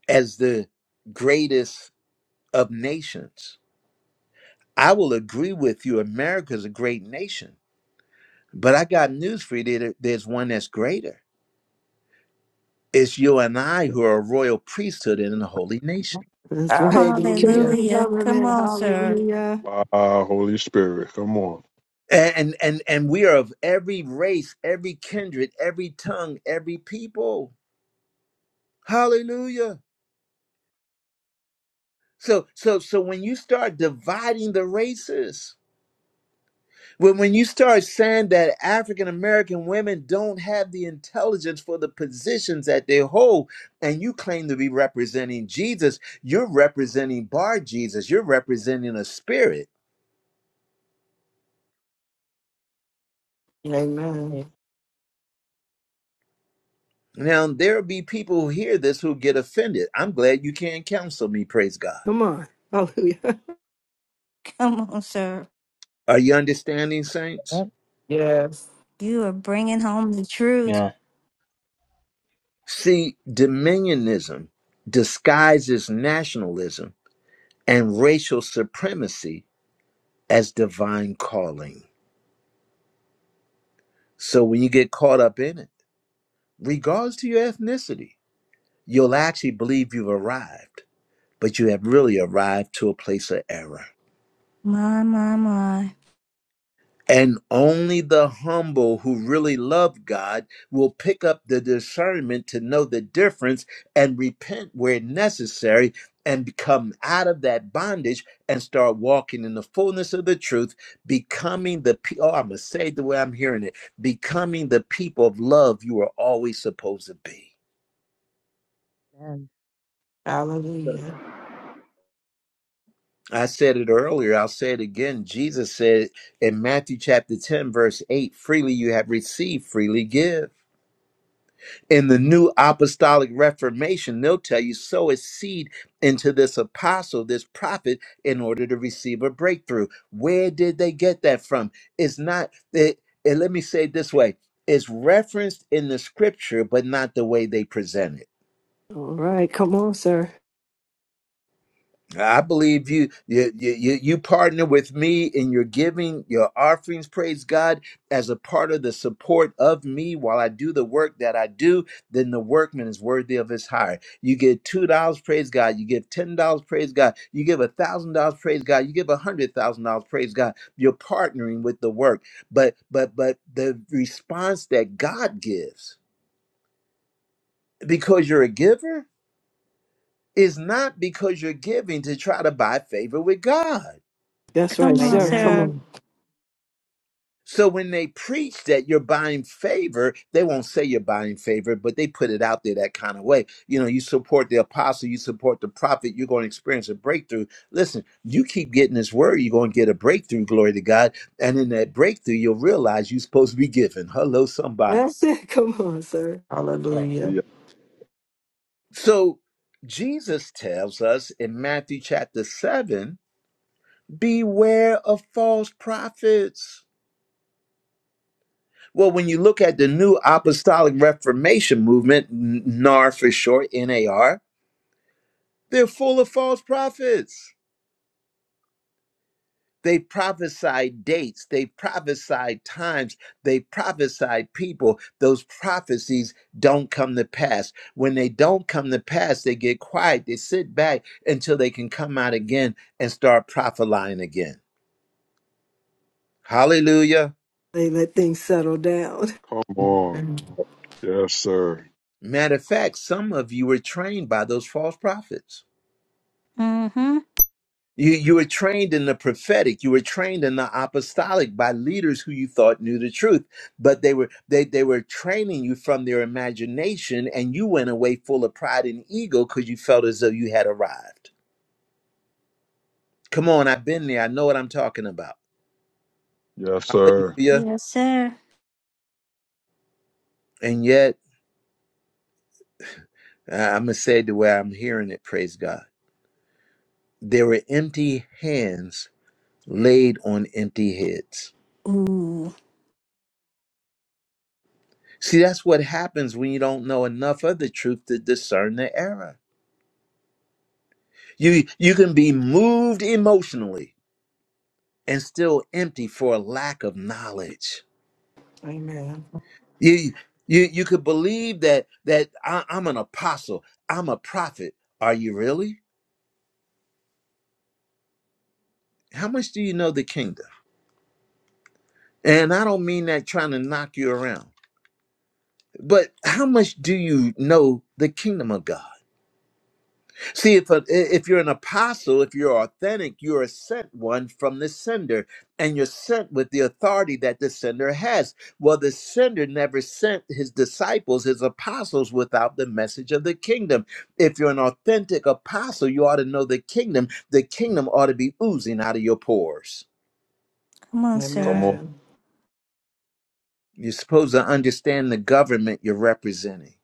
as the greatest of nations, I will agree with you. America's a great nation, but I got news for you: there- there's one that's greater. It's you and I who are a royal priesthood and a holy nation. That's right. The Hallelujah. kingdom Hallelujah. Come government. on, sir. Hallelujah. Wow, Holy Spirit. Come on. and and and we are of every race every kindred every tongue every people hallelujah so so so when you start dividing the races when when you start saying that african american women don't have the intelligence for the positions that they hold and you claim to be representing jesus you're representing bar jesus you're representing a spirit Amen. Amen. now there'll be people who hear this who get offended i'm glad you can't counsel me praise god Come on. Hallelujah. Come on, sir. Are you understanding, saints? Yes. You are bringing home the truth. yeah. See, dominionism disguises nationalism and racial supremacy as divine calling. So when you get caught up in it, regards to your ethnicity, you'll actually believe you've arrived, but you have really arrived to a place of error. My, my, my. And only the humble who really love God will pick up the discernment to know the difference and repent where necessary and become out of that bondage and start walking in the fullness of the truth, becoming the pe- oh, I'm gonna say it the way I'm hearing it, becoming the people of love you are always supposed to be. Amen. Sir. Hallelujah. I said it earlier, I'll say it again. Jesus said in Matthew chapter 10, verse 8, freely you have received, freely give. In the new apostolic reformation, they'll tell you sow a seed into this apostle, this prophet, in order to receive a breakthrough. Where did they get that from? It's not, it, it- let me say it this way it's referenced in the scripture, but not the way they present it. All right. Come on, sir. I believe you, you, you, you you partner with me in your giving, your offerings, praise God, as a part of the support of me while I do the work that I do, then the workman is worthy of his hire. You give $2, praise God. You give $10, praise God. You give $1,000, praise God. You give $100,000, praise God. You're partnering with the work. But, but, but the response that God gives, because you're a giver, is not because you're giving to try to buy favor with God. That's right, Come on, sir. Come sir. Amen. on. So when they preach that you're buying favor, they won't say you're buying favor, but they put it out there that kind of way. You know, you support the apostle, you support the prophet, you're going to experience a breakthrough. Listen, you keep getting this word, you're going to get a breakthrough, glory to God. And in that breakthrough, you'll realize you're supposed to be giving. Hello, somebody. That's it. Come on, sir. Ah, Hallelujah. yeah. So Jesus tells us in Matthew chapter 7 beware of false prophets. Well, when you look at the new apostolic reformation movement, NAR for short, NAR, they're full of false prophets. They prophesied dates, they prophesied times, they prophesied people. Those prophecies don't come to pass. When they don't come to pass, they get quiet, they sit back until they can come out again and start prophesying again. Hallelujah. They let things settle down. Come on. Amen. Yes, sir. Matter of fact, some of you were trained by those false prophets. Mm-hmm. You, you were trained in the prophetic. You were trained in the apostolic by leaders who you thought knew the truth, but they were they they were training you from their imagination, and you went away full of pride and ego because you felt as though you had arrived. Come on, I've been there. I know what I'm talking about. Yes, sir. Hallelujah! Yes, sir. And yet, uh, I'm gonna say it the way I'm hearing it. Praise God. There were empty hands laid on empty heads. Ooh. See, that's what happens when you don't know enough of the truth to discern the error. You you can be moved emotionally and still empty for a lack of knowledge. Amen. You you you could believe that that I, I'm an apostle, I'm a prophet. Are you really? How much do you know the kingdom? And I don't mean that trying to knock you around, but how much do you know the kingdom of God? See, if a, if you're an apostle, if you're authentic, you're a sent one from the sender, and you're sent with the authority that the sender has. Well, the sender never sent his disciples, his apostles, without the message of the kingdom. If you're an authentic apostle, you ought to know the kingdom. The kingdom ought to be oozing out of your pores. Come on, sir. Come Amen. You're supposed to understand the government you're representing.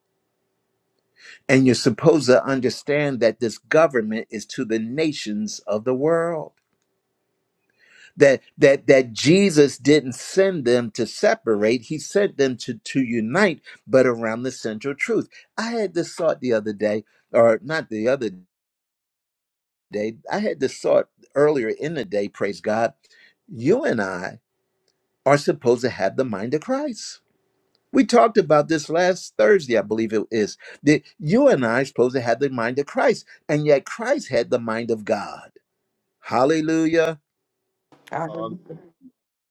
And you're supposed to understand that this government is to the nations of the world. that that that Jesus didn't send them to separate he sent them to to unite but around the central truth i had this thought the other day or not the other day i had this thought earlier in the day praise god you and i are supposed to have the mind of christ we talked about this last thursday i believe it is that you and i are supposed to have the mind of christ and yet christ had the mind of god hallelujah on. Hallelujah.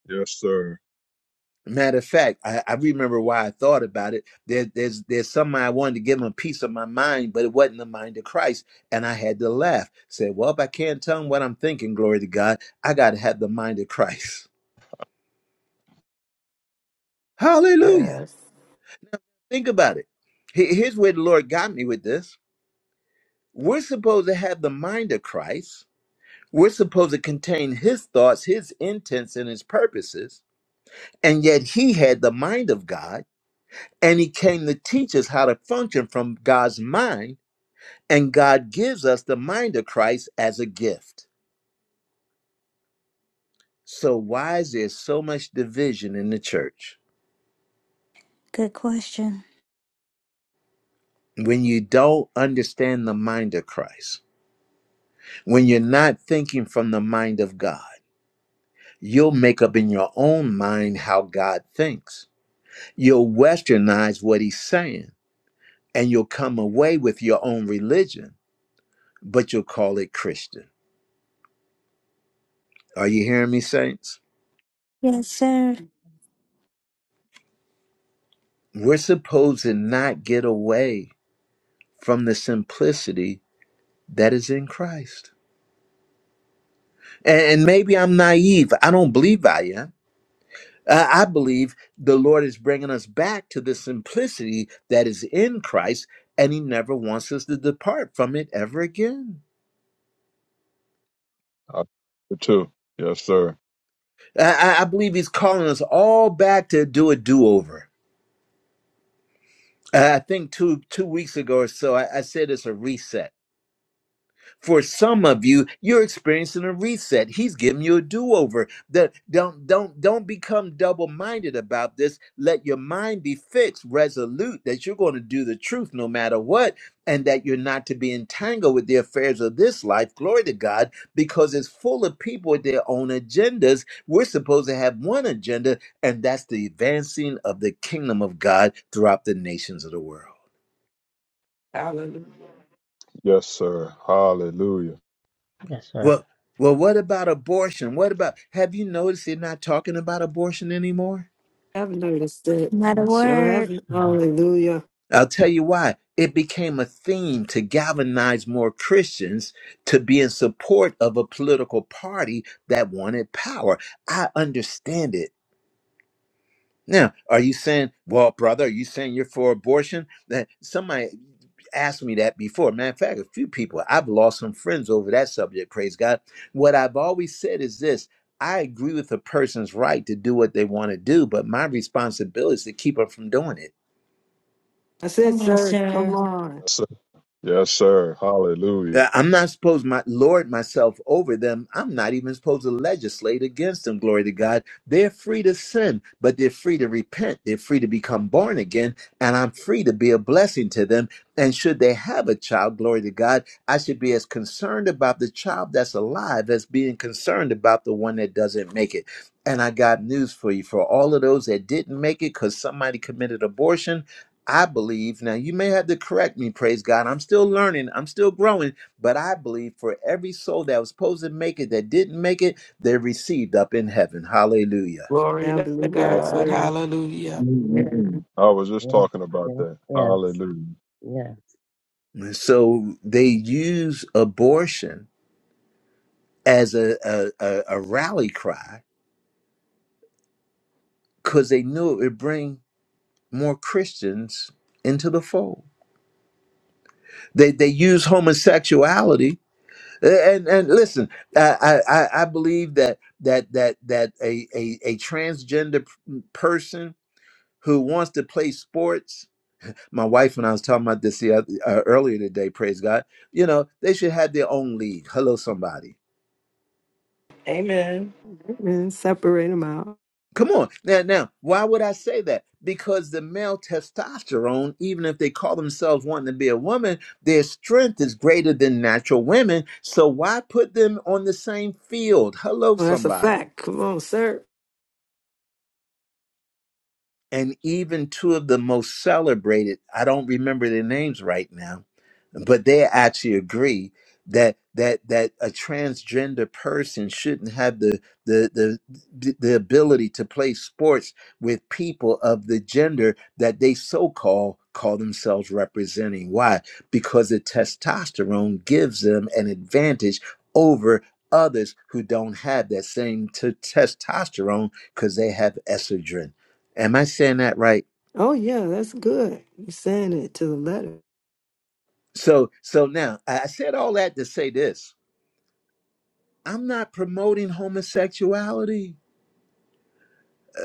Yes, sir. Matter of fact, I, I remember why I thought about it. There, there's there's something I wanted to give him a piece of my mind, but it wasn't the mind of Christ, and I had to laugh. Said, "Well, if I can't tell him what I'm thinking, glory to God, I got to have the mind of Christ." Hallelujah! Yes. Think about it. He- Here's where the Lord got me with this. We're supposed to have the mind of Christ. We're supposed to contain His thoughts, His intents, and His purposes, and yet He had the mind of God, and He came to teach us how to function from God's mind And God gives us the mind of Christ as a gift. So, why is there so much division in the church? Good question. When you don't understand the mind of Christ, when you're not thinking from the mind of God, you'll make up in your own mind how God thinks. You'll westernize what he's saying, and you'll come away with your own religion, but you'll call it Christian. Are you hearing me, saints? Yes, sir. We're supposed to not get away from the simplicity that is in Christ. And, and maybe I'm naive. I don't believe I am. Uh, I believe the Lord is bringing us back to the simplicity that is in Christ, and He never wants us to depart from it ever again. I do it too. Yes, sir. I, I I believe He's calling us all back to do a do over. I think two two weeks ago or so, I, I said it's a reset For some of you, you're experiencing a reset. He's giving you a do-over. That- Don't don't don't become double-minded about this. Let your mind be fixed, resolute that you're going to do the truth no matter what, and that you're not to be entangled with the affairs of this life. Glory to God, because it's full of people with their own agendas. We're supposed to have one agenda, and that's the advancing of the kingdom of God throughout the nations of the world. Hallelujah. Yes, sir. Hallelujah. Yes, sir. Well, well, what about abortion? What about have you noticed they're not talking about abortion anymore? I've noticed it. Not a Sure word. haven't. Mm-hmm. Hallelujah. I'll tell you why. It became a theme to galvanize more Christians to be in support of a political party that wanted power. I understand it. Now, are you saying, well, brother, are you saying you're for abortion? That somebody asked me that before. Matter of fact, a few people, I've lost some friends over that subject, praise God. What I've always said is this I agree with a person's right to do what they want to do, but my responsibility is to keep them from doing it. That's it, Come on, sir. Come sir. on. Yes, sir. Yes, sir. Hallelujah. Uh, I'm not supposed to my lord myself over them. I'm not even supposed to legislate against them. Glory to God. They're free to sin, but they're free to repent. They're free to become born again, and I'm free to be a blessing to them. And should they have a child, glory to God, I should be as concerned about the child that's alive as being concerned about the one that doesn't make it. And I got news for you for all of those that didn't make it because somebody committed abortion. I believe now you may have to correct me, praise God. I'm still learning, I'm still growing but I believe for every soul that was supposed to make it that didn't make it, they're received up in heaven. Hallelujah. Glory Yeah, I to believe Yeah. that, God. sir. Hallelujah. Yes, Amen. Mm-mm-mm. I was just yes, talking about yes, that. yes, Hallelujah. yes, yes. yeah, So they use abortion as a, a, a, a rally cry because they knew it would bring more Christians into the fold. They, they use homosexuality. And, and listen, I, I, I I believe that that that that a, a, a transgender p- person who wants to play sports my wife and I was talking about this the other, uh, earlier today. Praise God. You know, they should have their own league. Hello, somebody. Amen. Amen. Separate them out. Come on now. Now, why would I say that? Because the male testosterone, even if they call themselves wanting to be a woman, their strength is greater than natural women. So why put them on the same field? Hello, Oh, that's a somebody. fact. Come on, sir. and even two of the most celebrated i don't remember their names right now but they actually agree that that that a transgender person shouldn't have the the the the ability to play sports with people of the gender that they so call call themselves representing why because the testosterone gives them an advantage over others who don't have that same t- testosterone because they have estrogen Am I saying that right? Oh, yeah, that's good. You're saying it to the letter. So so now I I said all that to say this. I'm not promoting homosexuality,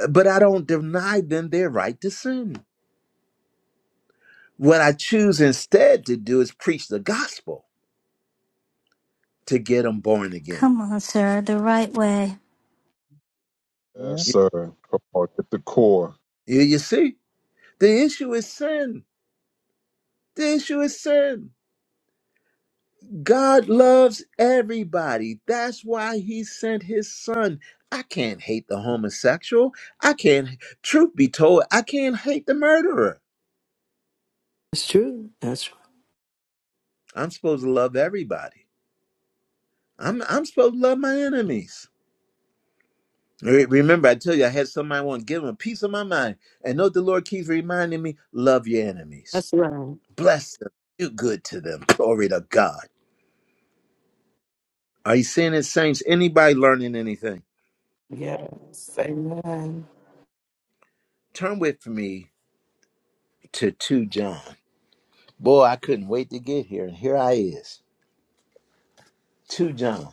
uh, but I don't deny them their right to sin. What I choose instead to do is preach the gospel to get them born again. Come on, sir. The right way. yeah. Yes, Y- sir. Come on, get the core. You, you see, the issue is sin. The issue is sin. God loves everybody. That's why he sent his son. I can't hate the homosexual. I can't, truth be told, I can't hate the murderer. That's true. That's I'm supposed to love everybody. I'm I'm supposed to love my enemies. Re- Remember, I tell you, I had somebody want to give them a piece of my mind. And know the Lord keeps reminding me, love your enemies. that's right. Bless them. Do good to them. Glory to God. Are you seeing it, saints? Anybody learning anything? Yes. Amen. Turn with me to 2 John. Boy, I couldn't wait to get here. And here I is. 2 John.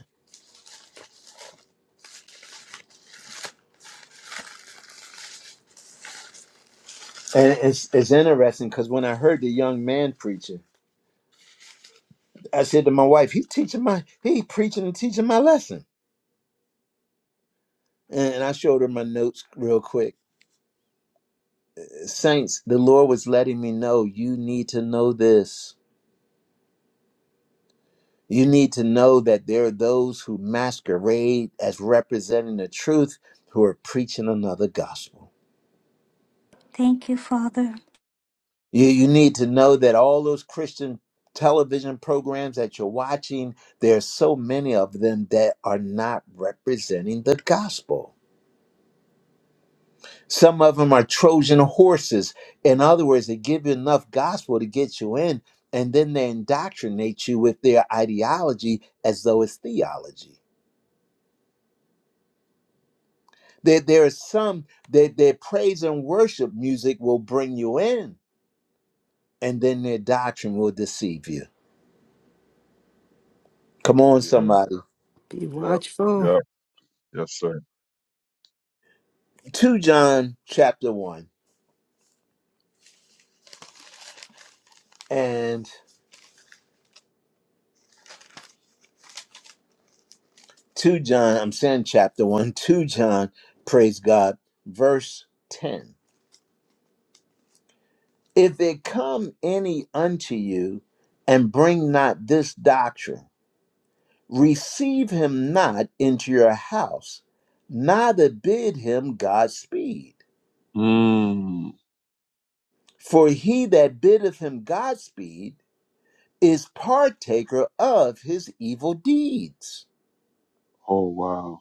And it's, it's interesting because when I heard the young man preaching, I said to my wife, he's teaching my, he preaching and teaching my lesson. and I showed her my notes real quick. Saints, the Lord was letting me know you need to know this. You need to know that there are those who masquerade as representing the truth who are preaching another gospel. Thank you, Father. You, you need to know that all those Christian television programs that you're watching, there are so many of them that are not representing the gospel. Some of them are Trojan horses. In other words, they give you enough gospel to get you in, and then they indoctrinate you with their ideology as though it's theology. There, there are some that their praise and worship music will bring you in, and then their doctrine will deceive you. Come on, Yeah. somebody. Be Yep. watchful. Yep. Yes, sir. 2 John chapter 1 and 2 John, I'm saying chapter 1, 2 John, praise God, verse 10. If it come any unto you and bring not this doctrine, receive him not into your house, neither bid him Godspeed. Mm. For he that biddeth him Godspeed is partaker of his evil deeds. Oh, wow.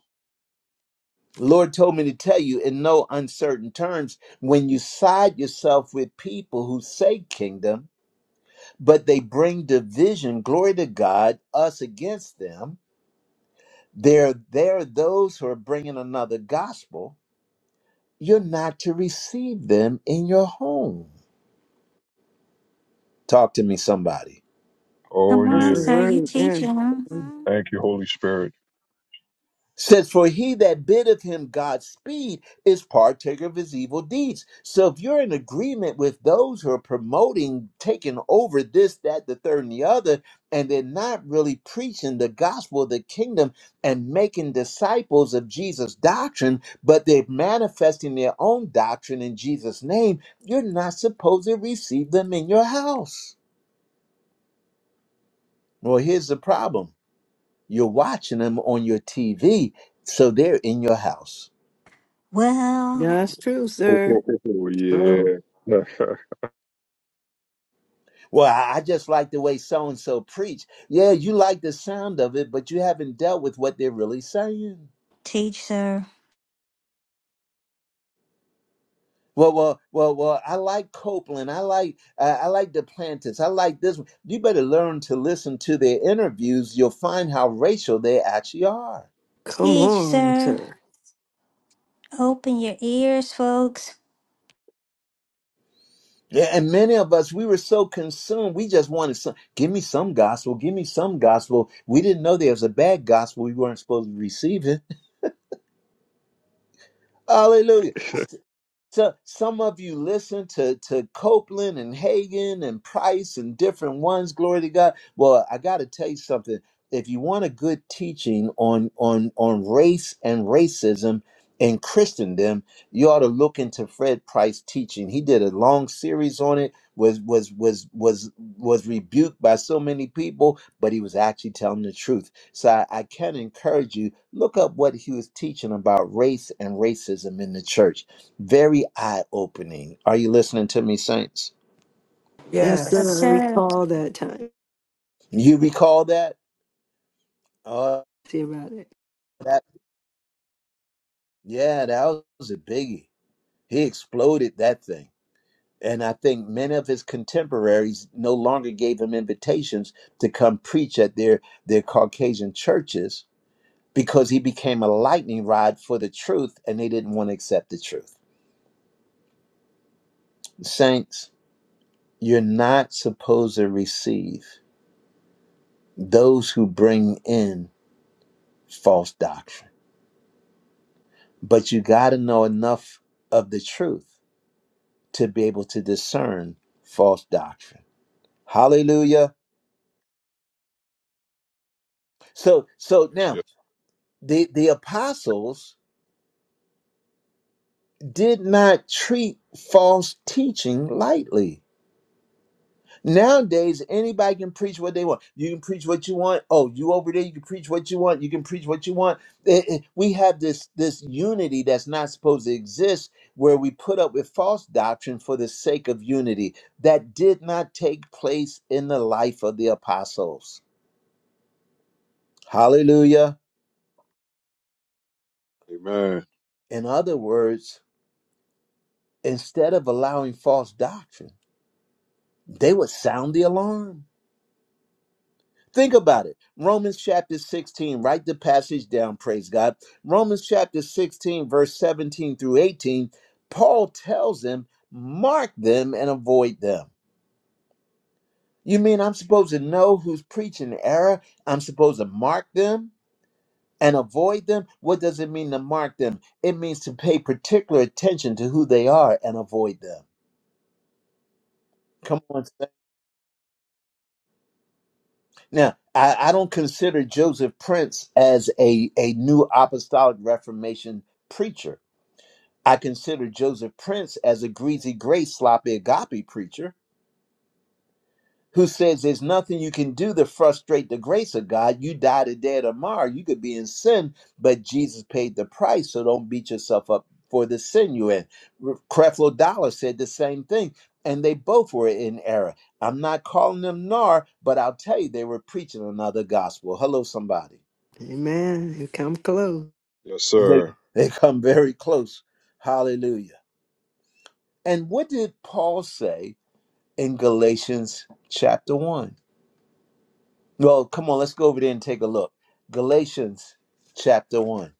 Lord told me to tell you in no uncertain terms when you side yourself with people who say kingdom, but they bring division, glory to God, us against them There, there are those who are bringing another gospel. You're not to receive them in your home. Talk to me, somebody. Oh, Come That's on, a yeah. sir. You word. Yeah. teaching. Mm-hmm. Thank you, Holy Spirit. says, For he that biddeth him God's speed is partaker of his evil deeds. So if you're in agreement with those who are promoting taking over this, that, the third, and the other, and they're not really preaching the gospel of the kingdom and making disciples of Jesus' doctrine, but they're manifesting their own doctrine in Jesus' name, you're not supposed to receive them in your house. Well, here's the problem you're watching them on your TV, so they're in your house. Yeah, Well, That's true, Oh, oh, sir. oh, oh, True. yeah. yes, Well, I I just like the way so and so preach. Yeah, you like the sound of it, but you haven't dealt with what they're really saying. teach, sir. Well, well, well, well. I like Copeland. I like, uh, I like the Planters. I like this. one. You better learn to listen to their interviews. You'll find how racial they actually are. Come Teach, on, sir. sir. Open your ears, folks. Yeah, and many of us, we were so consumed. We just wanted some. Give me some gospel. Give me some gospel. We didn't know there was a bad gospel. We weren't supposed to receive it. Hallelujah. So some of you listen to, to Copeland and Hagen and Price and different ones, glory to God. Well, I gotta tell you something. If you want a good teaching on on on race and racism in Christendom, you ought to look into Fred Price's teaching. He did a long series on it, was was was was was rebuked by so many people, but he was actually telling the truth. So I, I can encourage you, look up what he was teaching about race and racism in the church very eye opening. Are you listening to me, saints? Yes, sir. Yes, I Yes. sir. recall that time. You recall that? Oh, See about it. that yeah, that was a biggie. He exploded that thing. And I think many of his contemporaries no longer gave him invitations to come preach at their, their Caucasian churches because he became a lightning rod for the truth and they didn't want to accept the truth. Saints, you're not supposed to receive those who bring in false doctrine. But you got to know enough of the truth to be able to discern false doctrine. Hallelujah. So so now yes. the the apostles did not treat false teaching lightly. Nowadays, anybody can preach what they want. You can preach what you want. Oh, you over there, you can preach what you want. You can preach what you want. It- it- we have this this unity that's not supposed to exist, where we put up with false doctrine for the sake of unity that did not take place in the life of the apostles. Hallelujah. Amen. In other words, instead of allowing false doctrine, they would sound the alarm. Think about it. Romans chapter 16, write the passage down, praise God. Romans chapter 16, verse 17 through 18, Paul tells them, mark them and avoid them. You mean I'm supposed to know who's preaching error? I'm supposed to mark them and avoid them? What does it mean to mark them? It means to pay particular attention to who they are and avoid them. Come on. son. Now, I, I don't consider Joseph Prince as a, a new apostolic reformation preacher I consider Joseph Prince as a greasy grace, sloppy agape preacher who says there's nothing you can do to frustrate the grace of God. You die today or tomorrow. You could be in sin, but Jesus paid the price, so don't beat yourself up for the sin you're in. Creflo Dollar said the same thing, and they both were in error. I'm not calling them nar, but I'll tell you, they were preaching another gospel. Hello, somebody. Amen. You come close. Yes, They, sir. they come very close. Hallelujah. And what did Paul say? in Galatians chapter 1. Well, come on, let's go over there and take a look. Galatians chapter 1.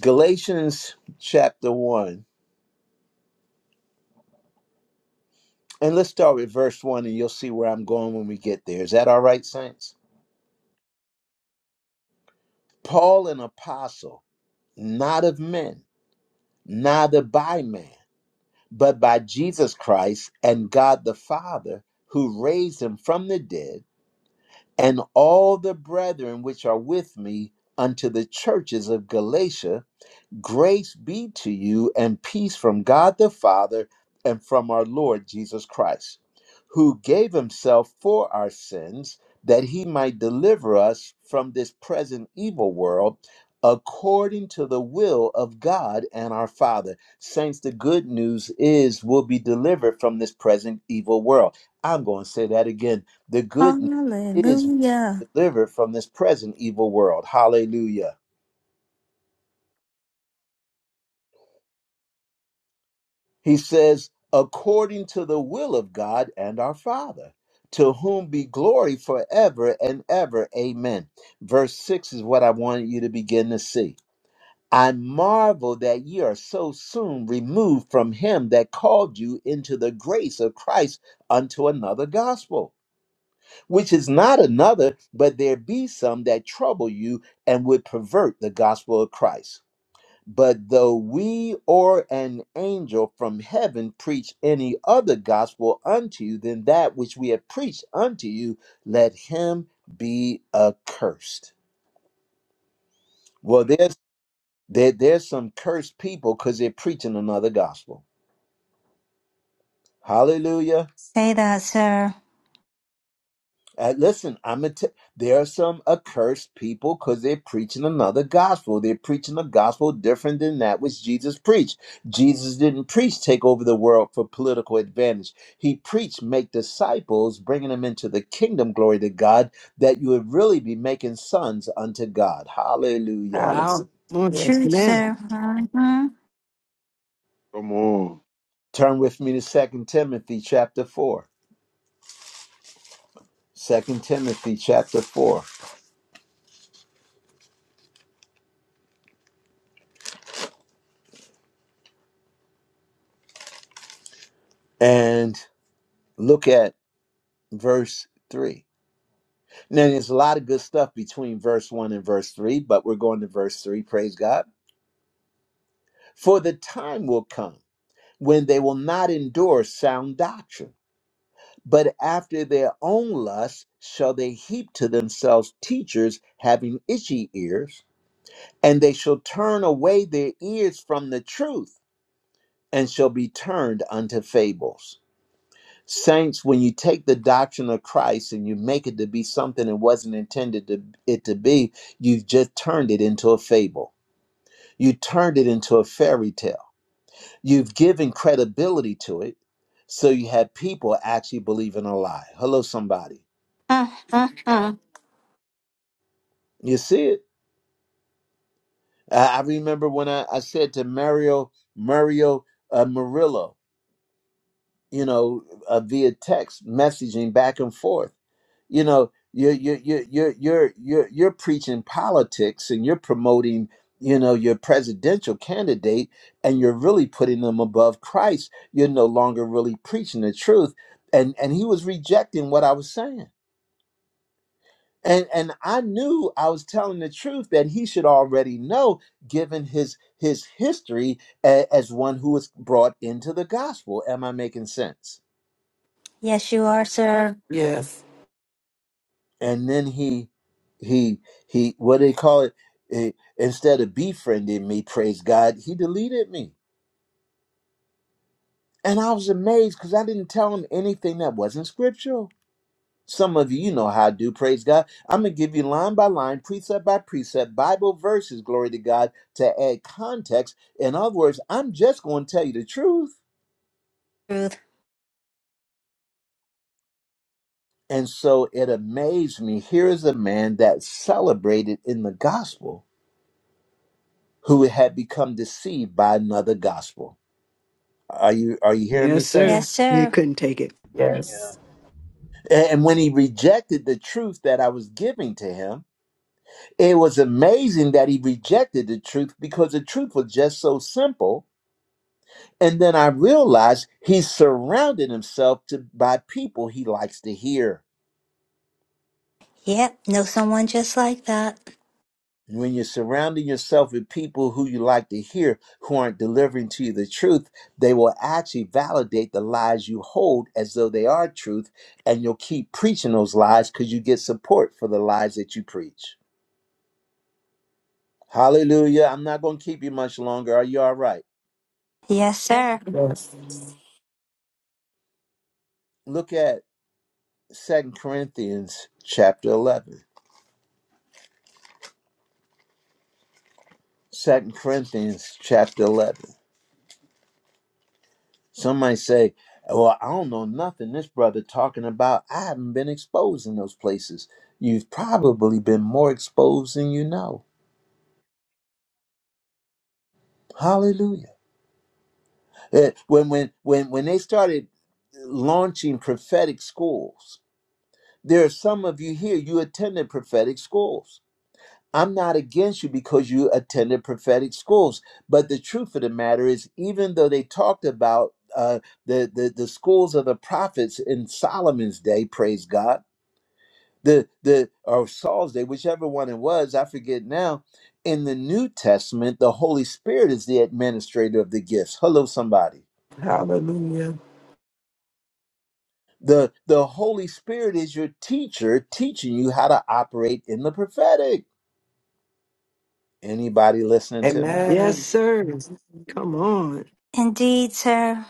Galatians chapter 1. And let's start with verse 1 and you'll see where I'm going when we get there. Is that all right, saints? Paul, an apostle, not of men, neither by man, but by Jesus Christ and God the Father, who raised him from the dead, and all the brethren which are with me unto the churches of Galatia Grace be to you and peace from God the Father and from our Lord Jesus Christ, who gave himself for our sins that he might deliver us from this present evil world according to the will of God and our Father. Saints, the good news is we'll be delivered from this present evil world. I'm going to say that again. The good news is we're Hallelujah. delivered from this present evil world. Hallelujah. He says, according to the will of God and our Father, to whom be glory forever and ever. Amen. Verse 6 is what I wanted you to begin to see. I marvel that ye are so soon removed from him that called you into the grace of Christ unto another gospel, which is not another, but there be some that trouble you and would pervert the gospel of Christ. But though we or an angel from heaven preach any other gospel unto you than that which we have preached unto you, let him be accursed. Well, there's there, there's some cursed people because they're preaching another gospel. Hallelujah. Say that, sir. Uh, listen, I'm a t- there are some accursed people because they're preaching another gospel. They're preaching a gospel different than that which Jesus preached. Jesus didn't preach take over the world for political advantage. He preached make disciples, bringing them into the kingdom. Glory to God, that you would really be making sons unto God. Hallelujah. Wow. Months Hallelujah. of Truth, man. sir. Uh-huh. Come on. Turn with me to Second Timothy chapter four. Second Timothy chapter four, and look at verse three. Now, there's a lot of good stuff between verse 1 and verse 3, but we're going to verse 3. Praise God. For the time will come when they will not endure sound doctrine, but after their own lusts shall they heap to themselves teachers having itchy ears, and they shall turn away their ears from the truth and shall be turned unto fables. Saints, when you take the doctrine of Christ and you make it to be something it wasn't intended to it to be, you've just turned it into a fable. You turned it into a fairy tale. You've given credibility to it, so you had people actually believing a lie. Hello, somebody. Uh, uh, uh. You see it? I I remember when I, I said to Mario Mario uh, Murillo, you know, uh, via text messaging back and forth. You know, you're you're you're you're you're you're you're preaching politics and you're promoting, you know, your presidential candidate, and you're really putting them above Christ. You're no longer really preaching the truth, and and he was rejecting what I was saying. And, and I knew I was telling the truth that he should already know, given his his history a- as one who was brought into the gospel. Am I making sense? Yes, you are, sir. Yes. and then he he he what do they call it, eh, instead of befriending me praise god he deleted me and i was amazed because i didn't tell him anything that wasn't scriptural some of you you know how i do praise god i'm gonna give you line by line precept by precept bible verses glory to god to add context in other words i'm just gonna tell you the truth Truth. and so it amazed me here is a man that celebrated in the gospel who had become deceived by another gospel Are you are you hearing me, Yes, sir. Yes, saints? You sir. couldn't take it. Yeah. Yes. And when he rejected the truth that I was giving to him, it was amazing that he rejected the truth because the truth was just so simple. And then I realized he surrounded himself to, by people he likes to hear. Yep, know someone just like that. When you're surrounding yourself with people who you like to hear, who aren't delivering to you the truth, they will actually validate the lies you hold as though they are truth. And you'll keep preaching those lies because you get support for the lies that you preach. Hallelujah. I'm not going to keep you much longer. Are you all right? Yes, sir. Yes. Look at Second Corinthians chapter 11. Second Corinthians chapter 11. Some might say, well, I don't know nothing this brother talking about. I haven't been exposed in those places. You've probably been more exposed than you know. Hallelujah. Eh, When, when, when, when they started launching prophetic schools, there are some of you here, you attended prophetic schools I'm not against you because you attended prophetic schools. But the truth of the matter is, even though they talked about uh, the, the the schools of the prophets in Solomon's day, praise God, the the or Saul's day, whichever one it was, I forget now. In the New Testament, the Holy Spirit is the administrator of the gifts. Hello, somebody. Hallelujah. The the Holy Spirit is your teacher, teaching you how to operate in the prophetic. Anybody listening to me? Yes, Amen. sir. Come yes. on. Indeed, sir.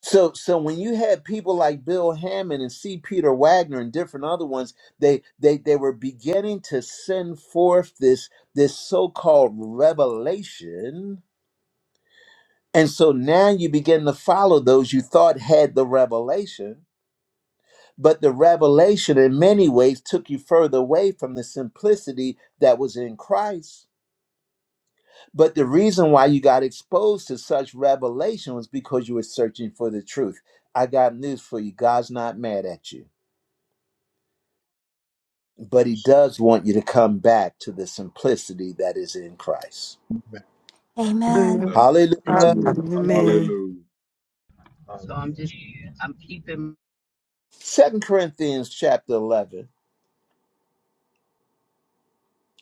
So, so when you had people like Bill Hammond and C. Peter Wagner and different other ones, they they they were beginning to send forth this this so-called revelation, and so now you begin to follow those you thought had the revelation, but the revelation in many ways took you further away from the simplicity that was in Christ. But the reason why you got exposed to such revelation was because you were searching for the truth. I got news for you: God's not mad at you. but he Yes, does want you to come back to the simplicity that is in Christ. Come on. Amen. Hallelujah. That's happened to Hallelujah. me. Hallelujah, Hallelujah. man. Hallelujah. So I'm just, I'm keeping Second Corinthians chapter 11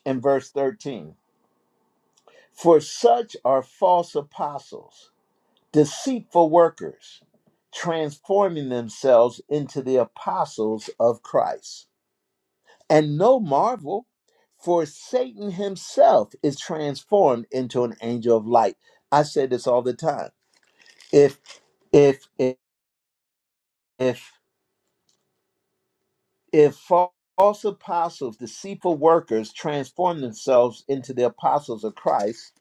and verse 13. For such are false apostles, deceitful workers, transforming themselves into the apostles of Christ. And no marvel, for Satan himself is transformed into an angel of light. I say this all the time. If if if, if If false apostles, deceitful workers, transform themselves into the apostles of Christ,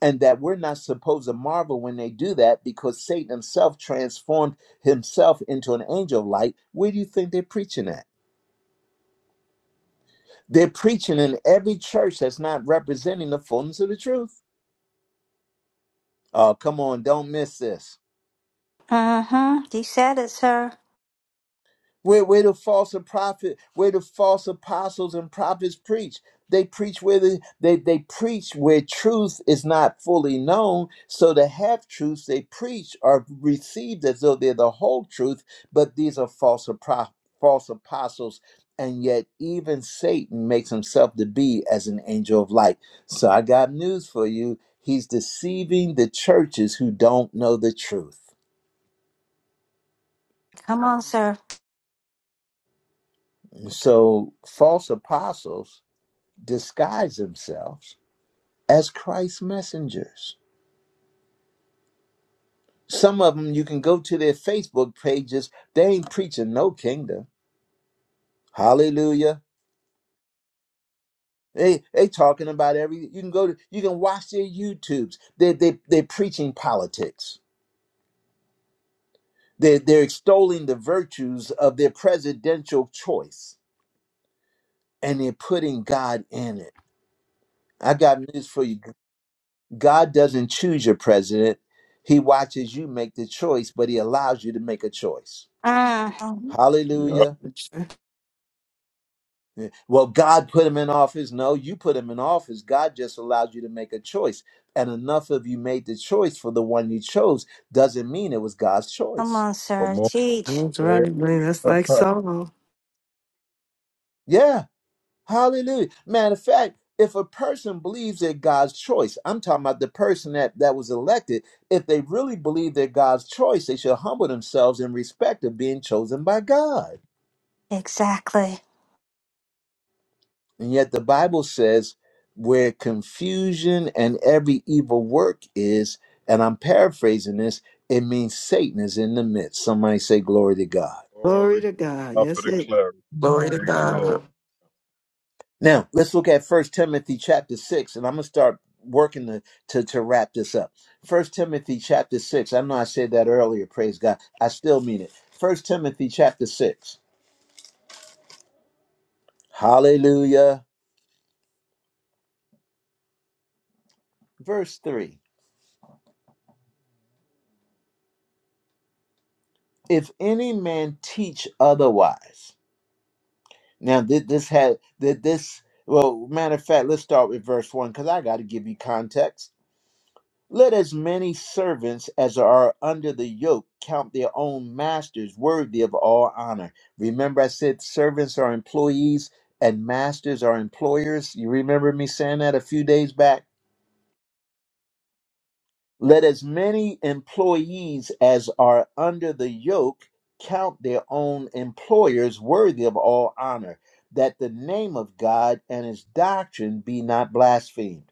and that we're not supposed to marvel when they do that because Satan himself transformed himself into an angel of light, where do you think they're preaching at? They're preaching in every church that's not representing the fullness of the truth. Oh, come on, don't miss this. Uh huh. You said it, sir. Where, where the false prophet, where the false apostles and prophets preach, they preach where the, they they preach where truth is not fully known. So the half truths they preach are received as though they're the whole truth, but these are false apro- false apostles. And yet, even Satan makes himself to be as an angel of light. So I got news for you. He's deceiving the churches who don't know the truth. Come on, sir. So false apostles disguise themselves as Christ's messengers. Some of them, you can go to their Facebook pages. They ain't preaching no kingdom. Hallelujah. They they talking about every. You can go to. You can watch their YouTubes. They they they're preaching politics. They they they're extolling the virtues of their presidential choice, and they're putting God in it. I got news for you. God doesn't choose your president. He watches you make the choice, but he allows you to make a choice. Uh, come That's Yep. Hallelujah. Well, God put him in office. No, you put him in office. God just allowed you to make a choice. And enough of you made the choice for the one you chose doesn't mean it was God's choice. on, Come sir. on. Teach. right, Thank man. That's like Saul. Yeah. Hallelujah. Matter of fact, if a person believes they're God's choice, I'm talking about the person that, that was elected, if they really believe they're God's choice, they should humble themselves in respect of being chosen by God. Exactly. And yet the Bible says where confusion and every evil work is, and I'm paraphrasing this, it means Satan is in the midst. Somebody say glory to God. Glory Glory to to God. God for Yes, the it. clarity. Glory to Amen. Thank you, God. Lord. Now let's look at First Timothy chapter six, and I'm gonna start working to, to, to wrap this up. First Timothy chapter six. I know I said that earlier, praise God. I still mean it. First Timothy chapter six. Hallelujah. Verse three. If any man teach otherwise Now, did this had did this? Well, matter of fact, let's start with verse one because I got to give you context. Let as many servants as are under the yoke count their own masters worthy of all honor. Remember, I said servants are employees and masters are employers. You remember me saying that a few days back? Let as many employees as are under the yoke count their own employers worthy of all honor, that the name of God and his doctrine be not blasphemed.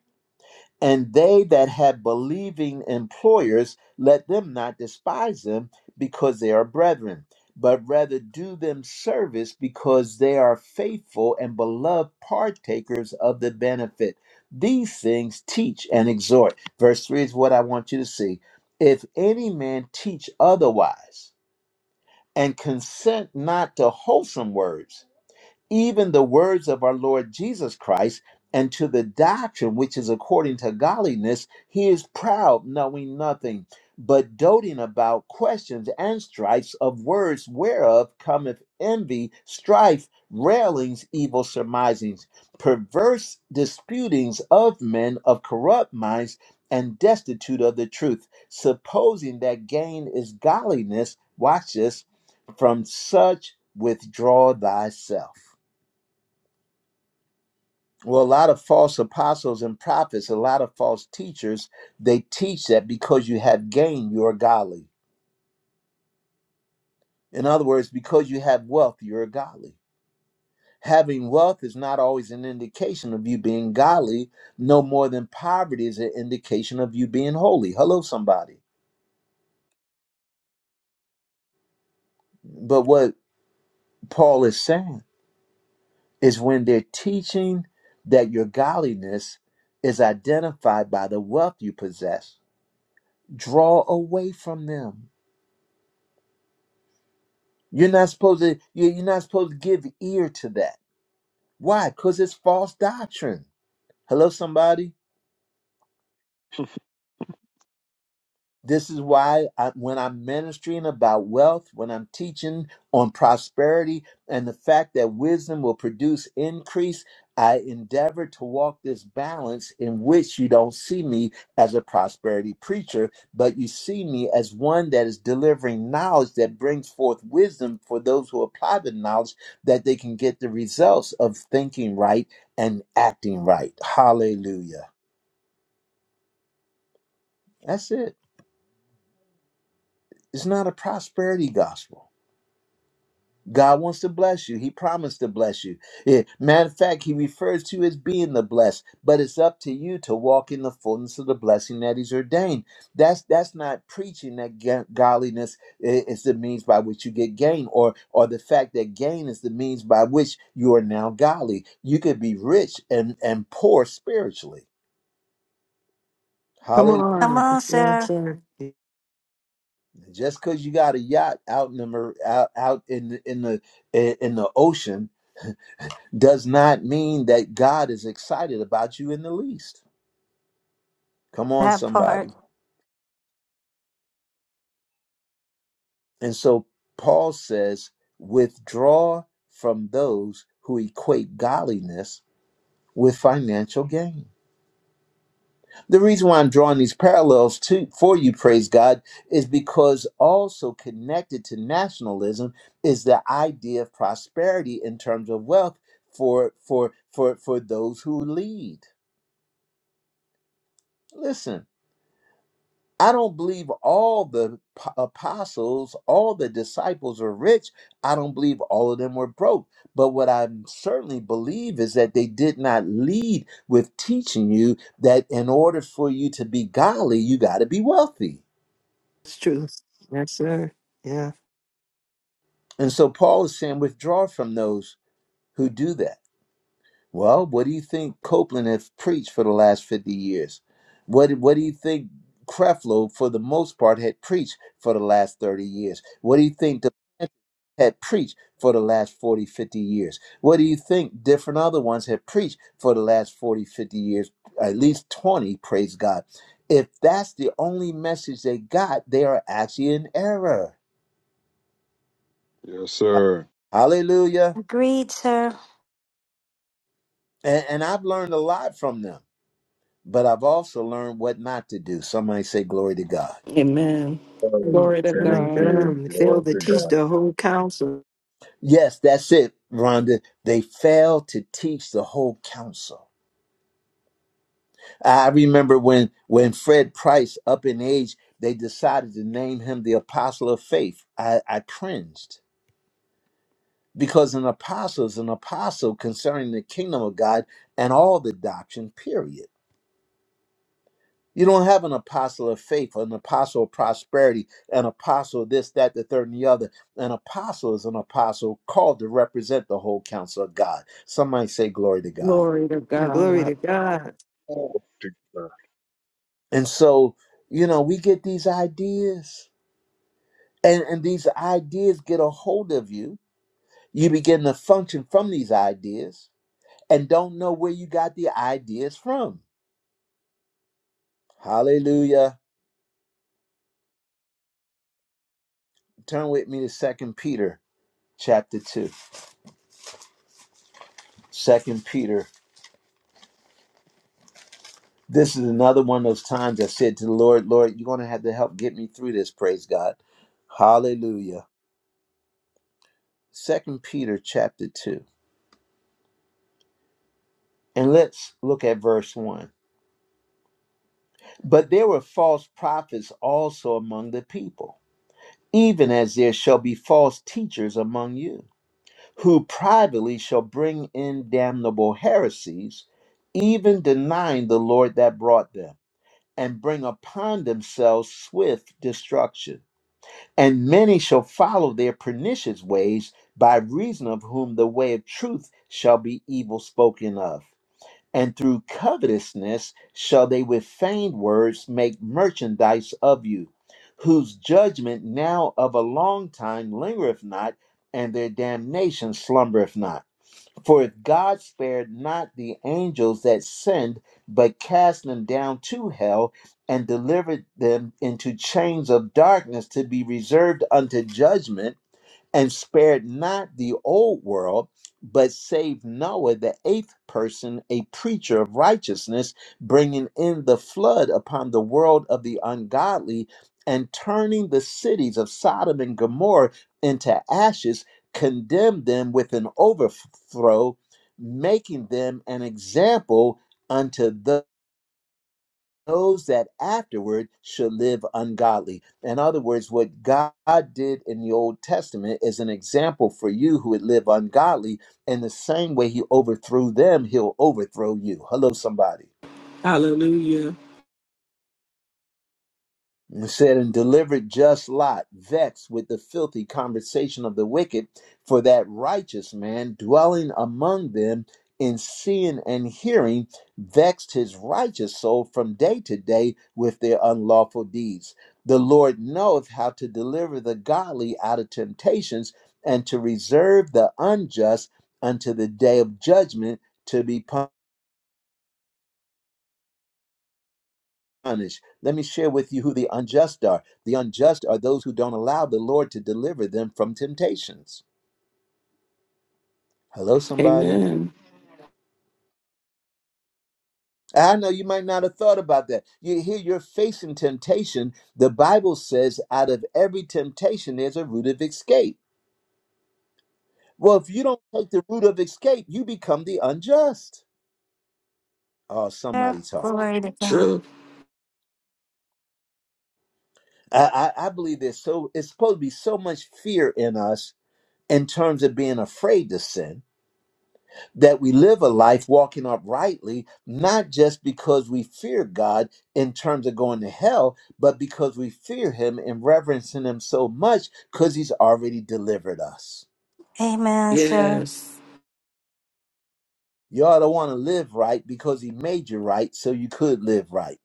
And they that have believing employers, let them not despise them because they are brethren, but rather do them service because they are faithful and beloved partakers of the benefit. These things teach and exhort. Verse 3 is what I want you to see. If any man teach otherwise and consent not to wholesome words, even the words of our Lord Jesus Christ, and to the doctrine which is according to godliness, he is proud, knowing nothing, but doting about questions and strifes of words whereof cometh envy, strife, railings, evil surmisings, perverse disputings of men of corrupt minds and destitute of the truth, supposing that gain is godliness. Watch this from such withdraw thyself. Well, a lot of false apostles and prophets, a lot of false teachers, they teach that because you have gain, you are godly. In other words, because you have wealth, you're godly. Having wealth is not always an indication of you being godly, no more than poverty is an indication of you being holy. Hello, somebody. But what Paul is saying is when they're teaching that your godliness is identified by the wealth you possess, draw away from them You're not supposed to you- you're not supposed to give ear to that. Why? Because it's false doctrine. Hello, somebody. This is why I, when I'm ministering about wealth, when I'm teaching on prosperity and the fact that wisdom will produce increase, I endeavor to walk this balance in which you don't see me as a prosperity preacher, but you see me as one that is delivering knowledge that brings forth wisdom for those who apply the knowledge that they can get the results of thinking right and acting right. Hallelujah. That's it. It's not a prosperity gospel God wants to bless you. He promised to bless you. Yeah, Matter of fact, he refers to you as being the blessed, but it's up to you to walk in the fullness of the blessing that he's ordained. That's that's not preaching that ga- godliness i- is the means by which you get gain, or or the fact that gain is the means by which you are now godly. You could be rich and and poor spiritually. Come Hallelujah! Come on. on, Yes, sir. sir. It's Just because you got a yacht out in the mar- out, out in the- in the in the ocean does not mean that God is excited about you in the least. Come on, That part. somebody. And so Paul says, withdraw from those who equate godliness with financial gain. The reason why I'm drawing these parallels to for you, praise God, is because also connected to nationalism is the idea of prosperity in terms of wealth for for for for those who lead. Listen, I don't believe all the p- apostles, all the disciples are rich. I don't believe all of them were broke. But what I certainly believe is that they did not lead with teaching you that in order for you to be godly, you got to be wealthy. true. Yes, sir. Yeah. And so Paul is saying, withdraw from those who do that. Well, what do you think Copeland has preached for the last 50 years? What, what do you think Creflo, for the most part, had preached for the last 30 years? What do you think the had preached for the last 40 50 years? What do you think different other ones had preached for the last 40 50 years? At least 20, praise God. If that's the only message they got, they are actually in error. Yes, sir. Hallelujah. Agreed, sir. And, and I've learned a lot from them. but I've also learned what not to do. Somebody say, Glory to God. Amen. Lord, Mm, Glory to Thank Good. God. you. God. Glory Failed to to teach God. the whole council. Yes, that's it, Rhonda. They fail to teach the whole counsel. I remember when when Fred Price, up in age, they decided to name him the Apostle of Faith. I, I cringed because an apostle is an apostle concerning the kingdom of God and all the doctrine, period. You don't have an apostle of faith, an apostle of prosperity, an apostle of this, that, the third, and the other. An apostle is an apostle called to represent the whole counsel of God. Somebody say, Glory to God. Glory to Mm, Glory God. to God. sir. Glory to God. And so, you know, we get these ideas, and, and these ideas get a hold of you. You begin to function from these ideas and don't know where you got the ideas from. Hallelujah. Turn with me to Second Peter chapter 2. Second Peter This is another one of those times I said to the Lord, Lord, you're going to have to help get me through this. Praise God. Hallelujah. Second Peter chapter 2. And let's look at verse 1. But there were false prophets also among the people, even as there shall be false teachers among you, who privately shall bring in damnable heresies, even denying the Lord that brought them, and bring upon themselves swift destruction. And many shall follow their pernicious ways, by reason of whom the way of truth shall be evil spoken of. And through covetousness shall they with feigned words make merchandise of you, whose judgment now of a long time lingereth not, and their damnation slumbereth not. For if God spared not the angels that sinned, but cast them down to hell and delivered them into chains of darkness to be reserved unto judgment and spared not the old world, but saved Noah, the eighth person, a preacher of righteousness, bringing in the flood upon the world of the ungodly and turning the cities of Sodom and Gomorrah into ashes, condemned them with an overthrow, making them an example unto those those that afterward should live ungodly. In other words, what God did in the Old Testament is an example for you who would live ungodly. In the same way He overthrew them, He'll overthrow you. Hello, somebody. Hallelujah. It said and delivered just Lot, vexed with the filthy conversation of the wicked, for that righteous man dwelling among them in seeing and hearing vexed his righteous soul from day to day with their unlawful deeds. The Lord knoweth how to deliver the godly out of temptations and to reserve the unjust unto the day of judgment to be punished. Let me share with you who the unjust are. The unjust are those who don't allow the Lord to deliver them from temptations. Hello, somebody. Amen. I know you might not have thought about that. You hear you're facing temptation. The Bible says, out of every temptation, there's a root of escape. Well, if you don't take the root of escape, you become the unjust. Oh, Sir, somebody talk. Glory to God. True. I, I, I believe there's so, it's supposed to be so much fear in us in terms of being afraid to sin that we live a life walking uprightly, not just because we fear God in terms of going to hell, but because we fear Him and reverencing Him so much because He's already delivered us. Amen, sir. Yes. You ought to want to live right because He made you right so you could live right.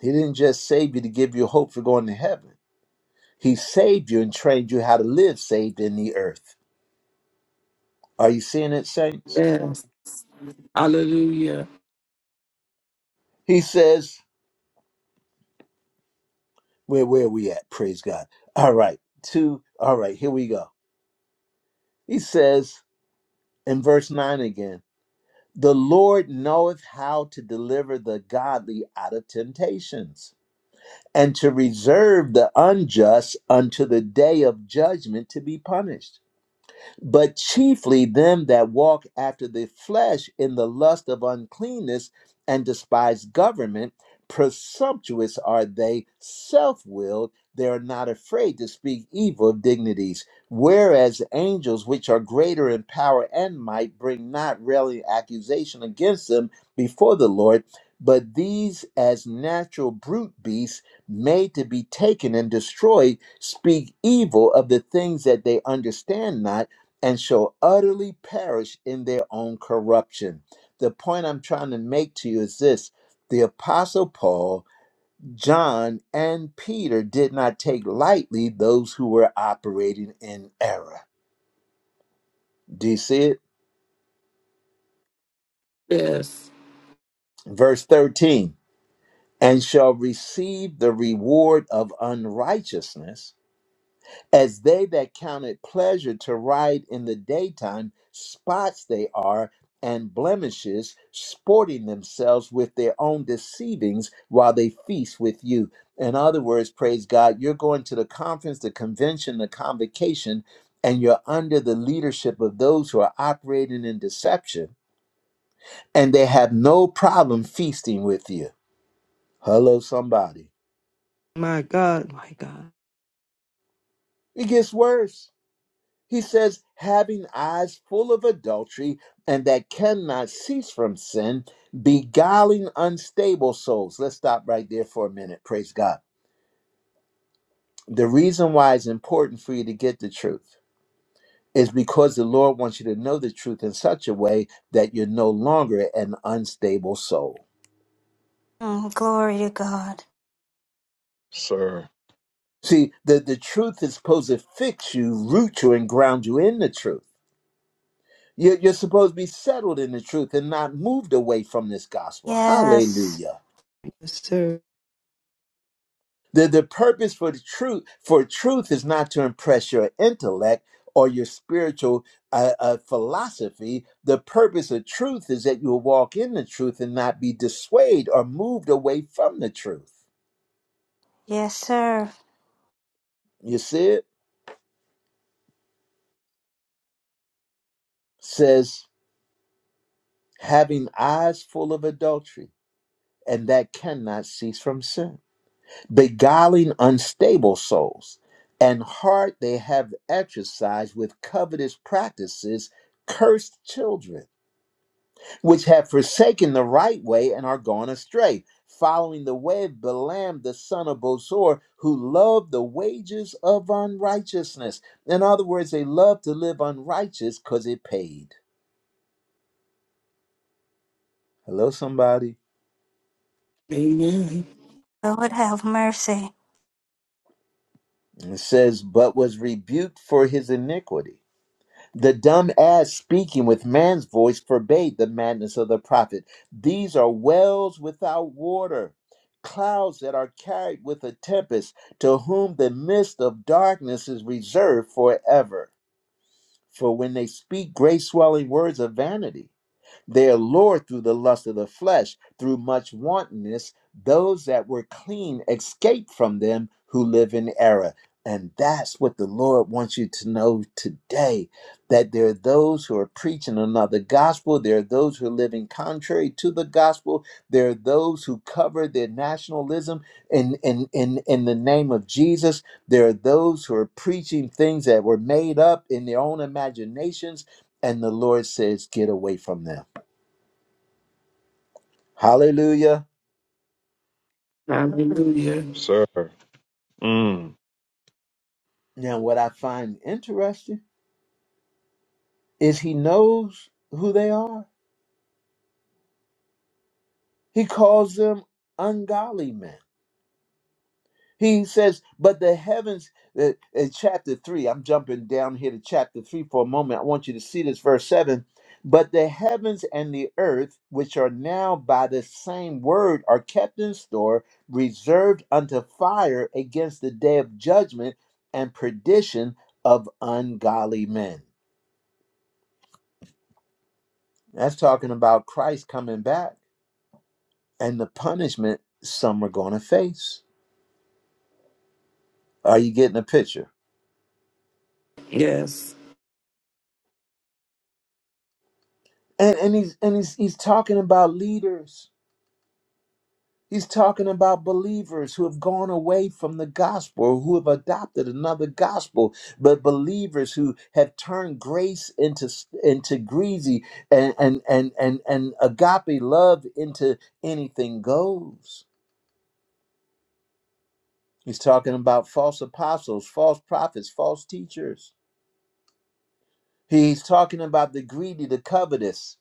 He didn't just save you to give you hope for going to heaven, He saved you and trained you how to live saved in the earth. Are you seeing it, saints? Yes. Hallelujah. He says, Where, where are we at? Praise God. All right, two. All right, here we go. He says in verse 9 again, the Lord knoweth how to deliver the godly out of temptations and to reserve the unjust unto the day of judgment to be punished but chiefly them that walk after the flesh in the lust of uncleanness and despise government. Presumptuous are they, self willed, they are not afraid to speak evil of dignities. Whereas angels, which are greater in power and might, bring not railing accusation against them before the Lord, but these, as natural brute beasts, made to be taken and destroyed, speak evil of the things that they understand not and shall utterly perish in their own corruption. The point I'm trying to make to you is this the Apostle Paul, John, and Peter did not take lightly those who were operating in error. Do you see it? Yes. Verse 13 and shall receive the reward of unrighteousness As they that count it pleasure to ride in the daytime, spots they are, and blemishes, sporting themselves with their own deceivings while they feast with you. In other words, praise God, you're going to the conference, the convention, the convocation, and you're under the leadership of those who are operating in deception, and they have no problem feasting with you. Hello, somebody. My God. My God. It gets worse He says, having eyes full of adultery and that cannot cease from sin, beguiling unstable souls. Let's stop right there for a minute. Praise God. The reason why it's important for you to get the truth is because the Lord wants you to know the truth in such a way that you're no longer an unstable soul. Mm, glory to God. Sir. See, the, the truth is supposed to fix you, root you, and ground you in the truth. You're, you're supposed to be settled in the truth and not moved away from this gospel. Yes. Hallelujah. Yes, sir. The, the purpose for the truth for truth is not to impress your intellect or your spiritual uh, uh, philosophy. The purpose of truth is that you will walk in the truth and not be dissuaded or moved away from the truth. Yes, sir. You see it says having eyes full of adultery and that cannot cease from sin, beguiling unstable souls and heart they have exercised with covetous practices, cursed children which have forsaken the right way and are gone astray, following the way of Balaam the son of Bosor, who loved the wages of unrighteousness. In other words, they loved to live unrighteous because it paid. Hello, somebody. Amen. Lord have mercy. It says, but was rebuked for his iniquity. The dumb ass speaking with man's voice forbade the madness of the prophet. These are wells without water, clouds that are carried with a tempest, to whom the mist of darkness is reserved forever. For when they speak great swelling words of vanity, they're lured through the lust of the flesh, through much wantonness. Those that were clean escape from them who live in error. And that's what the Lord wants you to know today that there are those who are preaching another gospel. There are those who are living contrary to the gospel. There are those who cover their nationalism in, in, in, in the name of Jesus. There are those who are preaching things that were made up in their own imaginations. And the Lord says, Get away from them. Hallelujah. Hallelujah. Sir. Mm. Now, what I find interesting is he knows who they are. He calls them ungodly men. He says, but the heavens, uh, in chapter 3, I'm jumping down here to chapter 3 for a moment. I want you to see this, verse 7. But the heavens and the earth, which are now by the same word, are kept in store, reserved unto fire against the day of judgment and perdition of ungodly men. That's talking about Christ coming back and the punishment some are going to face. Are you getting a picture? Yes. And and he's and he's he's talking about leaders. He's talking about believers who have gone away from the gospel or who have adopted another gospel, but believers who have turned grace into into greasy and and and and, and agape love into anything goes. He's talking about false apostles, false prophets, false teachers He's talking about the greedy, the covetous.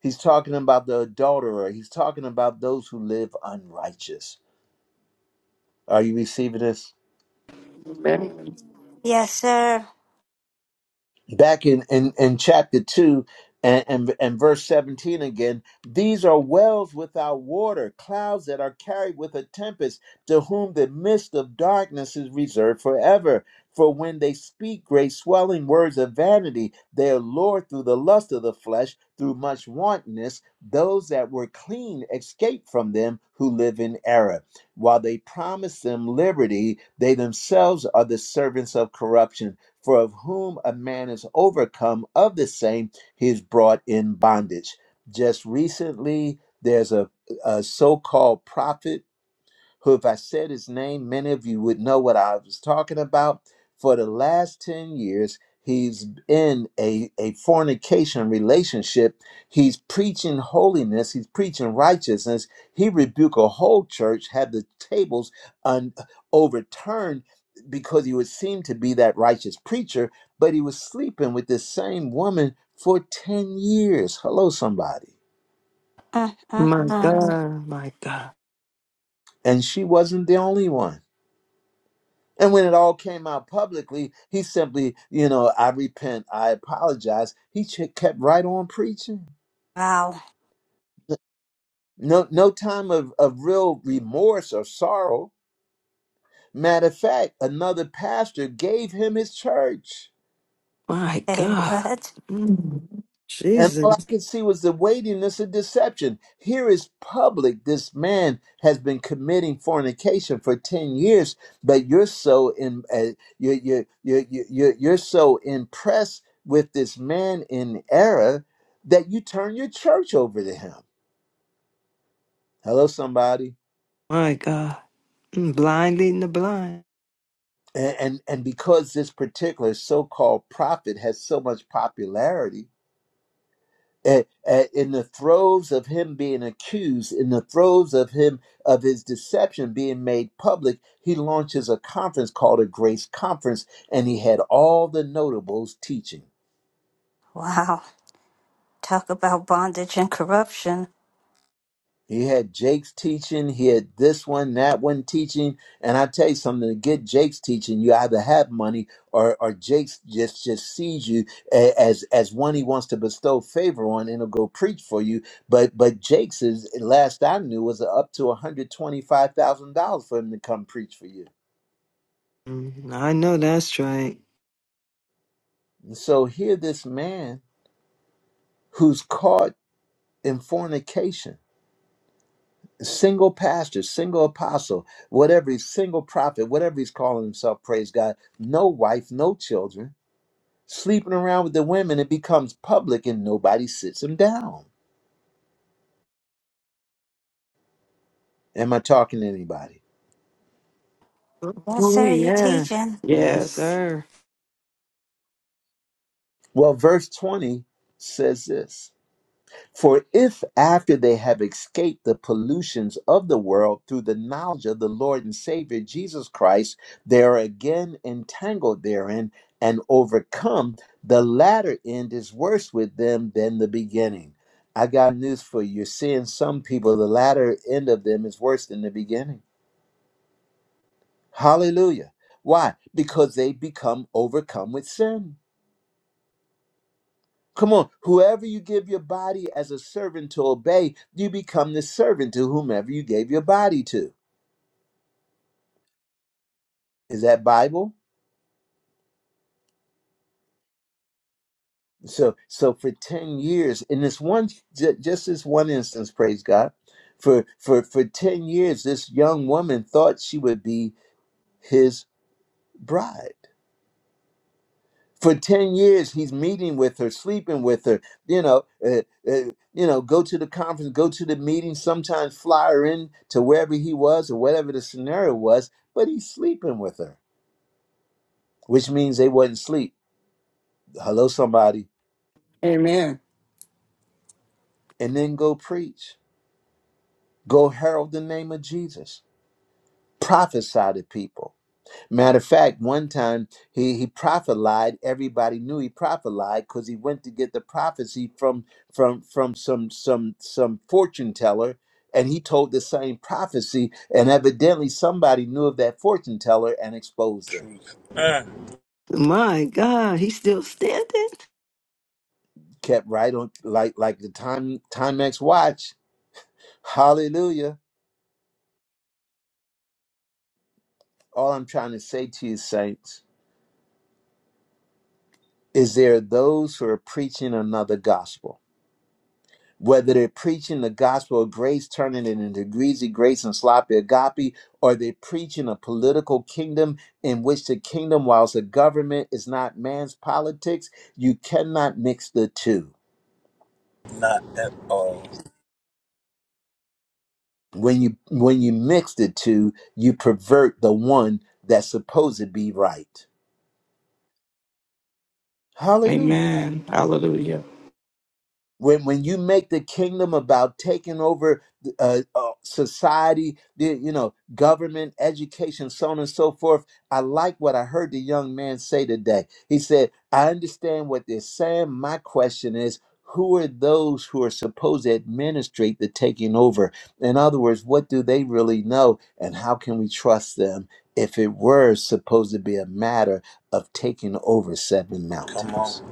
He's talking about the adulterer. He's talking about those who live unrighteous. Are you receiving this? Amen. Yes, sir. back in, in, in chapter 2 and, and, and verse 17 again these are wells without water clouds that are carried with a tempest to whom the mist of darkness is reserved forever for when they speak great swelling words of vanity they are lured through the lust of the flesh through much wantonness those that were clean escape from them who live in error while they promise them liberty they themselves are the servants of corruption for of whom a man is overcome, of the same he is brought in bondage. Just recently, there's a, a so called prophet who, if I said his name, many of you would know what I was talking about. For the last 10 years, he's in a, a fornication relationship. He's preaching holiness, he's preaching righteousness. He rebuked a whole church, had the tables un- overturned because he would seem to be that righteous preacher, but he was sleeping with this same woman for 10 years. Hello, somebody. Mm, mm, My mm. God. My God. And she wasn't the only one. And when it all came out publicly, he simply, you know, I repent, I apologize. He ch- kept right on preaching. Wow. No, no time of, of real remorse or sorrow. Matter of fact, another pastor gave him his church. My Hey, God. what? Mm. And all I Jesus. could see was the weightiness of deception. Here is public. This man has been committing fornication for 10 years, but you're so in, uh, you're, you're, you're, you're, you're so impressed with this man in error that you turn your church over to him. Hello, somebody. My God. Mm, Blind leading the blind. And, and, and because this particular so called prophet has so much popularity, a- a- in the throes of him being accused, in the throes of him of his deception being made public, he launches a conference called a Grace Conference, and he had all the notables teaching. Wow. Talk about bondage and corruption. He had Jake's teaching. He had this one, that one teaching. And I tell you something, to get Jake's teaching, you either have money or, or Jake's just, just sees you a- as, as one he wants to bestow favor on and he'll go preach for you. But, but Jake's is, last I knew was up to $125,000 for him to come preach for you. Mm, I know that's right. So here, this man who's caught in fornication single pastor, single apostle, whatever, single prophet, whatever he's calling himself, praise God, no wife, no children, sleeping around with the women, it becomes public and nobody sits him down. Am I talking to anybody? Yes, Oh, sir, you're yeah. teaching. Yes, Yes. sir. Well, verse 20 says this For if after they have escaped the pollutions of the world through the knowledge of the Lord and Savior Jesus Christ, they are again entangled therein and overcome, the latter end is worse with them than the beginning. I got news for you. You're seeing some people, the latter end of them is worse than the beginning. Hallelujah. Why? Because they become overcome with sin Come on, whoever you give your body as a servant to obey, you become the servant to whomever you gave your body to. Is that Bible? So, so for ten years, in this one, ju- just this one instance, praise God, for for for ten years, this young woman thought she would be his bride. for 10 years he's meeting with her sleeping with her you know uh, uh, you know go to the conference go to the meeting sometimes fly her in to wherever he was or whatever the scenario was but he's sleeping with her which means they wouldn't sleep hello somebody Amen. and then go preach go herald the name of jesus prophesy to people Matter of fact, one time he he prophelied. Everybody knew he prophelied because he went to get the prophecy from from from some some some fortune teller, and he told the same prophecy. And evidently, somebody knew of that fortune teller and exposed him. Truth. Uh, My God. He's still standing. Kept right on like like the time Timex watch. Hallelujah! All I'm trying to say to you, saints, is there are those who are preaching another gospel whether they're preaching the gospel of grace, turning it into greasy grace and sloppy agape, or they're preaching a political kingdom in which the kingdom, whilst the government is not man's politics, you cannot mix the two. not at all. When you when you mix the two, you pervert the one that's supposed to be right. Hallelujah. Amen. Hallelujah. when when you make the kingdom about taking over uh, uh, society, the- you know, government, education, so on and so forth. I like what I heard the young man say today. He said, "I understand what they're saying. My question is." Who are those who are supposed to administrate the taking over? In other words, what do they really know and how can we trust them if it were supposed to be a matter of taking over seven Come on. mountains?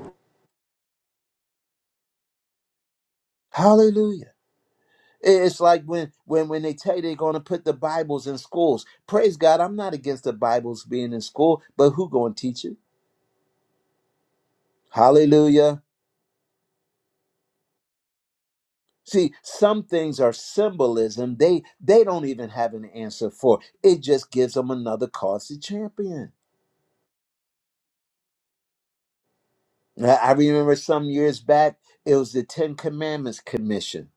Hallelujah. It's like when when when they tell you they're going to put the Bibles in schools. Praise God, I'm not against the Bibles being in school, but who going to teach it? Hallelujah. See, some things are symbolism. They they don't even have an answer for. It just gives them another cause to champion. I I remember some years back, it was the Ten Commandments Commission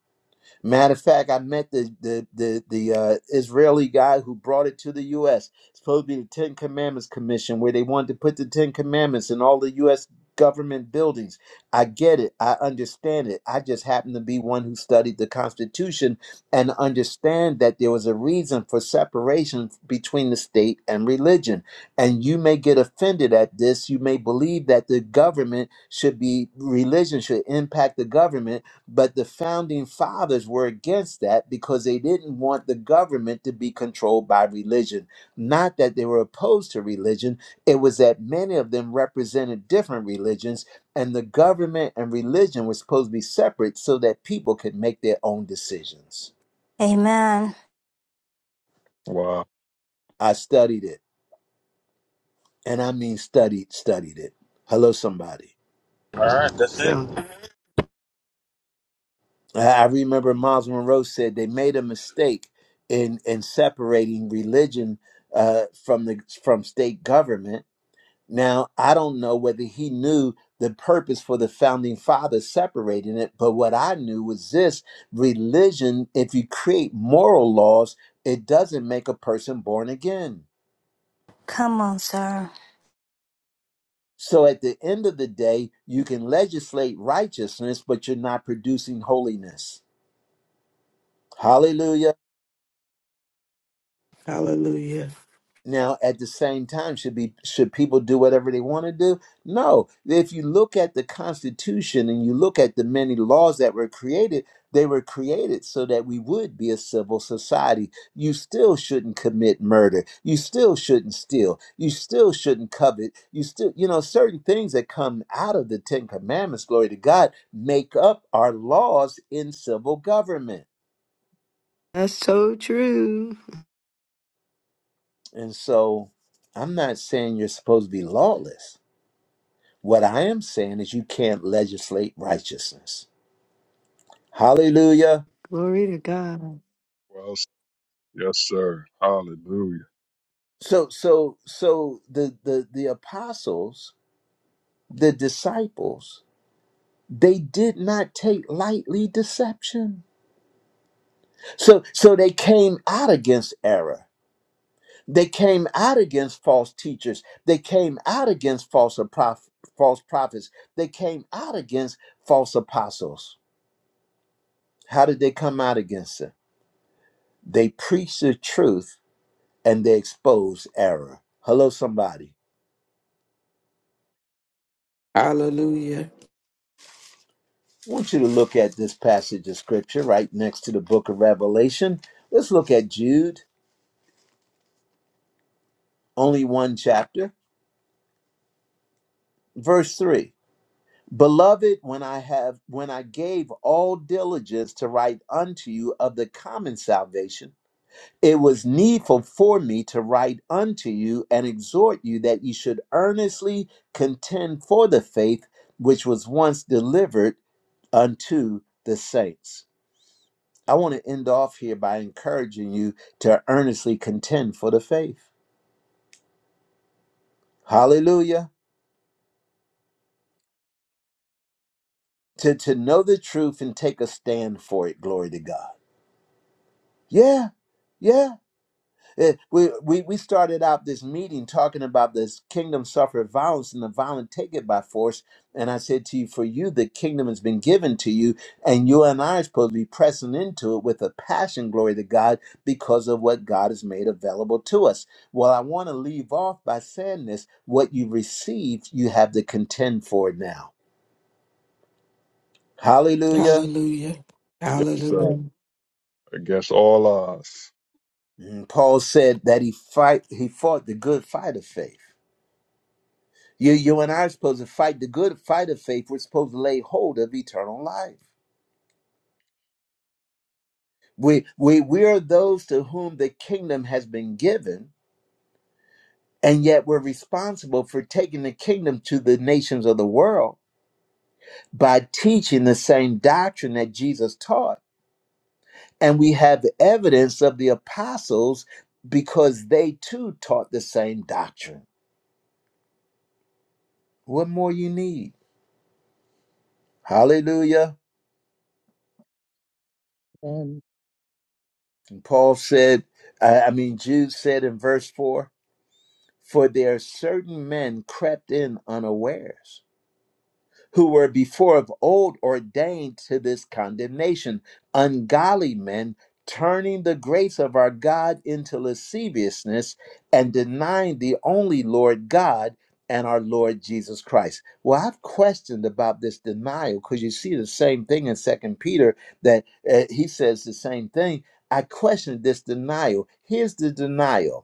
Matter of fact, I met the the the, the uh, Israeli guy who brought it to the U.S. It's supposed to be the Ten Commandments Commission, where they wanted to put the Ten Commandments in all the U.S. government buildings. I get it. I understand it. I just happen to be one who studied the Constitution and understand that there was a reason for separation between the state and religion. And you may get offended at this. You may believe that the government should be religion should impact the government but the founding fathers were against that because they didn't want the government to be controlled by religion. Not that they were opposed to religion, it was that many of them represented different religions, and the government and religion were supposed to be separate so that people could make their own decisions. Amen. Wow. I studied it, and I mean studied, studied it. Hello, somebody. All right, that's it. So I remember Miles Monroe said they made a mistake in in separating religion uh, from the from state government. Now I don't know whether he knew the purpose for the founding fathers separating it, but what I knew was this: religion. If you create moral laws, it doesn't make a person born again. Come on, sir. So at the end of the day, you can legislate righteousness, but you're not producing holiness. Hallelujah. Hallelujah. Now, at the same time, should be should people do whatever they want to do? No. If you look at the Constitution and you look at the many laws that were created, they were created so that we would be a civil society. You still shouldn't commit murder. You still shouldn't steal. You still shouldn't covet. You still, you know, certain things that come out of the Ten Commandments, glory to God, make up our laws in civil government. that's so true. And so, I'm not saying you're supposed to be lawless. What I am saying is you can't legislate righteousness. Hallelujah. Glory to God. Well, s- yes, sir. Hallelujah. So so so the the the apostles, the disciples, they did not take lightly deception. So so they came out against error. They came out against false teachers. They came out against false apoph- false prophets. They came out against false apostles. How did they come out against them? They preached the truth and they expose error. Hello, somebody. Hallelujah. I want you to look at this passage of scripture right next to the book of Revelation. Let's look at Jude, only one chapter, verse 3. Beloved, when I have when I gave all diligence to write unto you of the common salvation, it was needful for me to write unto you and exhort you that ye should earnestly contend for the faith which was once delivered unto the saints. I want to end off here by encouraging you to earnestly contend for the faith. Hallelujah. To, to know the truth and take a stand for it. Glory to God. Yeah. Yeah. Eh, we, we we started out this meeting talking about this kingdom suffered violence and the violent take it by force. And I said to you, for you, the kingdom has been given to you, and you and I are supposed to be pressing into it with a passion, glory to God, because of what God has made available to us. Well, I want to leave off by saying this what you received, you have to contend for it now. Yes. Hallelujah. Hallelujah. Yes, sir. Hallelujah. Amen. Against all odds. And Paul said that he fight he fought the good fight of faith. You, you and I are supposed to fight the good fight of faith. We're supposed to lay hold of eternal life. We, we, we are those to whom the kingdom has been given, and yet we're responsible for taking the kingdom to the nations of the world by teaching the same doctrine that Jesus taught. And we have the evidence of the apostles because they too taught the same doctrine. What more you need? Hallelujah. Amen. And Paul said, I, I mean, Jude said in verse 4 For there certain men crept in unawares, who were before of old ordained to this condemnation, ungodly men, turning the grace of our God into lasciviousness and denying the only Lord God and our Lord Jesus Christ. Well, I've questioned about this denial because you see the same thing in Second Peter that uh, he says the same thing. I questioned this denial. Here's the denial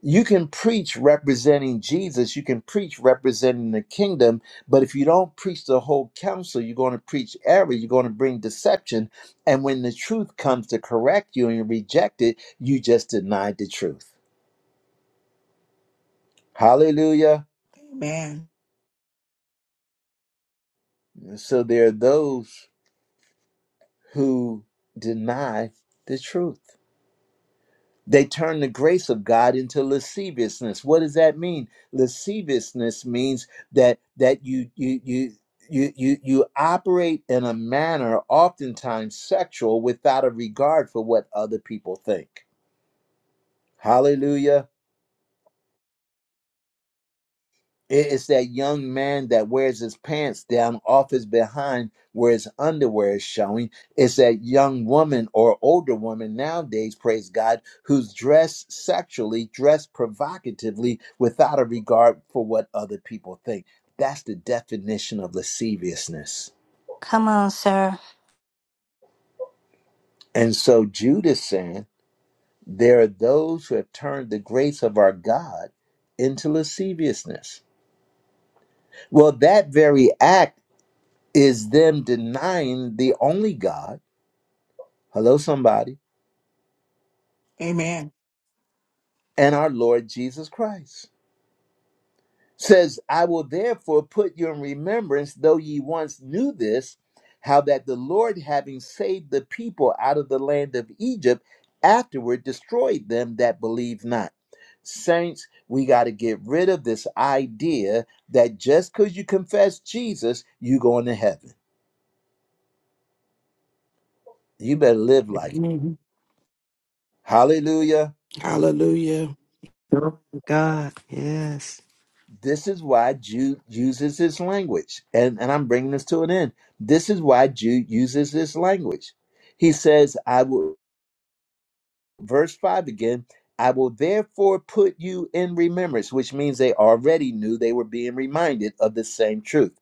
you can preach representing Jesus, you can preach representing the kingdom, but if you don't preach the whole counsel, you're going to preach error, you're going to bring deception. And when the truth comes to correct you and you reject it, you just denied the truth. Hallelujah. Amen. So there are those who deny the truth. They turn the grace of God into lasciviousness. What does that mean? Lasciviousness means that that you you you you you you operate in a manner oftentimes sexual without a regard for what other people think. Hallelujah. It is that young man that wears his pants down off his behind where his underwear is showing. It's that young woman or older woman nowadays, praise God, who's dressed sexually, dressed provocatively without a regard for what other people think. That's the definition of lasciviousness. Come on, sir. And so Jude is saying there are those who have turned the grace of our God into lasciviousness. Well, that very act is them denying the only God, hello, somebody, Amen. and our Lord Jesus Christ. Says, I will therefore put you in remembrance, though ye once knew this, how that the Lord, having saved the people out of the land of Egypt, afterward destroyed them that believed not. Saints, we got to get rid of this idea that just because you confess Jesus, you going to heaven. You better live like it. Mhm. Hallelujah. Hallelujah. Glory to God. Yes. This is why Jude uses this language. And, and I'm bringing this to an end. This is why Jude uses this language. He says, I will, verse 5 again, I will therefore put you in remembrance, which means they already knew they were being reminded of the same truth.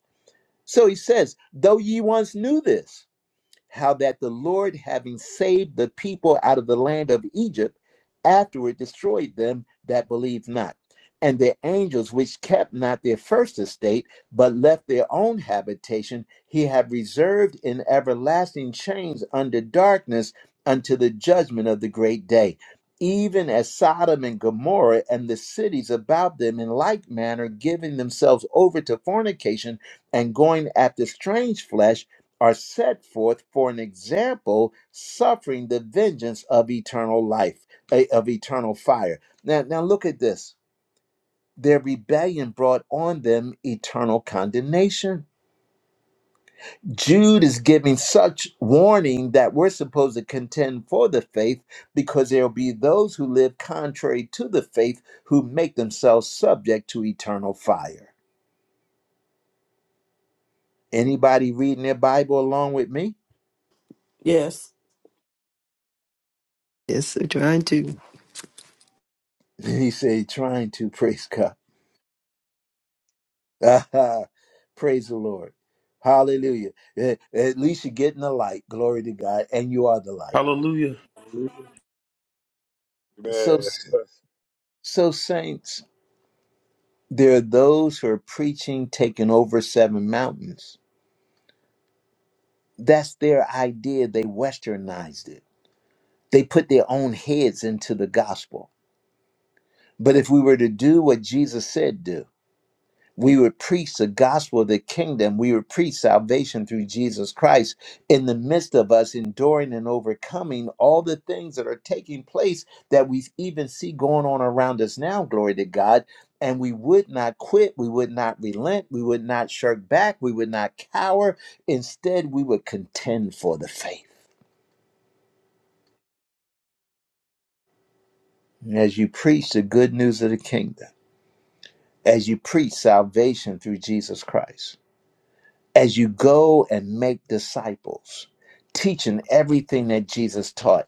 So he says, though ye once knew this how that the Lord, having saved the people out of the land of Egypt, afterward destroyed them that believed not. And the angels which kept not their first estate, but left their own habitation, he had reserved in everlasting chains under darkness unto the judgment of the great day. Even as Sodom and Gomorrah and the cities about them, in like manner, giving themselves over to fornication and going after strange flesh are set forth for an example suffering the vengeance of eternal life eh, of eternal fire now now look at this their rebellion brought on them eternal condemnation jude is giving such warning that we're supposed to contend for the faith because there will be those who live contrary to the faith who make themselves subject to eternal fire anybody reading their bible along with me Yes. Yes, they're trying to. he said trying to praise god Ah, Praise the Lord. Hallelujah. Eh, At least you're getting the light. Glory to God. And you are the light. Hallelujah. So, Man, so saints, there are those who are preaching taking over seven mountains. That's their idea. They westernized it. They put their own heads into the gospel. But if we were to do what Jesus said, do. We would preach the gospel of the kingdom. We would preach salvation through Jesus Christ in the midst of us enduring and overcoming all the things that are taking place that we even see going on around us now, glory to God. And we would not quit. We would not relent. We would not shirk back. We would not cower. Instead, we would contend for the faith. And as you preach the good news of the kingdom, as you preach salvation through Jesus Christ. as you go and make disciples, teaching everything that Jesus taught,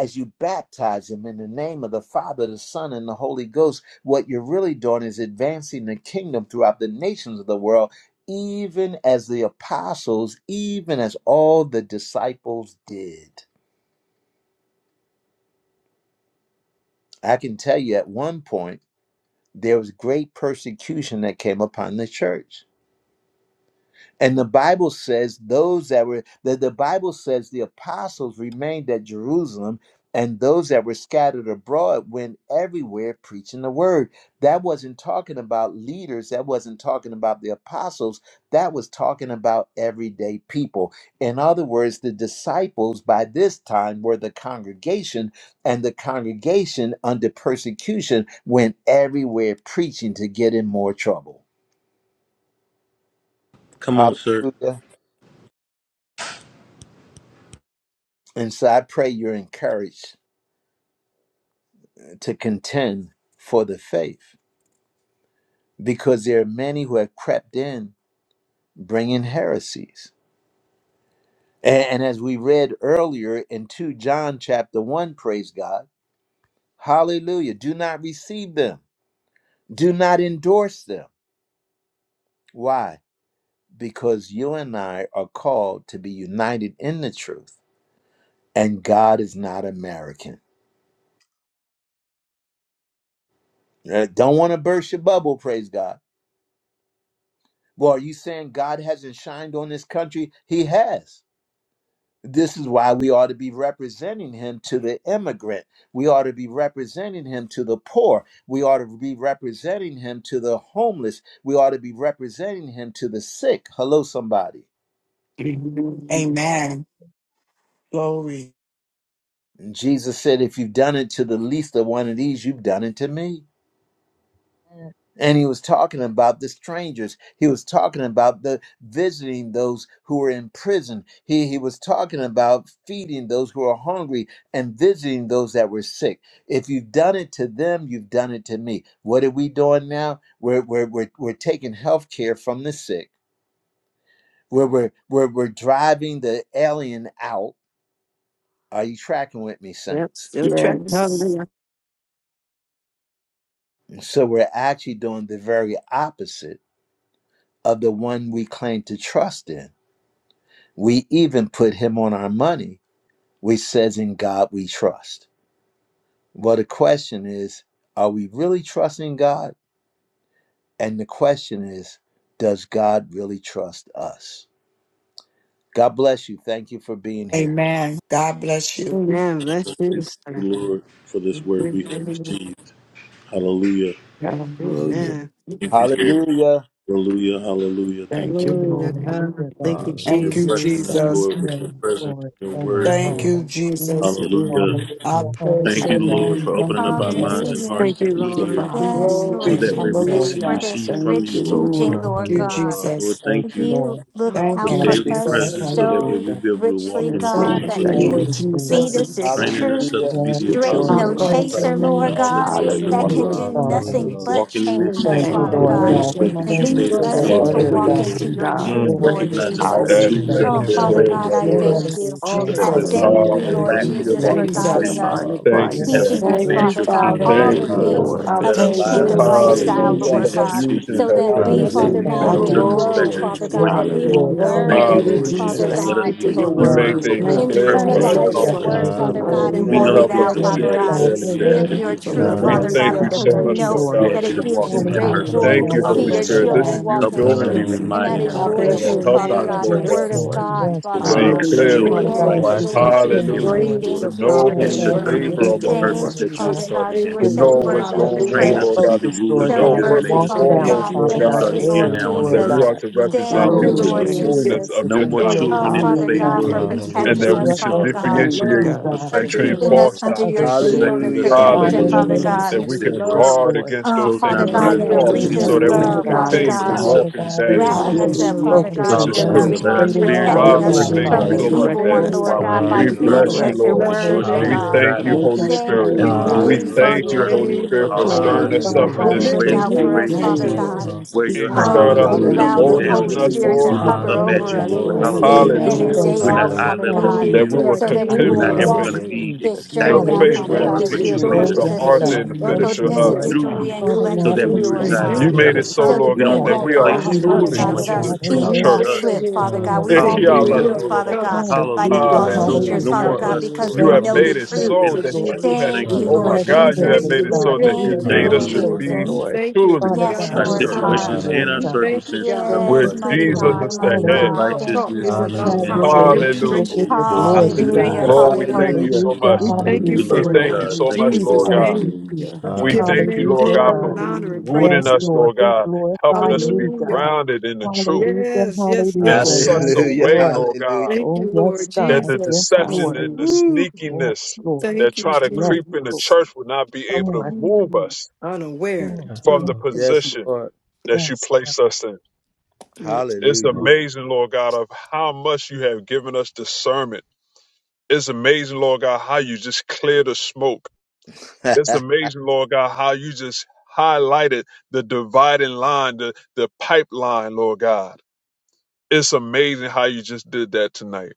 as you baptize them in the name of the Father, the Son, and the Holy Ghost, what you're really doing is advancing the kingdom throughout the nations of the world, even as the apostles, even as all the disciples did. I can tell you at one point, there was great persecution that came upon the church And the Bible says those that were that the Bible says the apostles remained at Jerusalem, and those that were scattered abroad went everywhere preaching the word. That wasn't talking about leaders, that wasn't talking about the apostles, that was talking about everyday people. In other words, the disciples by this time were the congregation, and the congregation under persecution went everywhere preaching to get in more trouble. Come on, sir. Hallelujah. And so I pray you're encouraged to contend for the faith because there are many who have crept in bringing heresies. A- And, as we read earlier in 2 John chapter 1, praise God, hallelujah, do not receive them, do not endorse them. Why? Because you and I are called to be united in the truth, and God is not American. Uh, Don't want to burst your bubble, praise God. Well, are you saying God hasn't shined on this country? He has This is why we ought to be representing him to the immigrant. We ought to be representing him to the poor. We ought to be representing him to the homeless. We ought to be representing him to the sick. Hello, somebody. Mhm. Amen. Glory. And Jesus said, If you've done it to the least of one of these, you've done it to me. Yes. And he was talking about the strangers. He was talking about the visiting those who were in prison. He, he was talking about feeding those who are hungry and visiting those that were sick. If you've done it to them, you've done it to me. What are we doing now? We're, we're, we're, we're taking health care from the sick, we're, we're, we're, we're driving the alien out. Are you tracking with me, Yep, saints? still tracking. Yes. Hallelujah. So we're actually doing the very opposite of the one we claim to trust in We even put him on our money, which says, In God we trust. Well, the question is, are we really trusting God? And the question is, does God really trust us? God bless you. Thank you for being here. Amen. God bless you. Amen. Bless you, Thank you, sir. Lord, for this word we have Amen. received. Hallelujah. Hallelujah. Amen. Thank you, Lord. Hallelujah. Hallelujah. Hallelujah. Thank Thank you, you. Glory to Lord. God. Hallelujah, Thank God. you, You're Hallelujah. Thank you, blessing Jesus. us, Thank Jesus. Lord, with your Yes, you. presence, Lord. your Thank you, word, Thank Lord. Hallelujah. Father. you, Thank Jesus. you, Hallelujah. Lord. Mm. I Hallelujah. praise Thank your you, Hallelujah. Lord, name. for Hallelujah. Thank opening up you, our Thank minds you, and Hallelujah. Jesus. Hallelujah. hearts Thank to you, Jesus. be Thank you, Lord. here Thank Father. you, Yes, so Lord Lord. Glory. that Yes, way we can Lord. Jesus, see for Hallelujah. this receive from Thank you, you, rich Thank Lord. Thank you. teaching, Lord. you, Thank Lord you, Hallelujah, Jesus. God. Lord. Lord, Jesus. Thank thank you, you you Lord. look Lord. Thank for out you, for Hallelujah. daily Hallelujah. us Jesus. Thank presence you, so that Lord. way so we Hallelujah. be able to walk richly, in the Yes, Father, God, Thank Lord. fullness you, of that we're the Thank Thank you here. you Lord you, truth, We Hallelujah. for feed Jesus. Jesus. blessing us thank us, you, this God, training Lord. us truth, up Hallelujah. to be Yes, We the with thank your straight, Lord. I apostles, no Hallelujah. word. praise your chaser, disciples, and Lord name, all that God, we are Jesus. going to that Wow. you Thank be can for Hallelujah. you, your do trust Hallelujah, Father. nothing in Lord. us. but walking in We change Thank this you, us, thank thing. you, Thank Lord. Father you, Lord Do God, it God. Praise Lord. Hallelujah. the your way We that and name, you thank As we you lead made for go us Jesus. to into your us be Thank all wow. you into able the for word, to the do it, walk God. news, into Lord. wisdom, Hallelujah. your we God. Mm, have Your truth, the Mm. Thank word Lord name you, of is Jesus. the Recognizing all the Jesus. Jesus. truth, Daddy, tools Hallelujah. that thank God. are Oh, you there Hallelujah, Glory Father to so Lord. available God, much, you. I Hallelujah, for Lord. us thank you. Yes, All so the hallelujah. that I news. way we Jesus, don't thank walk you, Hallelujah. We Hallelujah, in Thank Lord lack, Lord. you, thank but you, we Hallelujah. Jesus, walk for in Thank you Lord. Jesus. for the guiding Jesus. provision us, mind of for Thank you, Hallelujah. as Yes, we Christ. teaching Daddy. We us, Thank Lord. you, advance bless your Father your God, name. Father. Lord. kingdom, all Thank the Lord. Thank you, Hallelujah, you, Lord. God. things Lord, I for Hallelujah. of Let the our We praise teaching your lives and kingdom Thank our name you, us. glorify ways you, lifestyle, today, be Lord. Hallelujah. Hallelujah. Lord pleasing Jesus. God Jesus. unto Hallelujah. Confusion you so has We that are been we, Hallelujah. Thank you, because Father blessing removed we Hallelujah. Thank you, you, God, walk I Father in will Lord God. God, Lord. Jesus' in grow, glory, circumspectly name. Father Jesus' before God, Yes, name. you. that we Hallelujah. Thank will Lord. you. Hallelujah. Thank glory Thank you, learn, you, be to Amen. Lord Hallelujah. Jesus. Father Jesus. Jesus. Let Thank God, us you Thank be for you, keeping your Holy our You made word, mind Yes, Spirit. Hallelujah, things focused Thank on God. Lord. the Lord. you, clear purpose for that you us, internalize Glory, your Jesus. called Hallelujah, Lord us Thank God. praise, word, and for. you, hallelujah. Father God, everything. Lord. You and Hallelujah, We Thank You know Hallelujah. walk Thank it that you, help Lord. worthy us things you, out, of to Lord. will the see Yes, Father be added, God. God. Lord, clearly, but Your praises. we ask word Live you Daddy. Thank that is we your you will be for truth, able truth, You to loving We walk God. in Father us, that And thank worthy God, Hallelujah, purpose. we you of God. the because Lord. so we thank much, you, know Lord praises, God, We Lord. that Lord ask for this you it to gives walk you in Jesus. truth. that Hallelujah, great Thank you, purpose, joy Thank Lord. Hallelujah, Hallelujah. to you, I Lord. see Holy hallelujah, your bless Hallelujah. Spirit. your This God. children is you name. walk in Helping us doing to be Thank it. truth. Jesus. you Thank And you, so that Hallelujah, reminded much, is I'm I Lord. God. moment your You Lord. to bless are thankful truth, your moment Lord, and Father helping about us, our name, I'm God, the Lord Yes, God, word purpose. grateful Jesus. of Lord. to Hallelujah, God, you. Yes, The to I Father see Lord. love, God. Lord. bless the your Hallelujah. clearly. joy, Thank Father and you the for God, the as Yes, name. we righteousness Lord person, that you Washington. have continue, Jesus. given Hallelujah. us, We Abba, Lord, ranges To Lord, thank of you, I know Lord who Father is protection bless to your God, we to Jesus. around our name get labor complete into the today, the among, homes. purpose Lord Thank you, word, that you have God, Father Jesus. God. started in Thank You us, are to you, help us, so know Lord. Lord. Lord what's worthy God, of to the going Thank stay Train on, Hallelujah. us you Lord to be God. praise. the focused, To rulers Lord who know So you God, Thank have you and first worthy, made for and walk us to it Father be, out, showing me, Thank foremost, God. Lord you, Lord Father God, God, God. Thank the starting you, Jesus. here mercy, daily, Lord now on the Lord that Jesus. we Hallelujah. earth. are God. to Thank you, Dear represent Father, Thank you, in you Lord what the you're in Lord, the Hallelujah. name Lord doing of thank and Jesus. just you. fullness Jesus. of Jesus, No your and more be doing in doctrine, Oh, Lord. children this in the obedient, Father faith, God, God, Mm, Lord, for Hallelujah. but Thank We you, mature thank and and Hallelujah, protecting do that sons we you, Lord. us, what Jesus. and Lord, should for Father thus daughters, your saith God, Lord, Thank to you, differentiate do, love God. and God, for and perfecting Mm, between give us, it keeping caring. out us Lord, false to under your others, doctrine. Thank Lord. shield you and perfecting for us in the Hallelujah. your way Thank Father, protection, that you in you, Hallelujah. Father the can choosing Hallelujah. name only God. of see That we Jesus. your fit, can Lord, Jesus, love. guard Lord. against Oh, those closing our Father Father things that God, Yes, are You God, Thank minds we are up your you to for Lord false the pray Yes, wreath loved, of right Jesus. so human that God, we Lord. way but continuing now, can to love, Thank we God. you, are Father guide and continue us, thankful to opening God, Jesus. us that God. up walk Father to the in God, that as we're spirit, I Yes, we wrapping man. us loved. Lord. bless stay up, your Hallelujah. Father name, focused God, Thank which you, in and is your down God, true. Jesus. Yes, the for Hallelujah. loving Let who our Lord. straight arms, you and are, spirits I narrow be we a protecting are. Father, us we bless path, your blessing Hallelujah. thank For to from you our name, the Father. And so we Hallelujah. much, Father. human evil thank redirecting one, Lord Daddy. you, us Lord while God, when we're God. we we God, here in by We need pray, the Hallelujah. Father, earth, bless feeding We redirect. you, right us your Lord. now, with bless your your Lord word, oh God. We spirit name, God. Lord Hallelujah, thank for you, guiding Lord. Father God. making Holy us God, we it Thank you, Spirit. We as pray, we plain, Lord Lord do We God, God, everything Hallelujah, glorify Jesus. thank for your you. you, Lord. eternal, Holy Lord. name, for Spirit, Lord for God. stirring Hallelujah. Thank clarity, you us for Father up Hallelujah, in how We're Lord. God, you We in this Lord. the look raise, truth. name lifting out of we for you Thank up, us, you, raise you Jesus, Father Thank Lord. to Yes, you, Lord, God. hallelujah. Lord. where we Jesus. your And you How height thank you, stirred is, you up Lord Lord. We this God. Hallelujah. Hallelujah, don't allow look Thank Thank the Hallelujah. Lord. Hallelujah. you, Continue boldness you, down, to in Holy us, keep us Spirit Lord. Hallelujah. Jesus. to we Lord. In look Jesus' covered hover up in the name. at over you, Hallelujah, blood, us Lord. Lord. Glory, Lord. Yes, Thank day you, Hallelujah. glory, Lord We in God. and Hallelujah. thank day glory. We're Jesus. you, out, not Lord. eye Father Hallelujah, level to God, Lord. Glory That we you. to will Hallelujah. our so Thank that we you, We We're King. contend will for not the ever thank Hallelujah. faith. going Jesus. you, walk to Hallelujah. Hallelujah. be Jesus. this the Thank journey exactly you. out, faith what We're Mm, Father you where Glory are, Hallelujah. God, walking as to your you but you have Hallelujah. Jesus made name, is Oh, us the victorious. to purposed yes, God. us be who Praise author to, God. your and the you name, Thank are both finisher you, of. Thank Lord. Hallelujah. Jesus. you, through individually you and Hallelujah. Father. Father Glory, so God, Thank that collectively, you, we glory. Lord We continue, Thank reside Jesus. you, thank You Lord God, you for God, made together. the it Lord. to so, Hallelujah. keep so us that Lord sign We we don't that God, want that to is won't we saturated. are replace fall, you, Thank following you, Father Lord. Hallelujah. us, We truly God, Father that want you to our God. the God, Jesus. Hallelujah. in the true feet replace We name won't of shall church. us. slip, lay Jesus, hands Father on King God. the of We sick. Thank won't God, Hallelujah, you, be They Lord. Hallelujah. Father. shall moved, Lord. Father recover. God, by the Hallelujah. We Hallelujah, false you Hallelujah. teachers, hallelujah. No cast Hallelujah, Father out more Lord. God, us, Lord. because Lord. we You Thank have know you, the made Hallelujah. it But truth. you devils Jesus, in so in us, that Lord. Lord. you Jesus' have, Thank Thank We name. you, you, oh Lord count my Lord it a Hallelujah. We God, Jesus. you have thank privilege, you. made Jesus. it We're Hallelujah. God, so that that real we you are Thank you, grateful your made Thank to you, us Lord to you. Hallelujah, Lord. children, be Lord. We Jesus. Lord. thank you, truly Lord Father the Yes, God, God, true for Our the we Lord church, thank God. Hallelujah. you, situations sign. and Lord our We Hallelujah, God. thank Lord. you, circumstances God, Thank governed that where the by you, Yes, you, mighty kingdom Lord. Jesus of Glory Jesus. Hallelujah. God, is God is the mighty not head. God. about Hallelujah. Thank talk. you, righteousness, It's Just Lord to peace, about have and your Hallelujah. Jesus. God. power, way joy that in you the will Hallelujah. get demonstration. Holy the Ghost as And Thank we glory, Hallelujah, you, sons thank and God. Hallelujah, you Hallelujah. Lord. Lord, daughters, Lord. for we it, thank hallelujah. you Lord. Lord. Hallelujah. so Hallelujah. Hallelujah. We much. thank you Hallelujah, We Thank We you, Hallelujah, love for it, you, thank Lord. Lord. you Lord. God. God. In so Thank much, you, We Jesus' Lord Lord. thank God. you, name, Hallelujah. Jesus. you We give your thank you, name Hallelujah. Lord Hallelujah, God, glory God. and for honor and Hallelujah. rooting Yes, praise, us, Lord Lord. Hallelujah. Lord We God. God, helping glorify us to be you, Hallelujah. Hallelujah. God. grounded in the truth Hallelujah, Hallelujah. Yes, yes, Hallelujah. in yes, such Yes, yes. a Hallelujah. Hallelujah. Lord. way, Lord. Lord God, Hallelujah. Thank Oh, you, yes, Lord that God. the Yes, Jesus. deception Lord. and the Hallelujah. Woo. Yes, sneakiness Lord. that Thank you, try to Yes, creep in the Lord. Jesus. church will not be Come able to on. move Mm. us Come Unaware. on. Yes, Come from Mm, the Lord. on. mm, Yes, position Lord. that you Yes, God. place us in. mm, Yes, It's Hallelujah. Lord. mm. amazing, Lord God, of how much you have given us discernment. It's amazing, Lord God, how you just clear the smoke It's amazing, Lord God, how you just highlighted the dividing line, the, the pipeline, Lord God. It's amazing how you just did that tonight.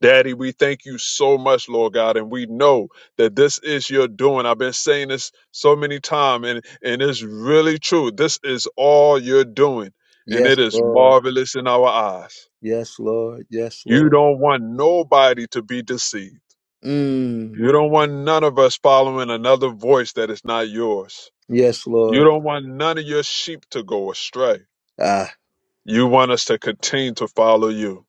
Daddy, we thank you so much, Lord God, and we know that this is your doing. I've been saying this so many times, and, and it's really true. This is all you're doing, and it yes, is Lord. marvelous in our eyes. Yes, Lord. Yes, You Lord. don't want nobody to be deceived. Mm. You don't want none of us following another voice that is not yours. Yes, You Lord. don't want none of your sheep to go astray. Ah, You want us to continue to follow you.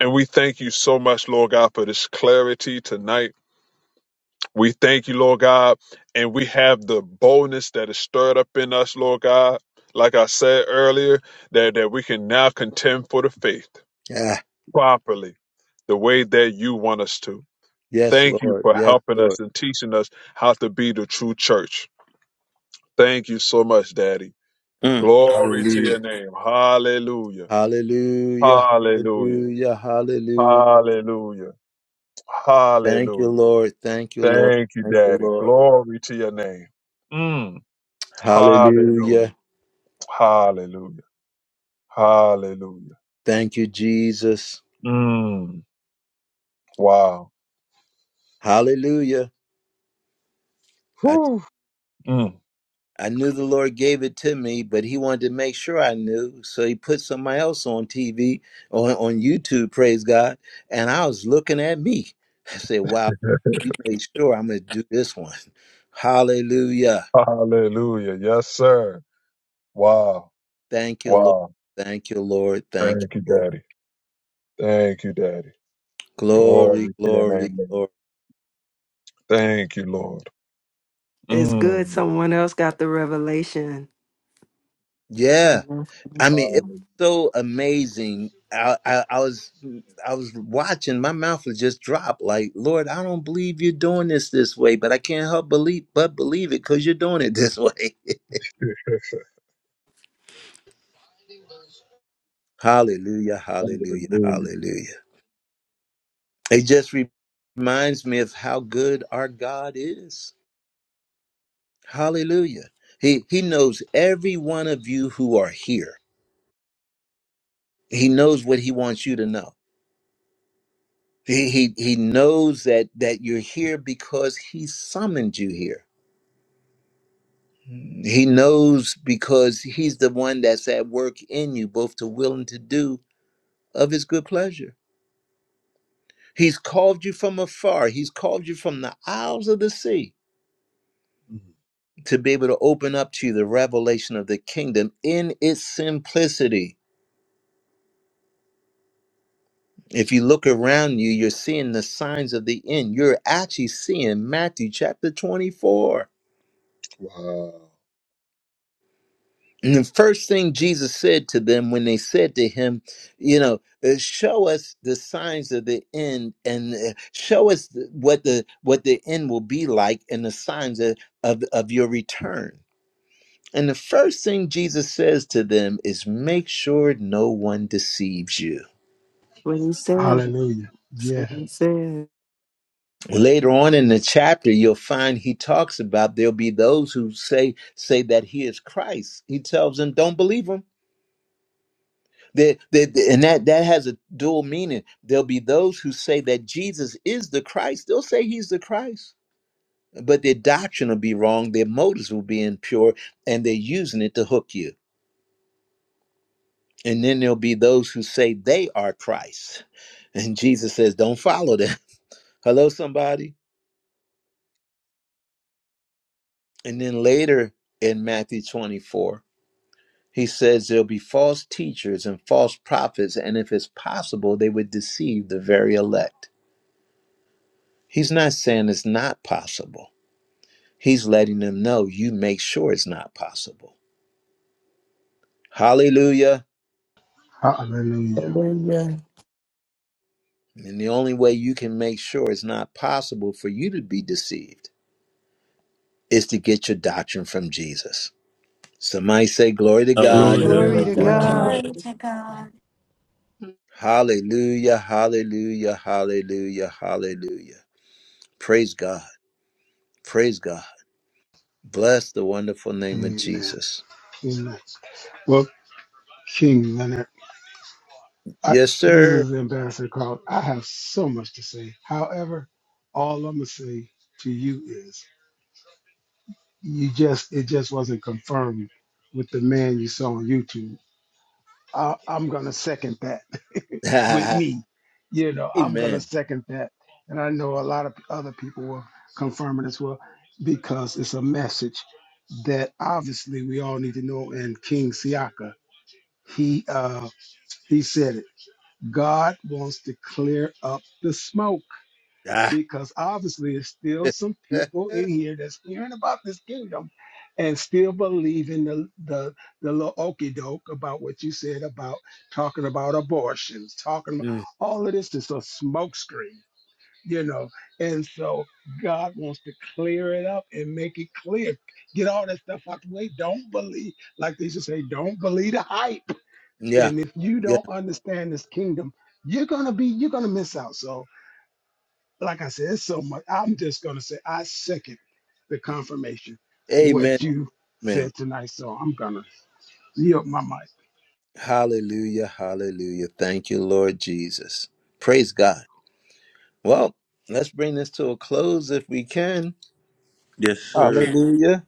And we thank you so much, Lord God, for this clarity tonight. We thank you, Lord God, and we have the boldness that is stirred up in us, Lord God. Like I said earlier, that, that we can now contend for the faith ah. properly, the way that you want us to. Yes, Thank you Lord. for Yes, helping Lord. us and teaching us how to be the true church. Thank you so much, Daddy. Mm. Glory to Hallelujah. your name. Hallelujah. Hallelujah. Hallelujah. Hallelujah. Hallelujah. Hallelujah. Thank you, Hallelujah. Lord. Thank you, Lord. Thank you, Thank you, Daddy. Lord. Glory to your name. Mm. Hallelujah. Hallelujah. Hallelujah. Hallelujah. Thank you, Jesus. Mm. Wow. Hallelujah. I. Whew. Mm. I knew the Lord gave it to me, but He wanted to make sure I knew. So He put somebody else on TV, on, on YouTube, praise God. And I was looking at me. I said, Wow, you made sure I'm going to do this one. Hallelujah. Hallelujah. Yes, sir. Wow. Thank you, Lord. Wow. Thank you, Lord. Thank you, Thank you, Lord. Daddy. Thank you, Daddy. Glory, Glory to your name, glory, Lord. glory. Thank you, Lord. It's good Mm. someone else got the revelation. Yeah. You know, I mean, it was That's Hallelujah. so amazing. I, I, I was I was watching. My mouth was just dropped. Like, Lord, I don't believe you're doing this this way, but I can't help believe but believe it because you're doing it this way. hallelujah! Hallelujah! Hallelujah. Hallelujah! It just re- reminds me of how good our God is. Hallelujah! He He knows every one of you who are here. He knows what He wants you to know. He He, he knows that that you're here because He summoned you here He knows because he's the one that's at work in you, both to will and to do of his good pleasure. He's called you from afar, he's called you from the isles of the sea Mm. to be able to open up to you the revelation of the kingdom in its simplicity. If you look around you, you're seeing the signs of the end. You're actually seeing Matthew chapter 24. Wow. And the first thing Jesus said to them when they said to him, you know, uh, show us the signs of the end and uh, show us th- what the what the end will be like and the signs of, of of your return. And the first thing Jesus says to them is make sure no one deceives you. what he said. Hallelujah. That's what Yes. he said. Later on in the chapter you'll find he talks about there'll be those who say say that he is Christ. He tells them don't believe him There, there, there- and that that has a dual meaning. There'll be those who say that Jesus is the Christ. They'll say he's the Christ, but their doctrine will be wrong. Their motives will be impure, and they're using it to hook you. And then there'll be those who say they are Christ, and Jesus says, "Don't follow them." Hello, somebody. And then later in Matthew 24, he says there'll be false teachers and false prophets, and if it's possible, they would deceive the very elect. He's not saying it's not possible. He's letting them know you make sure it's not possible. Hallelujah. Hallelujah. Hallelujah. And the only way you can make sure it's not possible for you to be deceived is to get your doctrine from Jesus. Somebody say, Glory to God. Glory to Glory Hallelujah. Glory to God. to Glory Thank to God. God. Yes, God. God. Glory to God. Hallelujah, hallelujah, hallelujah, hallelujah. Praise God, praise God. Bless the wonderful name of Amen. Jesus. Amen. Well, King Leonard, I, Yes, this sir. is Ambassador Carl. I have so much to say. However, all I'm gonna say to you is, you just it just wasn't confirmed with the man you saw on YouTube. I, I'm gonna second that with Amen. me. You know, I'm gonna second that, and I know a lot of other people will confirm it as well because it's a message that obviously we all need to know. And King Siaka, he uh, he said it. God wants to clear up the smoke Ah. because obviously there's still some people in here that's hearing about this kingdom and still believe in the the, the little okey doke about what you said about talking about abortions, talking about Mm, all of this is a smokescreen, you know. And so God wants to clear it up and make it clear. Get all that stuff out the way. Don't believe, like they used to say, don't believe the hype. yeah, And if you yeah. don't understand this kingdom, you're gonna be you're gonna miss out. So like I said, it's so much. I'm just gonna say I second the confirmation Amen. what you Amen. said tonight. So I'm gonna yield my mic. Hallelujah, hallelujah. Thank you, Lord Jesus. Praise God. Well, let's bring this to a close if we can. Yes, sir. Hallelujah.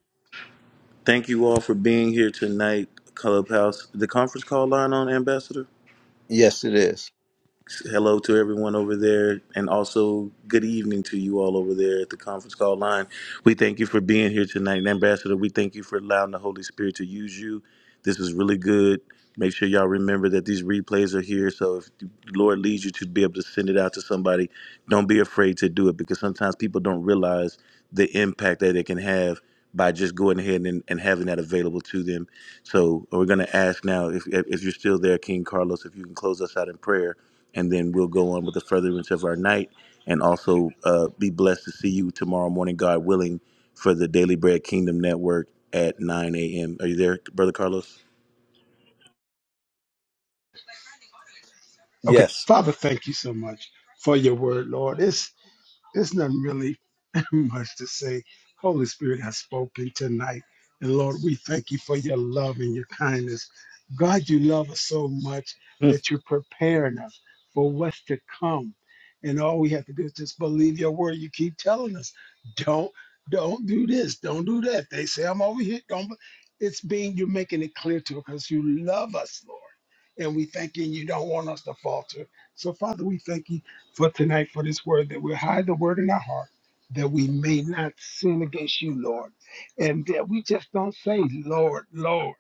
Thank you all for being here tonight, Clubhouse. The conference call line on Ambassador? Yes, it is. hello to everyone over there and also good evening to you all over there at the conference call line we thank you for being here tonight and ambassador we thank you for allowing the holy spirit to use you this was really good make sure y'all remember that these replays are here so if the lord leads you to be able to send it out to somebody don't be afraid to do it because sometimes people don't realize the impact that it can have by just going ahead and, and having that available to them so we're going to ask now if, if you're still there, King Carlos, if you can close us out in prayer, and then we'll go on with the furtherance of our night, and also uh, be blessed to see you tomorrow morning, God willing, for the Daily Bread Kingdom Network at 9 a.m. Are you there, Brother Carlos? Okay, Yes. Father, thank you so much for your word, Lord. It's There's nothing really much to say. Holy Spirit has spoken tonight. And Lord, we thank you for your love and your kindness. God, you love us so much Hmm. that you're preparing us for what's to come. And all we have to do is just believe your word. You keep telling us, don't, don't do this, don't do that. They say I'm over here. Don't. be-" It's being you're making it clear to us because you love us, Lord. And we thank you. and You don't want us to falter. So Father, we thank you for tonight for this word that we hide the word in our heart that we may not sin against you, Lord, and that we just don't say, Lord, Lord,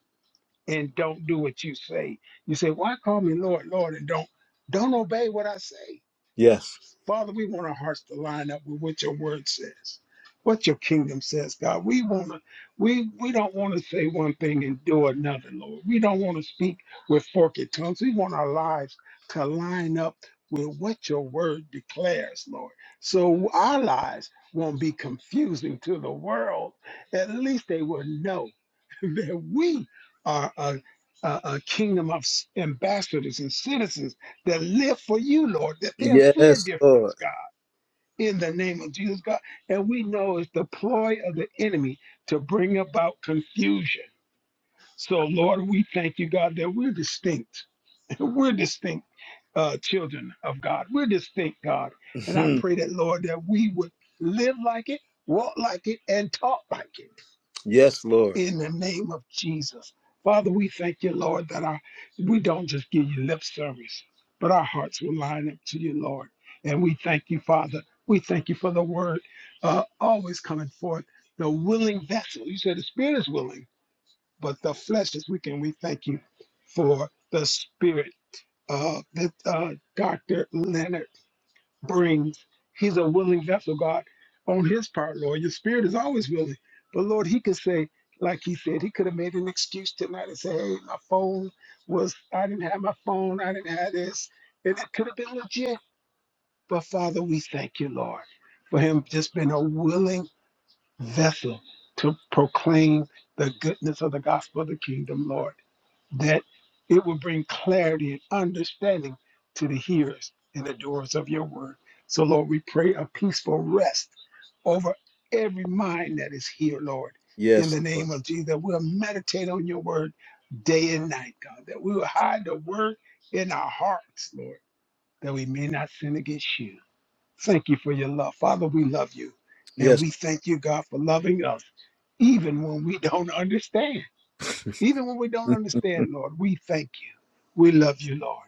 and don't do what you say. You say, why call me Lord, Lord, and don't don't obey what I say. Yes. Father, we want our hearts to line up with what your word says, what your kingdom says, God. We want to, we we don't want to say one thing and do another, Lord. We don't want to speak with forked tongues. We want our lives to line up with what your word declares, Lord. So our lives won't be confusing to the world. At least they will know that we are a, a, a kingdom of s- ambassadors and citizens that live for you, Lord, that they'll see a Yes, Lord. difference, God, in the name of Jesus, God. And we know it's the ploy of the enemy to bring about confusion. So, Lord, we thank you, God, that we're distinct. We're distinct uh, children of God. We're distinct, God. And I Hmm. pray that, Lord, that we would live like it, walk like it, and talk like it yes, Lord. in the name of Jesus. Father, we thank you, Lord, that our we don't just give you lip service, but our hearts will line up to you, Lord. And we thank you, Father. We thank you for the word uh, always coming forth, the willing vessel. You said the spirit is willing, but the flesh is weak. And we thank you for the spirit of the uh, Dr. Leonard brings, he's a willing vessel, God, on his part, Lord. Your spirit is always willing. But Lord, he could say, like he said, he could have made an excuse tonight and say, hey, my phone was, I didn't have my phone, I didn't have this. And it could have been legit. But Father, we thank you, Lord, for him just being a willing vessel to proclaim the goodness of the gospel of the kingdom, Lord that it will bring clarity and understanding to the hearers and the doers of your word. So, Lord, we pray a peaceful rest over every mind that is here, Lord, in Yes, the Lord. name of Jesus. That we'll meditate on your word day and night, God. That we will hide the word in our hearts, Lord, that we may not sin against you. Thank you for your love. Father, we love you. And Yes. we thank you, God, for loving us, even when we don't understand. Even when we don't Hmm. understand, Lord, we thank you. We love you, Lord.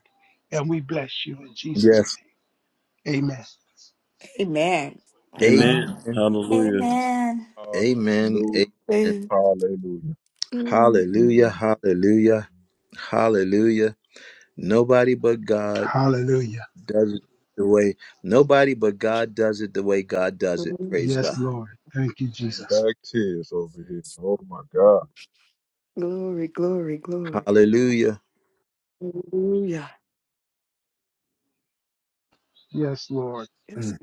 And we bless you in Jesus' Yes. name. Amen. Amen. Amen. Amen. Amen. Hallelujah. Amen. Amen. Hallelujah. Amen. Mm, Hallelujah. mm, Hallelujah, Amen. hallelujah, hallelujah. Nobody but God. Hallelujah. does it the way nobody but God does it the way God does it. mm. Praise God. Yes, Lord. Thank you, I'm Jesus. back tears over here. Oh my God. Glory, glory, glory. Hallelujah. Hallelujah. Yes, Lord. Yes.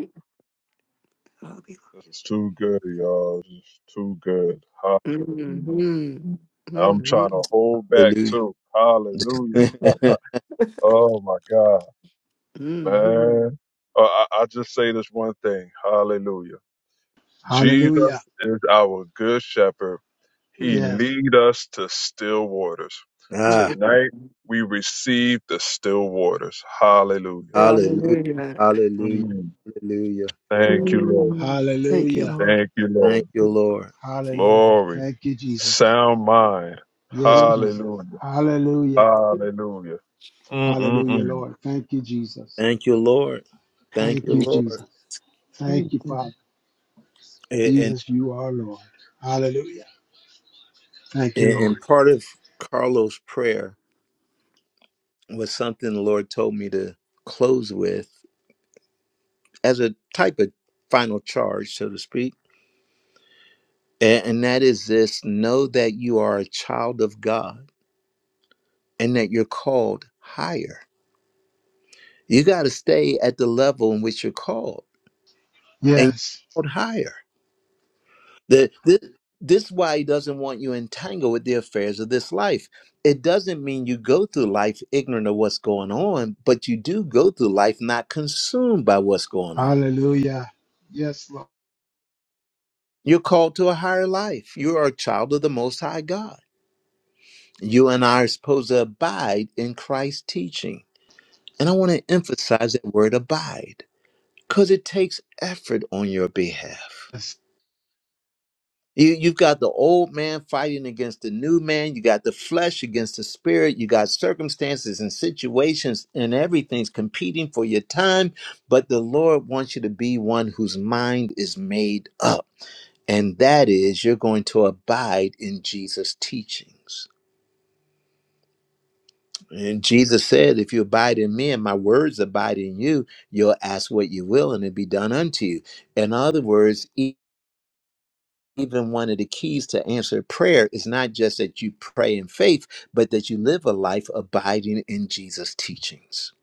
Hallelujah. This is too good, y'all. This is too good. Hallelujah. Mm-hmm. I'm trying Mm-hmm. to hold back Hallelujah. too. Hallelujah. Oh my God, Mm-hmm. man. Uh, I, I just say this one thing. Hallelujah. Hallelujah. Jesus is our good shepherd. He Yes. lead us to still waters. Mm-hmm. ah, Tonight we receive the still waters. Hallelujah. hallelujah. Hallelujah. Hallelujah. Mm. Hallelujah. Thank you, Lord. Mm. Thank you, Hallelujah. Lord. Thank you, Thank Lord. you, Lord. Hallelujah. Glory. Thank you, Jesus. Sound mind. Yes, Mm. Jesus. Hallelujah. Hallelujah. Hallelujah. Hallelujah, Mm-mm-mm. Lord. Thank you, Jesus. Thank you, Lord. Thank Thank Thank you, you, Lord. Jesus. Thank you, you. Father. And Jesus, you are Lord. Hallelujah. Thank you, and, Lord. and part of Carlos' prayer was something the Lord told me to close with as a type of final charge, so to speak. And, and that is this know that you are a child of God and that you're called higher. You got to stay at the level in which you're called and you're Yes. called higher. The, this, this is why he doesn't want you entangled with the affairs of this life. It doesn't mean you go through life ignorant of what's going on, but you do go through life not consumed by what's going on. Hallelujah. Yes, Lord. You're called to a higher life. You are a child of the Most High God. You and I are supposed to abide in Christ's teaching. And I want to emphasize that word abide because it takes effort on your behalf. Yes. You, you've got the old man fighting against the new man. You got the flesh against the spirit. You got circumstances and situations and everything's competing for your time. But the Lord wants you to be one whose mind is made up. And that is, you're going to abide in Jesus' teachings. And Jesus said, If you abide in me and my words abide in you, you'll ask what you will and it'll be done unto you. In other words, even one of the keys to answered prayer is not just that you pray in faith, but that you live a life abiding in Jesus' teachings.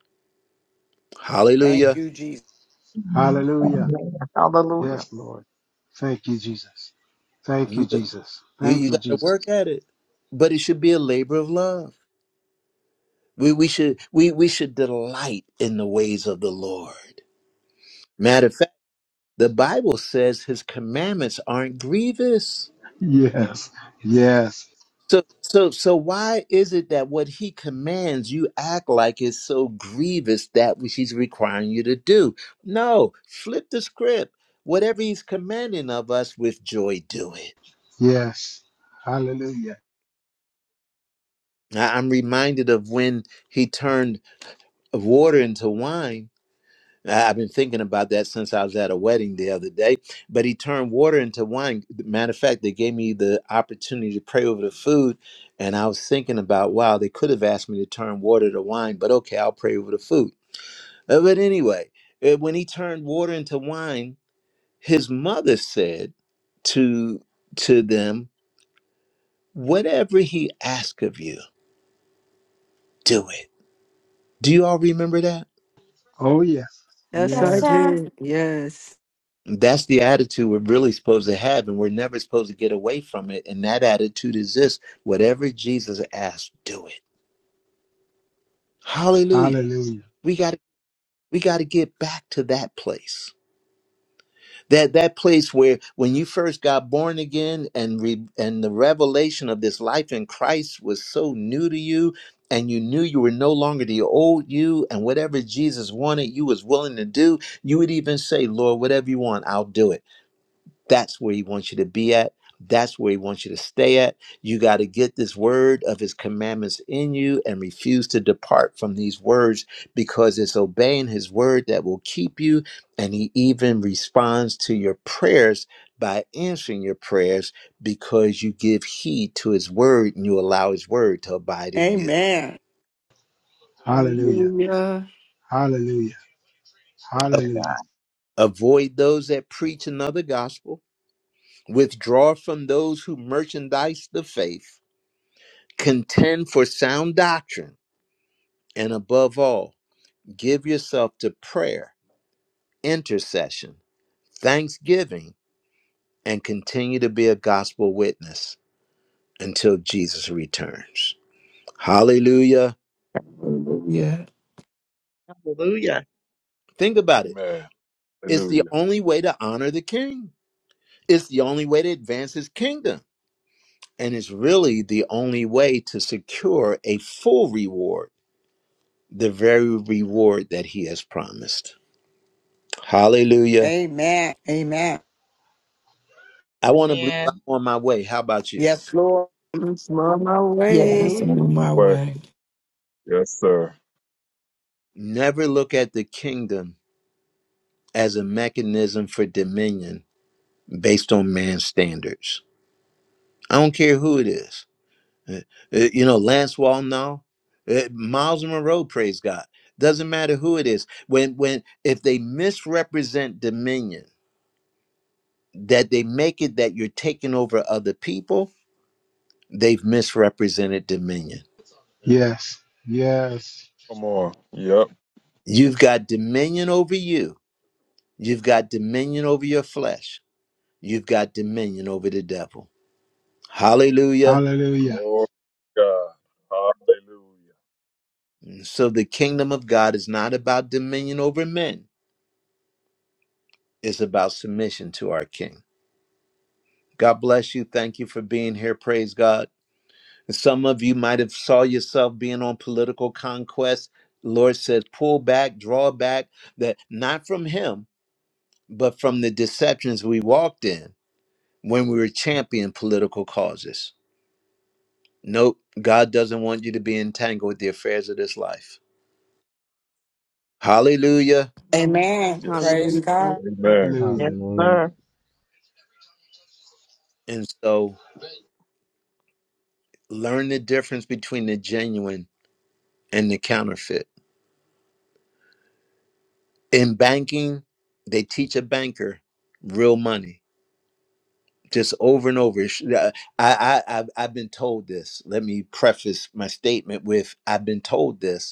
Thank Hallelujah. you, Jesus. Amen. Hallelujah. Amen. Hallelujah. Yes, Lord. Thank you, Jesus. Thank You, you, Jesus. Thank you you, got to Jesus. work at it, but it should be a labor of love. We, we should we, we should delight in the ways of the Lord. Matter of fact, the Bible says his commandments aren't grievous. Yes. Yes. So so so why is it that what he commands you act like is so grievous that which he's requiring you to do? No, flip the script. Whatever he's commanding of us with joy do it. Yes. Hallelujah. I- I'm reminded of when he turned water into wine I- I've been thinking about that since I was at a wedding the other day. But he turned water into wine. Matter of fact, they gave me the opportunity to pray over the food. And I was thinking about, wow, they could have asked me to turn water to wine, but okay, I'll pray over the food. Uh, But anyway, uh, when he turned water into wine, his mother said to to them, Whatever he asks of you, do it. Do you all remember that? Oh, yes. Yes, Yes, I Yes. sir. did. Yes. That's the attitude we're really supposed to have, and we're never supposed to get away from it. And that attitude is this: whatever Jesus asks, do it. Hallelujah. Hallelujah. We got to we got to get back to that place. That that place where when you first got born again, and re, and the revelation of this life in Christ was so new to you, and you knew you were no longer the old you, and whatever Jesus wanted, you was willing to do. You would even say, "Lord, whatever you want, I'll do it." That's where he wants you to be at. That's where he wants you to stay at. You got to get this word of his commandments in you and refuse to depart from these words because it's obeying his word that will keep you. And he even responds to your prayers by answering your prayers because you give heed to his word and you allow his word to abide in you. Amen. Hallelujah. Hallelujah. Hallelujah. Glory A- to Hallelujah. God. Avoid those that preach another gospel, withdraw from those who merchandise the faith Contend for sound doctrine, and above all, give yourself to prayer, intercession, thanksgiving, and continue to be a gospel witness until Jesus returns. Hallelujah. Hallelujah. Hallelujah. Think about it. Amen. It's the Hallelujah. only way to honor the king, it's the only way to advance his kingdom, and it's really the only way to secure a full reward, the very reward that he has promised. Hallelujah. Amen. Amen. I want to believe I'm Amen. on my way. How about you? Yes, Lord. I'm on my way. Yes, Hallelujah. I'm on I'm on my the way. way. Yes, sir. Never look at the kingdom as a mechanism for dominion based on man's standards. I don't care who it is. Uh, you know, Lance Walnall, uh, Miles Monroe, praise God. Doesn't matter who it is. When when if they misrepresent dominion, that they make it that you're taking over other people, they've misrepresented dominion. Yes. Yes. Come on. Yep. You've got dominion over you. You've got dominion over your flesh. You've got dominion over the devil. Hallelujah. Hallelujah. Glory to God. Hallelujah. So the kingdom of God is not about dominion over men, it's about submission to our king. God bless you. Thank you for being here. Praise God. Some of you might have saw yourself being on political conquest. Lord says, pull back, draw back, that not from him, but from the deceptions we walked in when we were championing political causes. Nope, God doesn't want you to be entangled with the affairs of this life. Hallelujah. Amen. Yes, sir. Praise Hallelujah. God. Amen. Yes, Hallelujah. Hallelujah. sir. And so learn the difference between the genuine and the counterfeit. In banking, they teach a banker real money just over and over. It's- I, I, I've, I've been told this. Let me preface my statement with I've been told this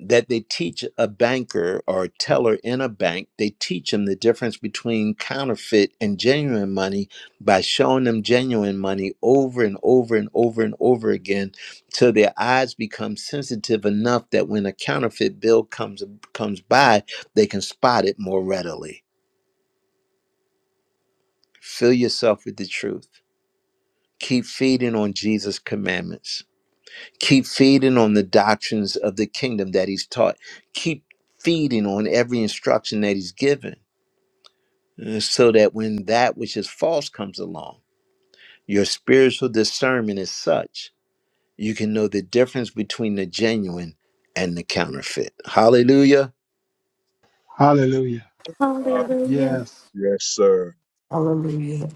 that they teach a banker or a teller in a bank, they teach them the difference between counterfeit and genuine money by showing them genuine money over and over and over and over again till their eyes become sensitive enough that when a counterfeit bill comes comes by, they can spot it more readily. Fill yourself with the truth. Keep feeding on Jesus' commandments Keep feeding on the doctrines of the kingdom that he's taught. Keep feeding on every instruction that he's given uh, so that when that which is false comes along, your spiritual discernment is such you can know the difference between the genuine and the counterfeit. Hallelujah. Hallelujah. Uh, Hallelujah. Yes. yes, sir. Hallelujah.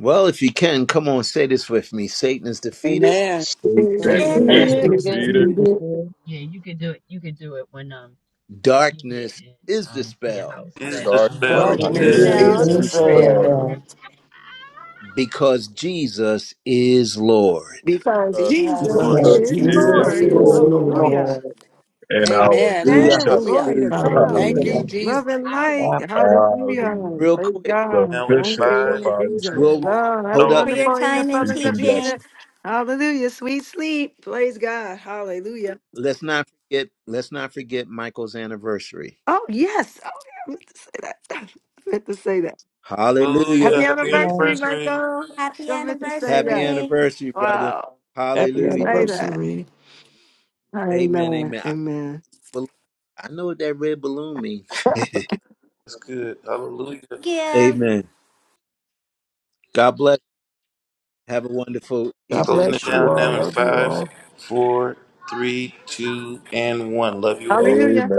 Well, if you can, come on, say this with me Satan is defeated, Amen. Yes, Satan Great sir. This Receive Yes, And is is it. I It's yes, sir. the defeated. defeated. yes, Yeah, you could do it. You could do it when um you get darkness in is um to your dispelled house. But Is the Dark Yes, um sir. Yes, yes, spell. sir. God bless is darkness you. yes, Darkness Bless is bell, is is Yes, the you. yes, Lord, sir. spell dispelled. yes. dispelled because Jesus is Lord. Because Uh, because for Jesus And because Because Jesus is Jesus Jesus Jesus is Jesus Lord. Lord, is is is is Lord Lord. Lord. Hallelujah. Lord. and our Amen. good Man, Hallelujah. shepherd. Glory Hallelujah. to Hallelujah. God. Thank Hallelujah. Hallelujah. you, Love and now. Lord. light. Hallelujah. Hallelujah. Real Praise quick. The God. Now in Thank bishop you, of five, Lord our Jesus. Israel. We'll four, Love. Have a hold oh, up. for Nate. your wonderful evening, the time in Peace fullness of and the evening. teaching. blessings. Hallelujah. Sweet sleep. Praise God. Hallelujah. Let's not forget. Let's not forget Michael's anniversary. Oh, yes. Oh, yeah. I meant to say that. I meant to say that. Happy hallelujah. Hallelujah! Happy Come anniversary, anniversary. Marco. Happy Don't meant to say Happy that. anniversary. anniversary, brother. Wow. Happy Hallelujah! Say that. anniversary. Amen. Amen. Amen. I, Amen. bel- I know what that red balloon means. That's good. Hallelujah. Give. amen. God bless. Have a wonderful God evening. bless you all. Love you all. Four, two, and one. Love you all. Hallelujah. Amen.